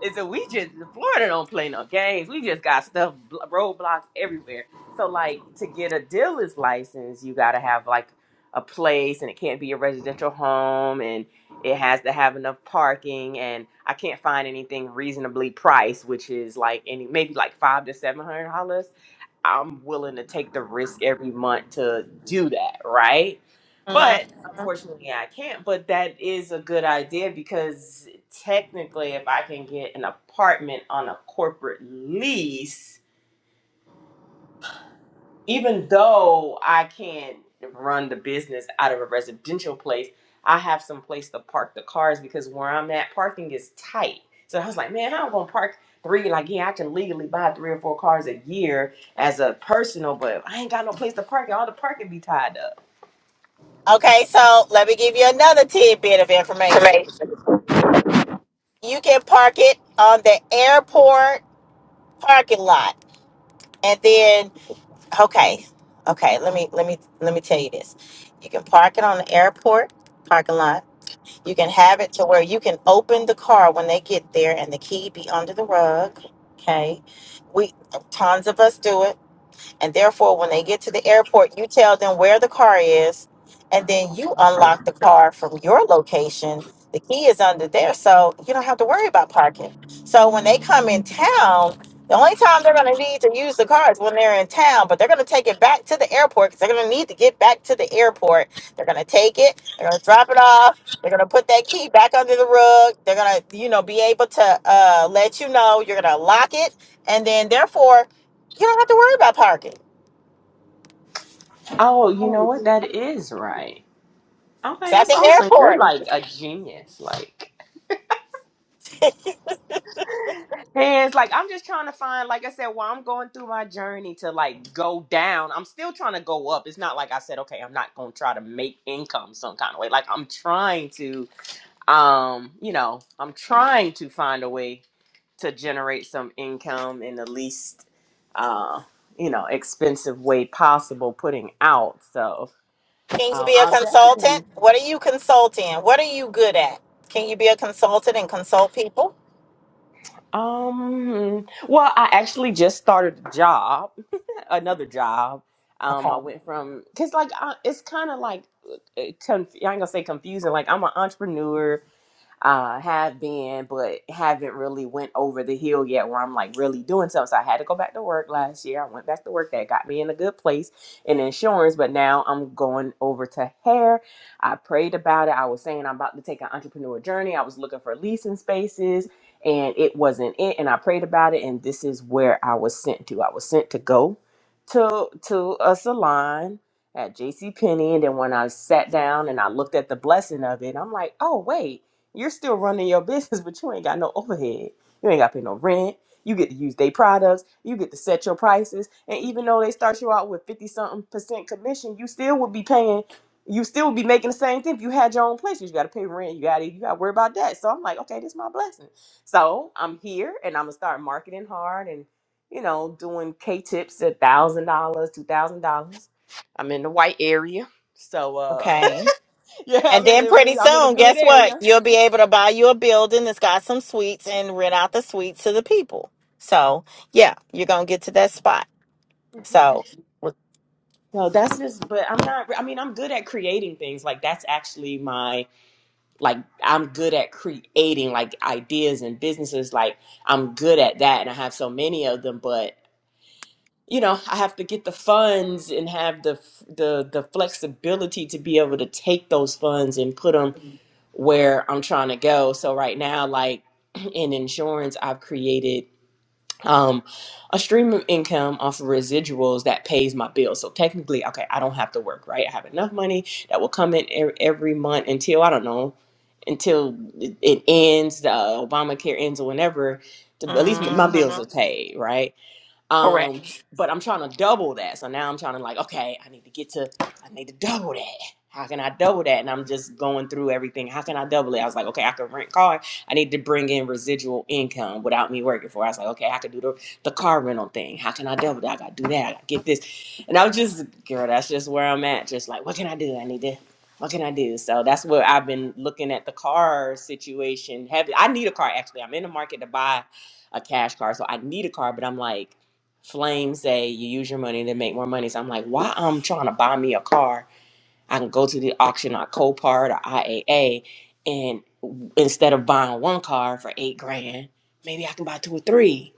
Speaker 2: is that we just Florida don't play no games. We just got stuff bl- roadblocks everywhere. So like to get a dealer's license, you got to have like a place, and it can't be a residential home, and it has to have enough parking. And I can't find anything reasonably priced, which is like any maybe like five to seven hundred dollars I'm willing to take the risk every month to do that, right?
Speaker 5: Mhm.
Speaker 2: But unfortunately, I can't. But that is a good idea because technically, if I can get an apartment on a corporate lease, even though I can not run the business out of a residential place, I have some place to park the cars because where I'm at, parking is tight. So I was like, man, how am I gonna park three? Like, yeah, I can legally buy three or four cars a year as a personal, but I ain't got no place to park. it. All the parking be tied up.
Speaker 5: Okay, so let me give you another tidbit of information.
Speaker 2: Amazing.
Speaker 5: You can park it on the airport parking lot. And then okay. Okay, let me let me let me tell you this. You can park it on the airport parking lot You can have it to where you can open the car when they get there and the key be under the rug. Okay. We tons of us do it and therefore, when they
Speaker 2: Okay.
Speaker 5: get to the airport, you tell them where the car is, and then you
Speaker 2: Okay.
Speaker 5: unlock the car from your location. The key is under there, so you don't have to worry about parking. So when they come in town, the only time they're going to need to use the car is when they're in town, but they're going to take it back to the airport because they're going to need to get back to the airport. They're going to take it, they're going to drop it off. They're gonna put that key back under the rug. They're gonna, you know, be able to uh, let you know. You're gonna lock it, and then therefore you don't have to worry about parking.
Speaker 2: Oh, you know what? That is right.
Speaker 5: It's
Speaker 2: Okay,
Speaker 5: at
Speaker 2: that's
Speaker 5: the
Speaker 2: awesome. You're
Speaker 5: airport.
Speaker 2: like a genius. Like. hands. Like I'm just trying to find, like I said, while I'm going through my journey to like go down, I'm still trying to go up. It's not like I said, okay, I'm not gonna try to make income some kind of way. Like I'm trying to, um, you know, I'm trying to find a way to generate some income in the least, uh, you know, expensive way possible. Putting out, so
Speaker 5: Can you
Speaker 2: um,
Speaker 5: be a
Speaker 2: I'll
Speaker 5: consultant?
Speaker 2: definitely.
Speaker 5: What are you consulting? What are you good at? Can you be a consultant and consult people?
Speaker 2: Um. Well, I actually just started a job <laughs> another job. Um,
Speaker 5: Okay.
Speaker 2: I went from because like I, it's kind of like uh, conf- I ain't gonna say confusing. Like I'm an entrepreneur uh have been but haven't really went over the hill yet where i'm like really doing something so i had to go back to work last year i went back to work that got me in a good place in insurance but now i'm going over to hair i prayed about it i was saying i'm about to take an entrepreneur journey i was looking for leasing spaces and it wasn't it and i prayed about it and this is where i was sent to i was sent to go to to a salon at jc penney and then when i sat down and i looked at the blessing of it i'm like oh wait you're still running your <laughs> business, but you ain't got no overhead. You ain't got to pay no rent. You get to use their products. You get to set your prices. And even though they start you out with 50 something percent commission, you still would be paying, you still would be making the same thing if you had your own place. You got to pay rent. You got to, you got to worry about that. So I'm like, okay, this is my blessing. So I'm here and I'm going to start marketing hard and, you know, doing K tips at $1,000, $2,000. I'm in the white area. So, uh,
Speaker 5: Okay.
Speaker 2: <laughs> yeah,
Speaker 5: And
Speaker 2: I'm
Speaker 5: then pretty
Speaker 2: in, I'm in a
Speaker 5: soon,
Speaker 2: good
Speaker 5: guess what?
Speaker 2: area.
Speaker 5: You'll be able to buy you a building that's got some suites and rent out the suites to the people. So, yeah, you're going to get to that spot.
Speaker 2: Mm-hmm.
Speaker 5: So,
Speaker 2: No, that's just, but I'm not, I mean, I'm good at creating things. Like, that's actually my, like, I'm good at creating, like, ideas and businesses. Like, I'm good at that. And I have so many of them, but, you know, I have to get the funds and have the, the, the flexibility to be able to take those funds and put them where I'm trying to go. So right now, like, <clears throat> in insurance, I've created um, a stream of income off of residuals that pays my bills. So technically, okay, I don't have to work, right? I have enough money that will come in e- every month until I don't know, until it it ends, uh, Obamacare ends or whenever. to- At least my bills are
Speaker 5: mhm.
Speaker 2: paid, right?
Speaker 5: correct.
Speaker 2: Um, but I'm trying to double that. So now I'm trying to like, okay, I need to get to, I need to double that. How can I double that? And I'm just going through everything. How can I double it? I was like, okay, I can rent car. I need to bring in residual income without me working for. it. I was like, okay, I can do the, the car rental thing. How can I double that? I gotta do that. I gotta get this. And I was just, girl, that's just where I'm at. Just like, what can I do? I need to. What can I do? So that's what I've been looking at the car situation. Have I need a car actually? I'm in the market to buy a cash car, so I need a car. But I'm like, Flames say you use your money to make more money. So I'm like, why I'm trying to buy me a car? I can go to the auction on Copart or IAA, and instead of buying one car for eight grand, maybe I can buy two or three.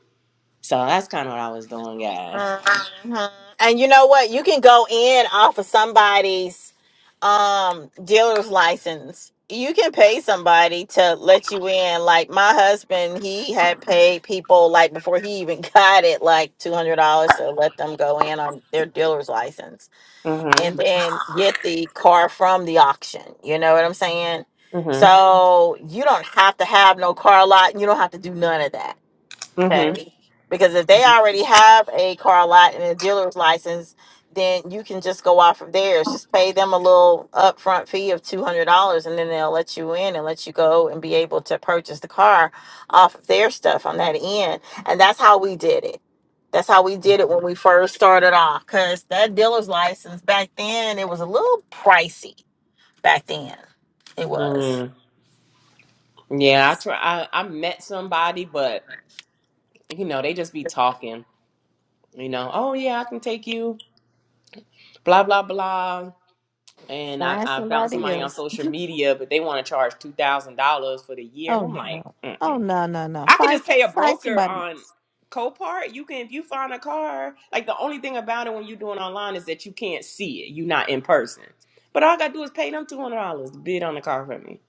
Speaker 2: So that's kind of what I was doing, guys.
Speaker 5: hmm And you know what? You can go in off of somebody's um dealer's license. You can pay somebody to let you in. Like my husband, he had paid people like before he even <laughs> got it, like two hundred dollars to let them go in on their dealer's license
Speaker 2: Mhm.
Speaker 5: and then get the car from the auction. You know what I'm saying?
Speaker 2: Mhm.
Speaker 5: So you don't have to have no car lot. You don't have to do none of that
Speaker 2: Mhm.
Speaker 5: Okay. Because if they already have a car lot and a dealer's license, then you can just go off of theirs. Just pay them a little upfront fee of two hundred dollars, and then they'll let you in and let you go and be able to purchase the car off of their stuff on that end. And that's how we did it. That's how we did it when we first started off. Cause that dealer's license back then it was a little pricey. Back then, it was.
Speaker 2: Mhm. Yeah, I try. I, I met somebody, but you know they just be talking. You know, oh yeah, I can take you. Blah blah blah. and I,
Speaker 4: Find
Speaker 2: I found
Speaker 4: somebody
Speaker 2: somebody on
Speaker 4: else.
Speaker 2: social media, but they want to charge two thousand dollars for the year, and I'm
Speaker 4: Oh
Speaker 2: like,
Speaker 4: no. Oh
Speaker 2: Mm-mm.
Speaker 4: no no no.
Speaker 2: I could
Speaker 4: Find
Speaker 2: just
Speaker 4: some-
Speaker 2: pay a
Speaker 4: find
Speaker 2: broker
Speaker 4: somebody
Speaker 2: on
Speaker 4: else.
Speaker 2: Copart. You can if you find a car. Like the only thing about it when you're doing online is that you can't see it. You're not in person. But all I gotta do is pay them two hundred dollars to bid on the car for me.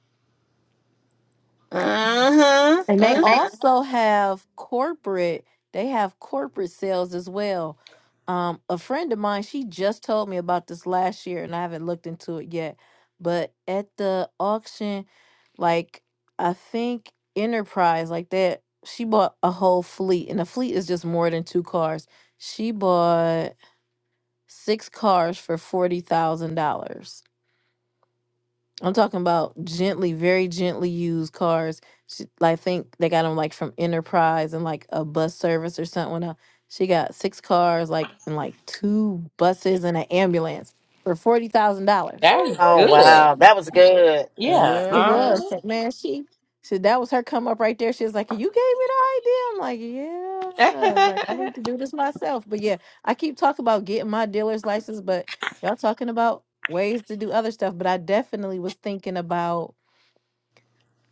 Speaker 4: And they
Speaker 5: Mm-hmm. hmm
Speaker 4: also have corporate. They have corporate sales as well. Um, a friend of mine, she just told me about this last year, and I haven't looked into it yet. But at the auction, like I think Enterprise like that. She bought a whole fleet, and a fleet is just more than two cars. She bought six cars for forty thousand dollars. I'm talking about gently, very gently used cars. She, I think they got them like from Enterprise and like a bus service or something. Uh, She got six cars, like and like two buses and an ambulance for forty thousand dollars. I'm
Speaker 2: That is
Speaker 4: like, what
Speaker 5: Oh
Speaker 4: the heck?
Speaker 2: good.
Speaker 5: wow, that was good.
Speaker 2: Yeah.
Speaker 4: It
Speaker 2: Uh
Speaker 5: Mm-hmm.
Speaker 4: was.
Speaker 2: huh.
Speaker 4: So, man, she so that was her come up right there. She was like, You gave me the idea. I'm like, Yeah. I was like, I
Speaker 2: <laughs>
Speaker 4: need to do this myself. But yeah, I keep talking about getting my dealer's license, but y'all talking about ways to do other stuff. But I definitely was thinking about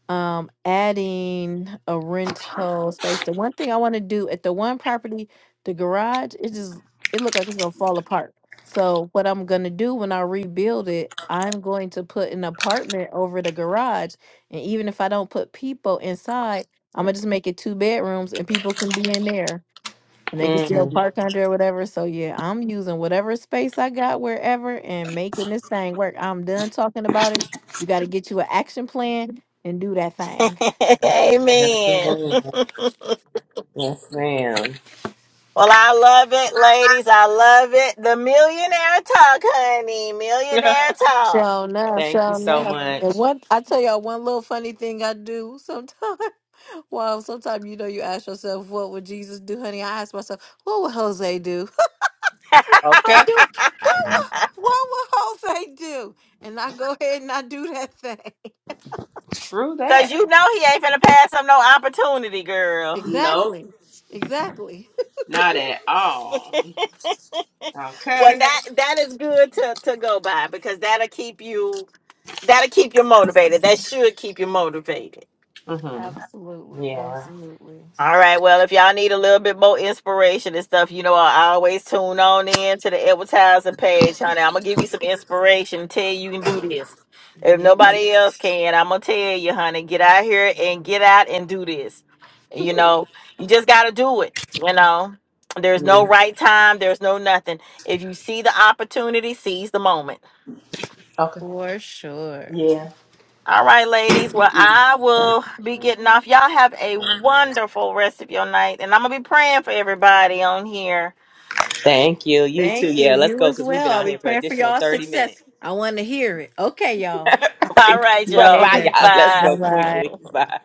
Speaker 4: um adding a rental space. The one thing I want to do at the one property, the garage, it just it looked like it's gonna fall apart. So what I'm gonna do when I rebuild it, I'm going to put an apartment over the garage. And even if I don't put people inside, I'm gonna just make it two bedrooms and people can be in there and they can still
Speaker 2: mm,
Speaker 4: Mhm. park under or whatever. So yeah, I'm using whatever space I got wherever and making this thing work. I'm done talking about it. You got to get you an action plan and do that thing.
Speaker 5: <laughs>
Speaker 2: yes,
Speaker 5: Amen.
Speaker 2: ma'am.
Speaker 5: <laughs>
Speaker 2: Yes, ma'am.
Speaker 5: Well, I love it, ladies. I love it. The millionaire talk, honey.
Speaker 2: <laughs>
Speaker 5: Millionaire talk.
Speaker 4: So enough,
Speaker 2: Thank you
Speaker 4: so
Speaker 2: so
Speaker 4: enough. And
Speaker 2: much.
Speaker 4: one, I tell y'all one little funny thing I do sometimes. <laughs> Well, sometimes you know you ask yourself, what would Jesus do, honey? I ask myself, what would Jose do? <laughs> I
Speaker 2: Okay.
Speaker 4: do. What would, what would Jose do? And I go ahead and I do that thing. <laughs>
Speaker 2: True
Speaker 5: Cause
Speaker 2: that.
Speaker 5: you know he ain't finna pass up no opportunity, girl.
Speaker 2: Nope.
Speaker 4: Exactly. Exactly.
Speaker 2: Not at all.
Speaker 5: <laughs> Well,
Speaker 2: Okay.
Speaker 5: that that is good to to go by because that'll keep you that'll keep you motivated. That should keep you motivated.
Speaker 2: Mm-hmm.
Speaker 4: Absolutely.
Speaker 2: Yeah.
Speaker 4: Absolutely.
Speaker 5: All right. Well, if y'all need a little bit more inspiration and stuff, you know, I always tune on in to the advertising page, honey. I'm gonna give you some inspiration and tell you you can do this. If nobody else
Speaker 4: Yes.
Speaker 5: can, I'm gonna tell you, honey, get out here and get out and do this. You know, you just gotta do it. You know, there's no
Speaker 2: Yeah.
Speaker 5: right time. There's no nothing. If you see the opportunity, seize the moment.
Speaker 2: Okay.
Speaker 4: For sure.
Speaker 2: Yeah.
Speaker 5: All right, ladies. Well,
Speaker 2: Mm.
Speaker 5: I will be getting off. Y'all have a wonderful rest of your night. And I'm going to be praying for everybody on here.
Speaker 2: Thank you. You
Speaker 4: Thank
Speaker 2: too. Yeah,
Speaker 4: you.
Speaker 2: let's
Speaker 4: You
Speaker 2: go
Speaker 4: as
Speaker 2: because we've
Speaker 4: well.
Speaker 2: been
Speaker 4: I'll
Speaker 2: on
Speaker 4: be
Speaker 2: here for an
Speaker 4: praying for
Speaker 2: additional
Speaker 4: y'all
Speaker 2: 30
Speaker 4: success.
Speaker 2: minutes.
Speaker 4: I want to hear it. Okay,
Speaker 2: <laughs>
Speaker 4: y'all.
Speaker 5: <laughs>
Speaker 2: Bye,
Speaker 5: All right, y'all.
Speaker 2: bye,
Speaker 4: Later.
Speaker 5: <laughs>
Speaker 2: y'all. Let's
Speaker 5: Bye.
Speaker 4: Bye
Speaker 2: go
Speaker 4: bye.
Speaker 2: quickly. Bye.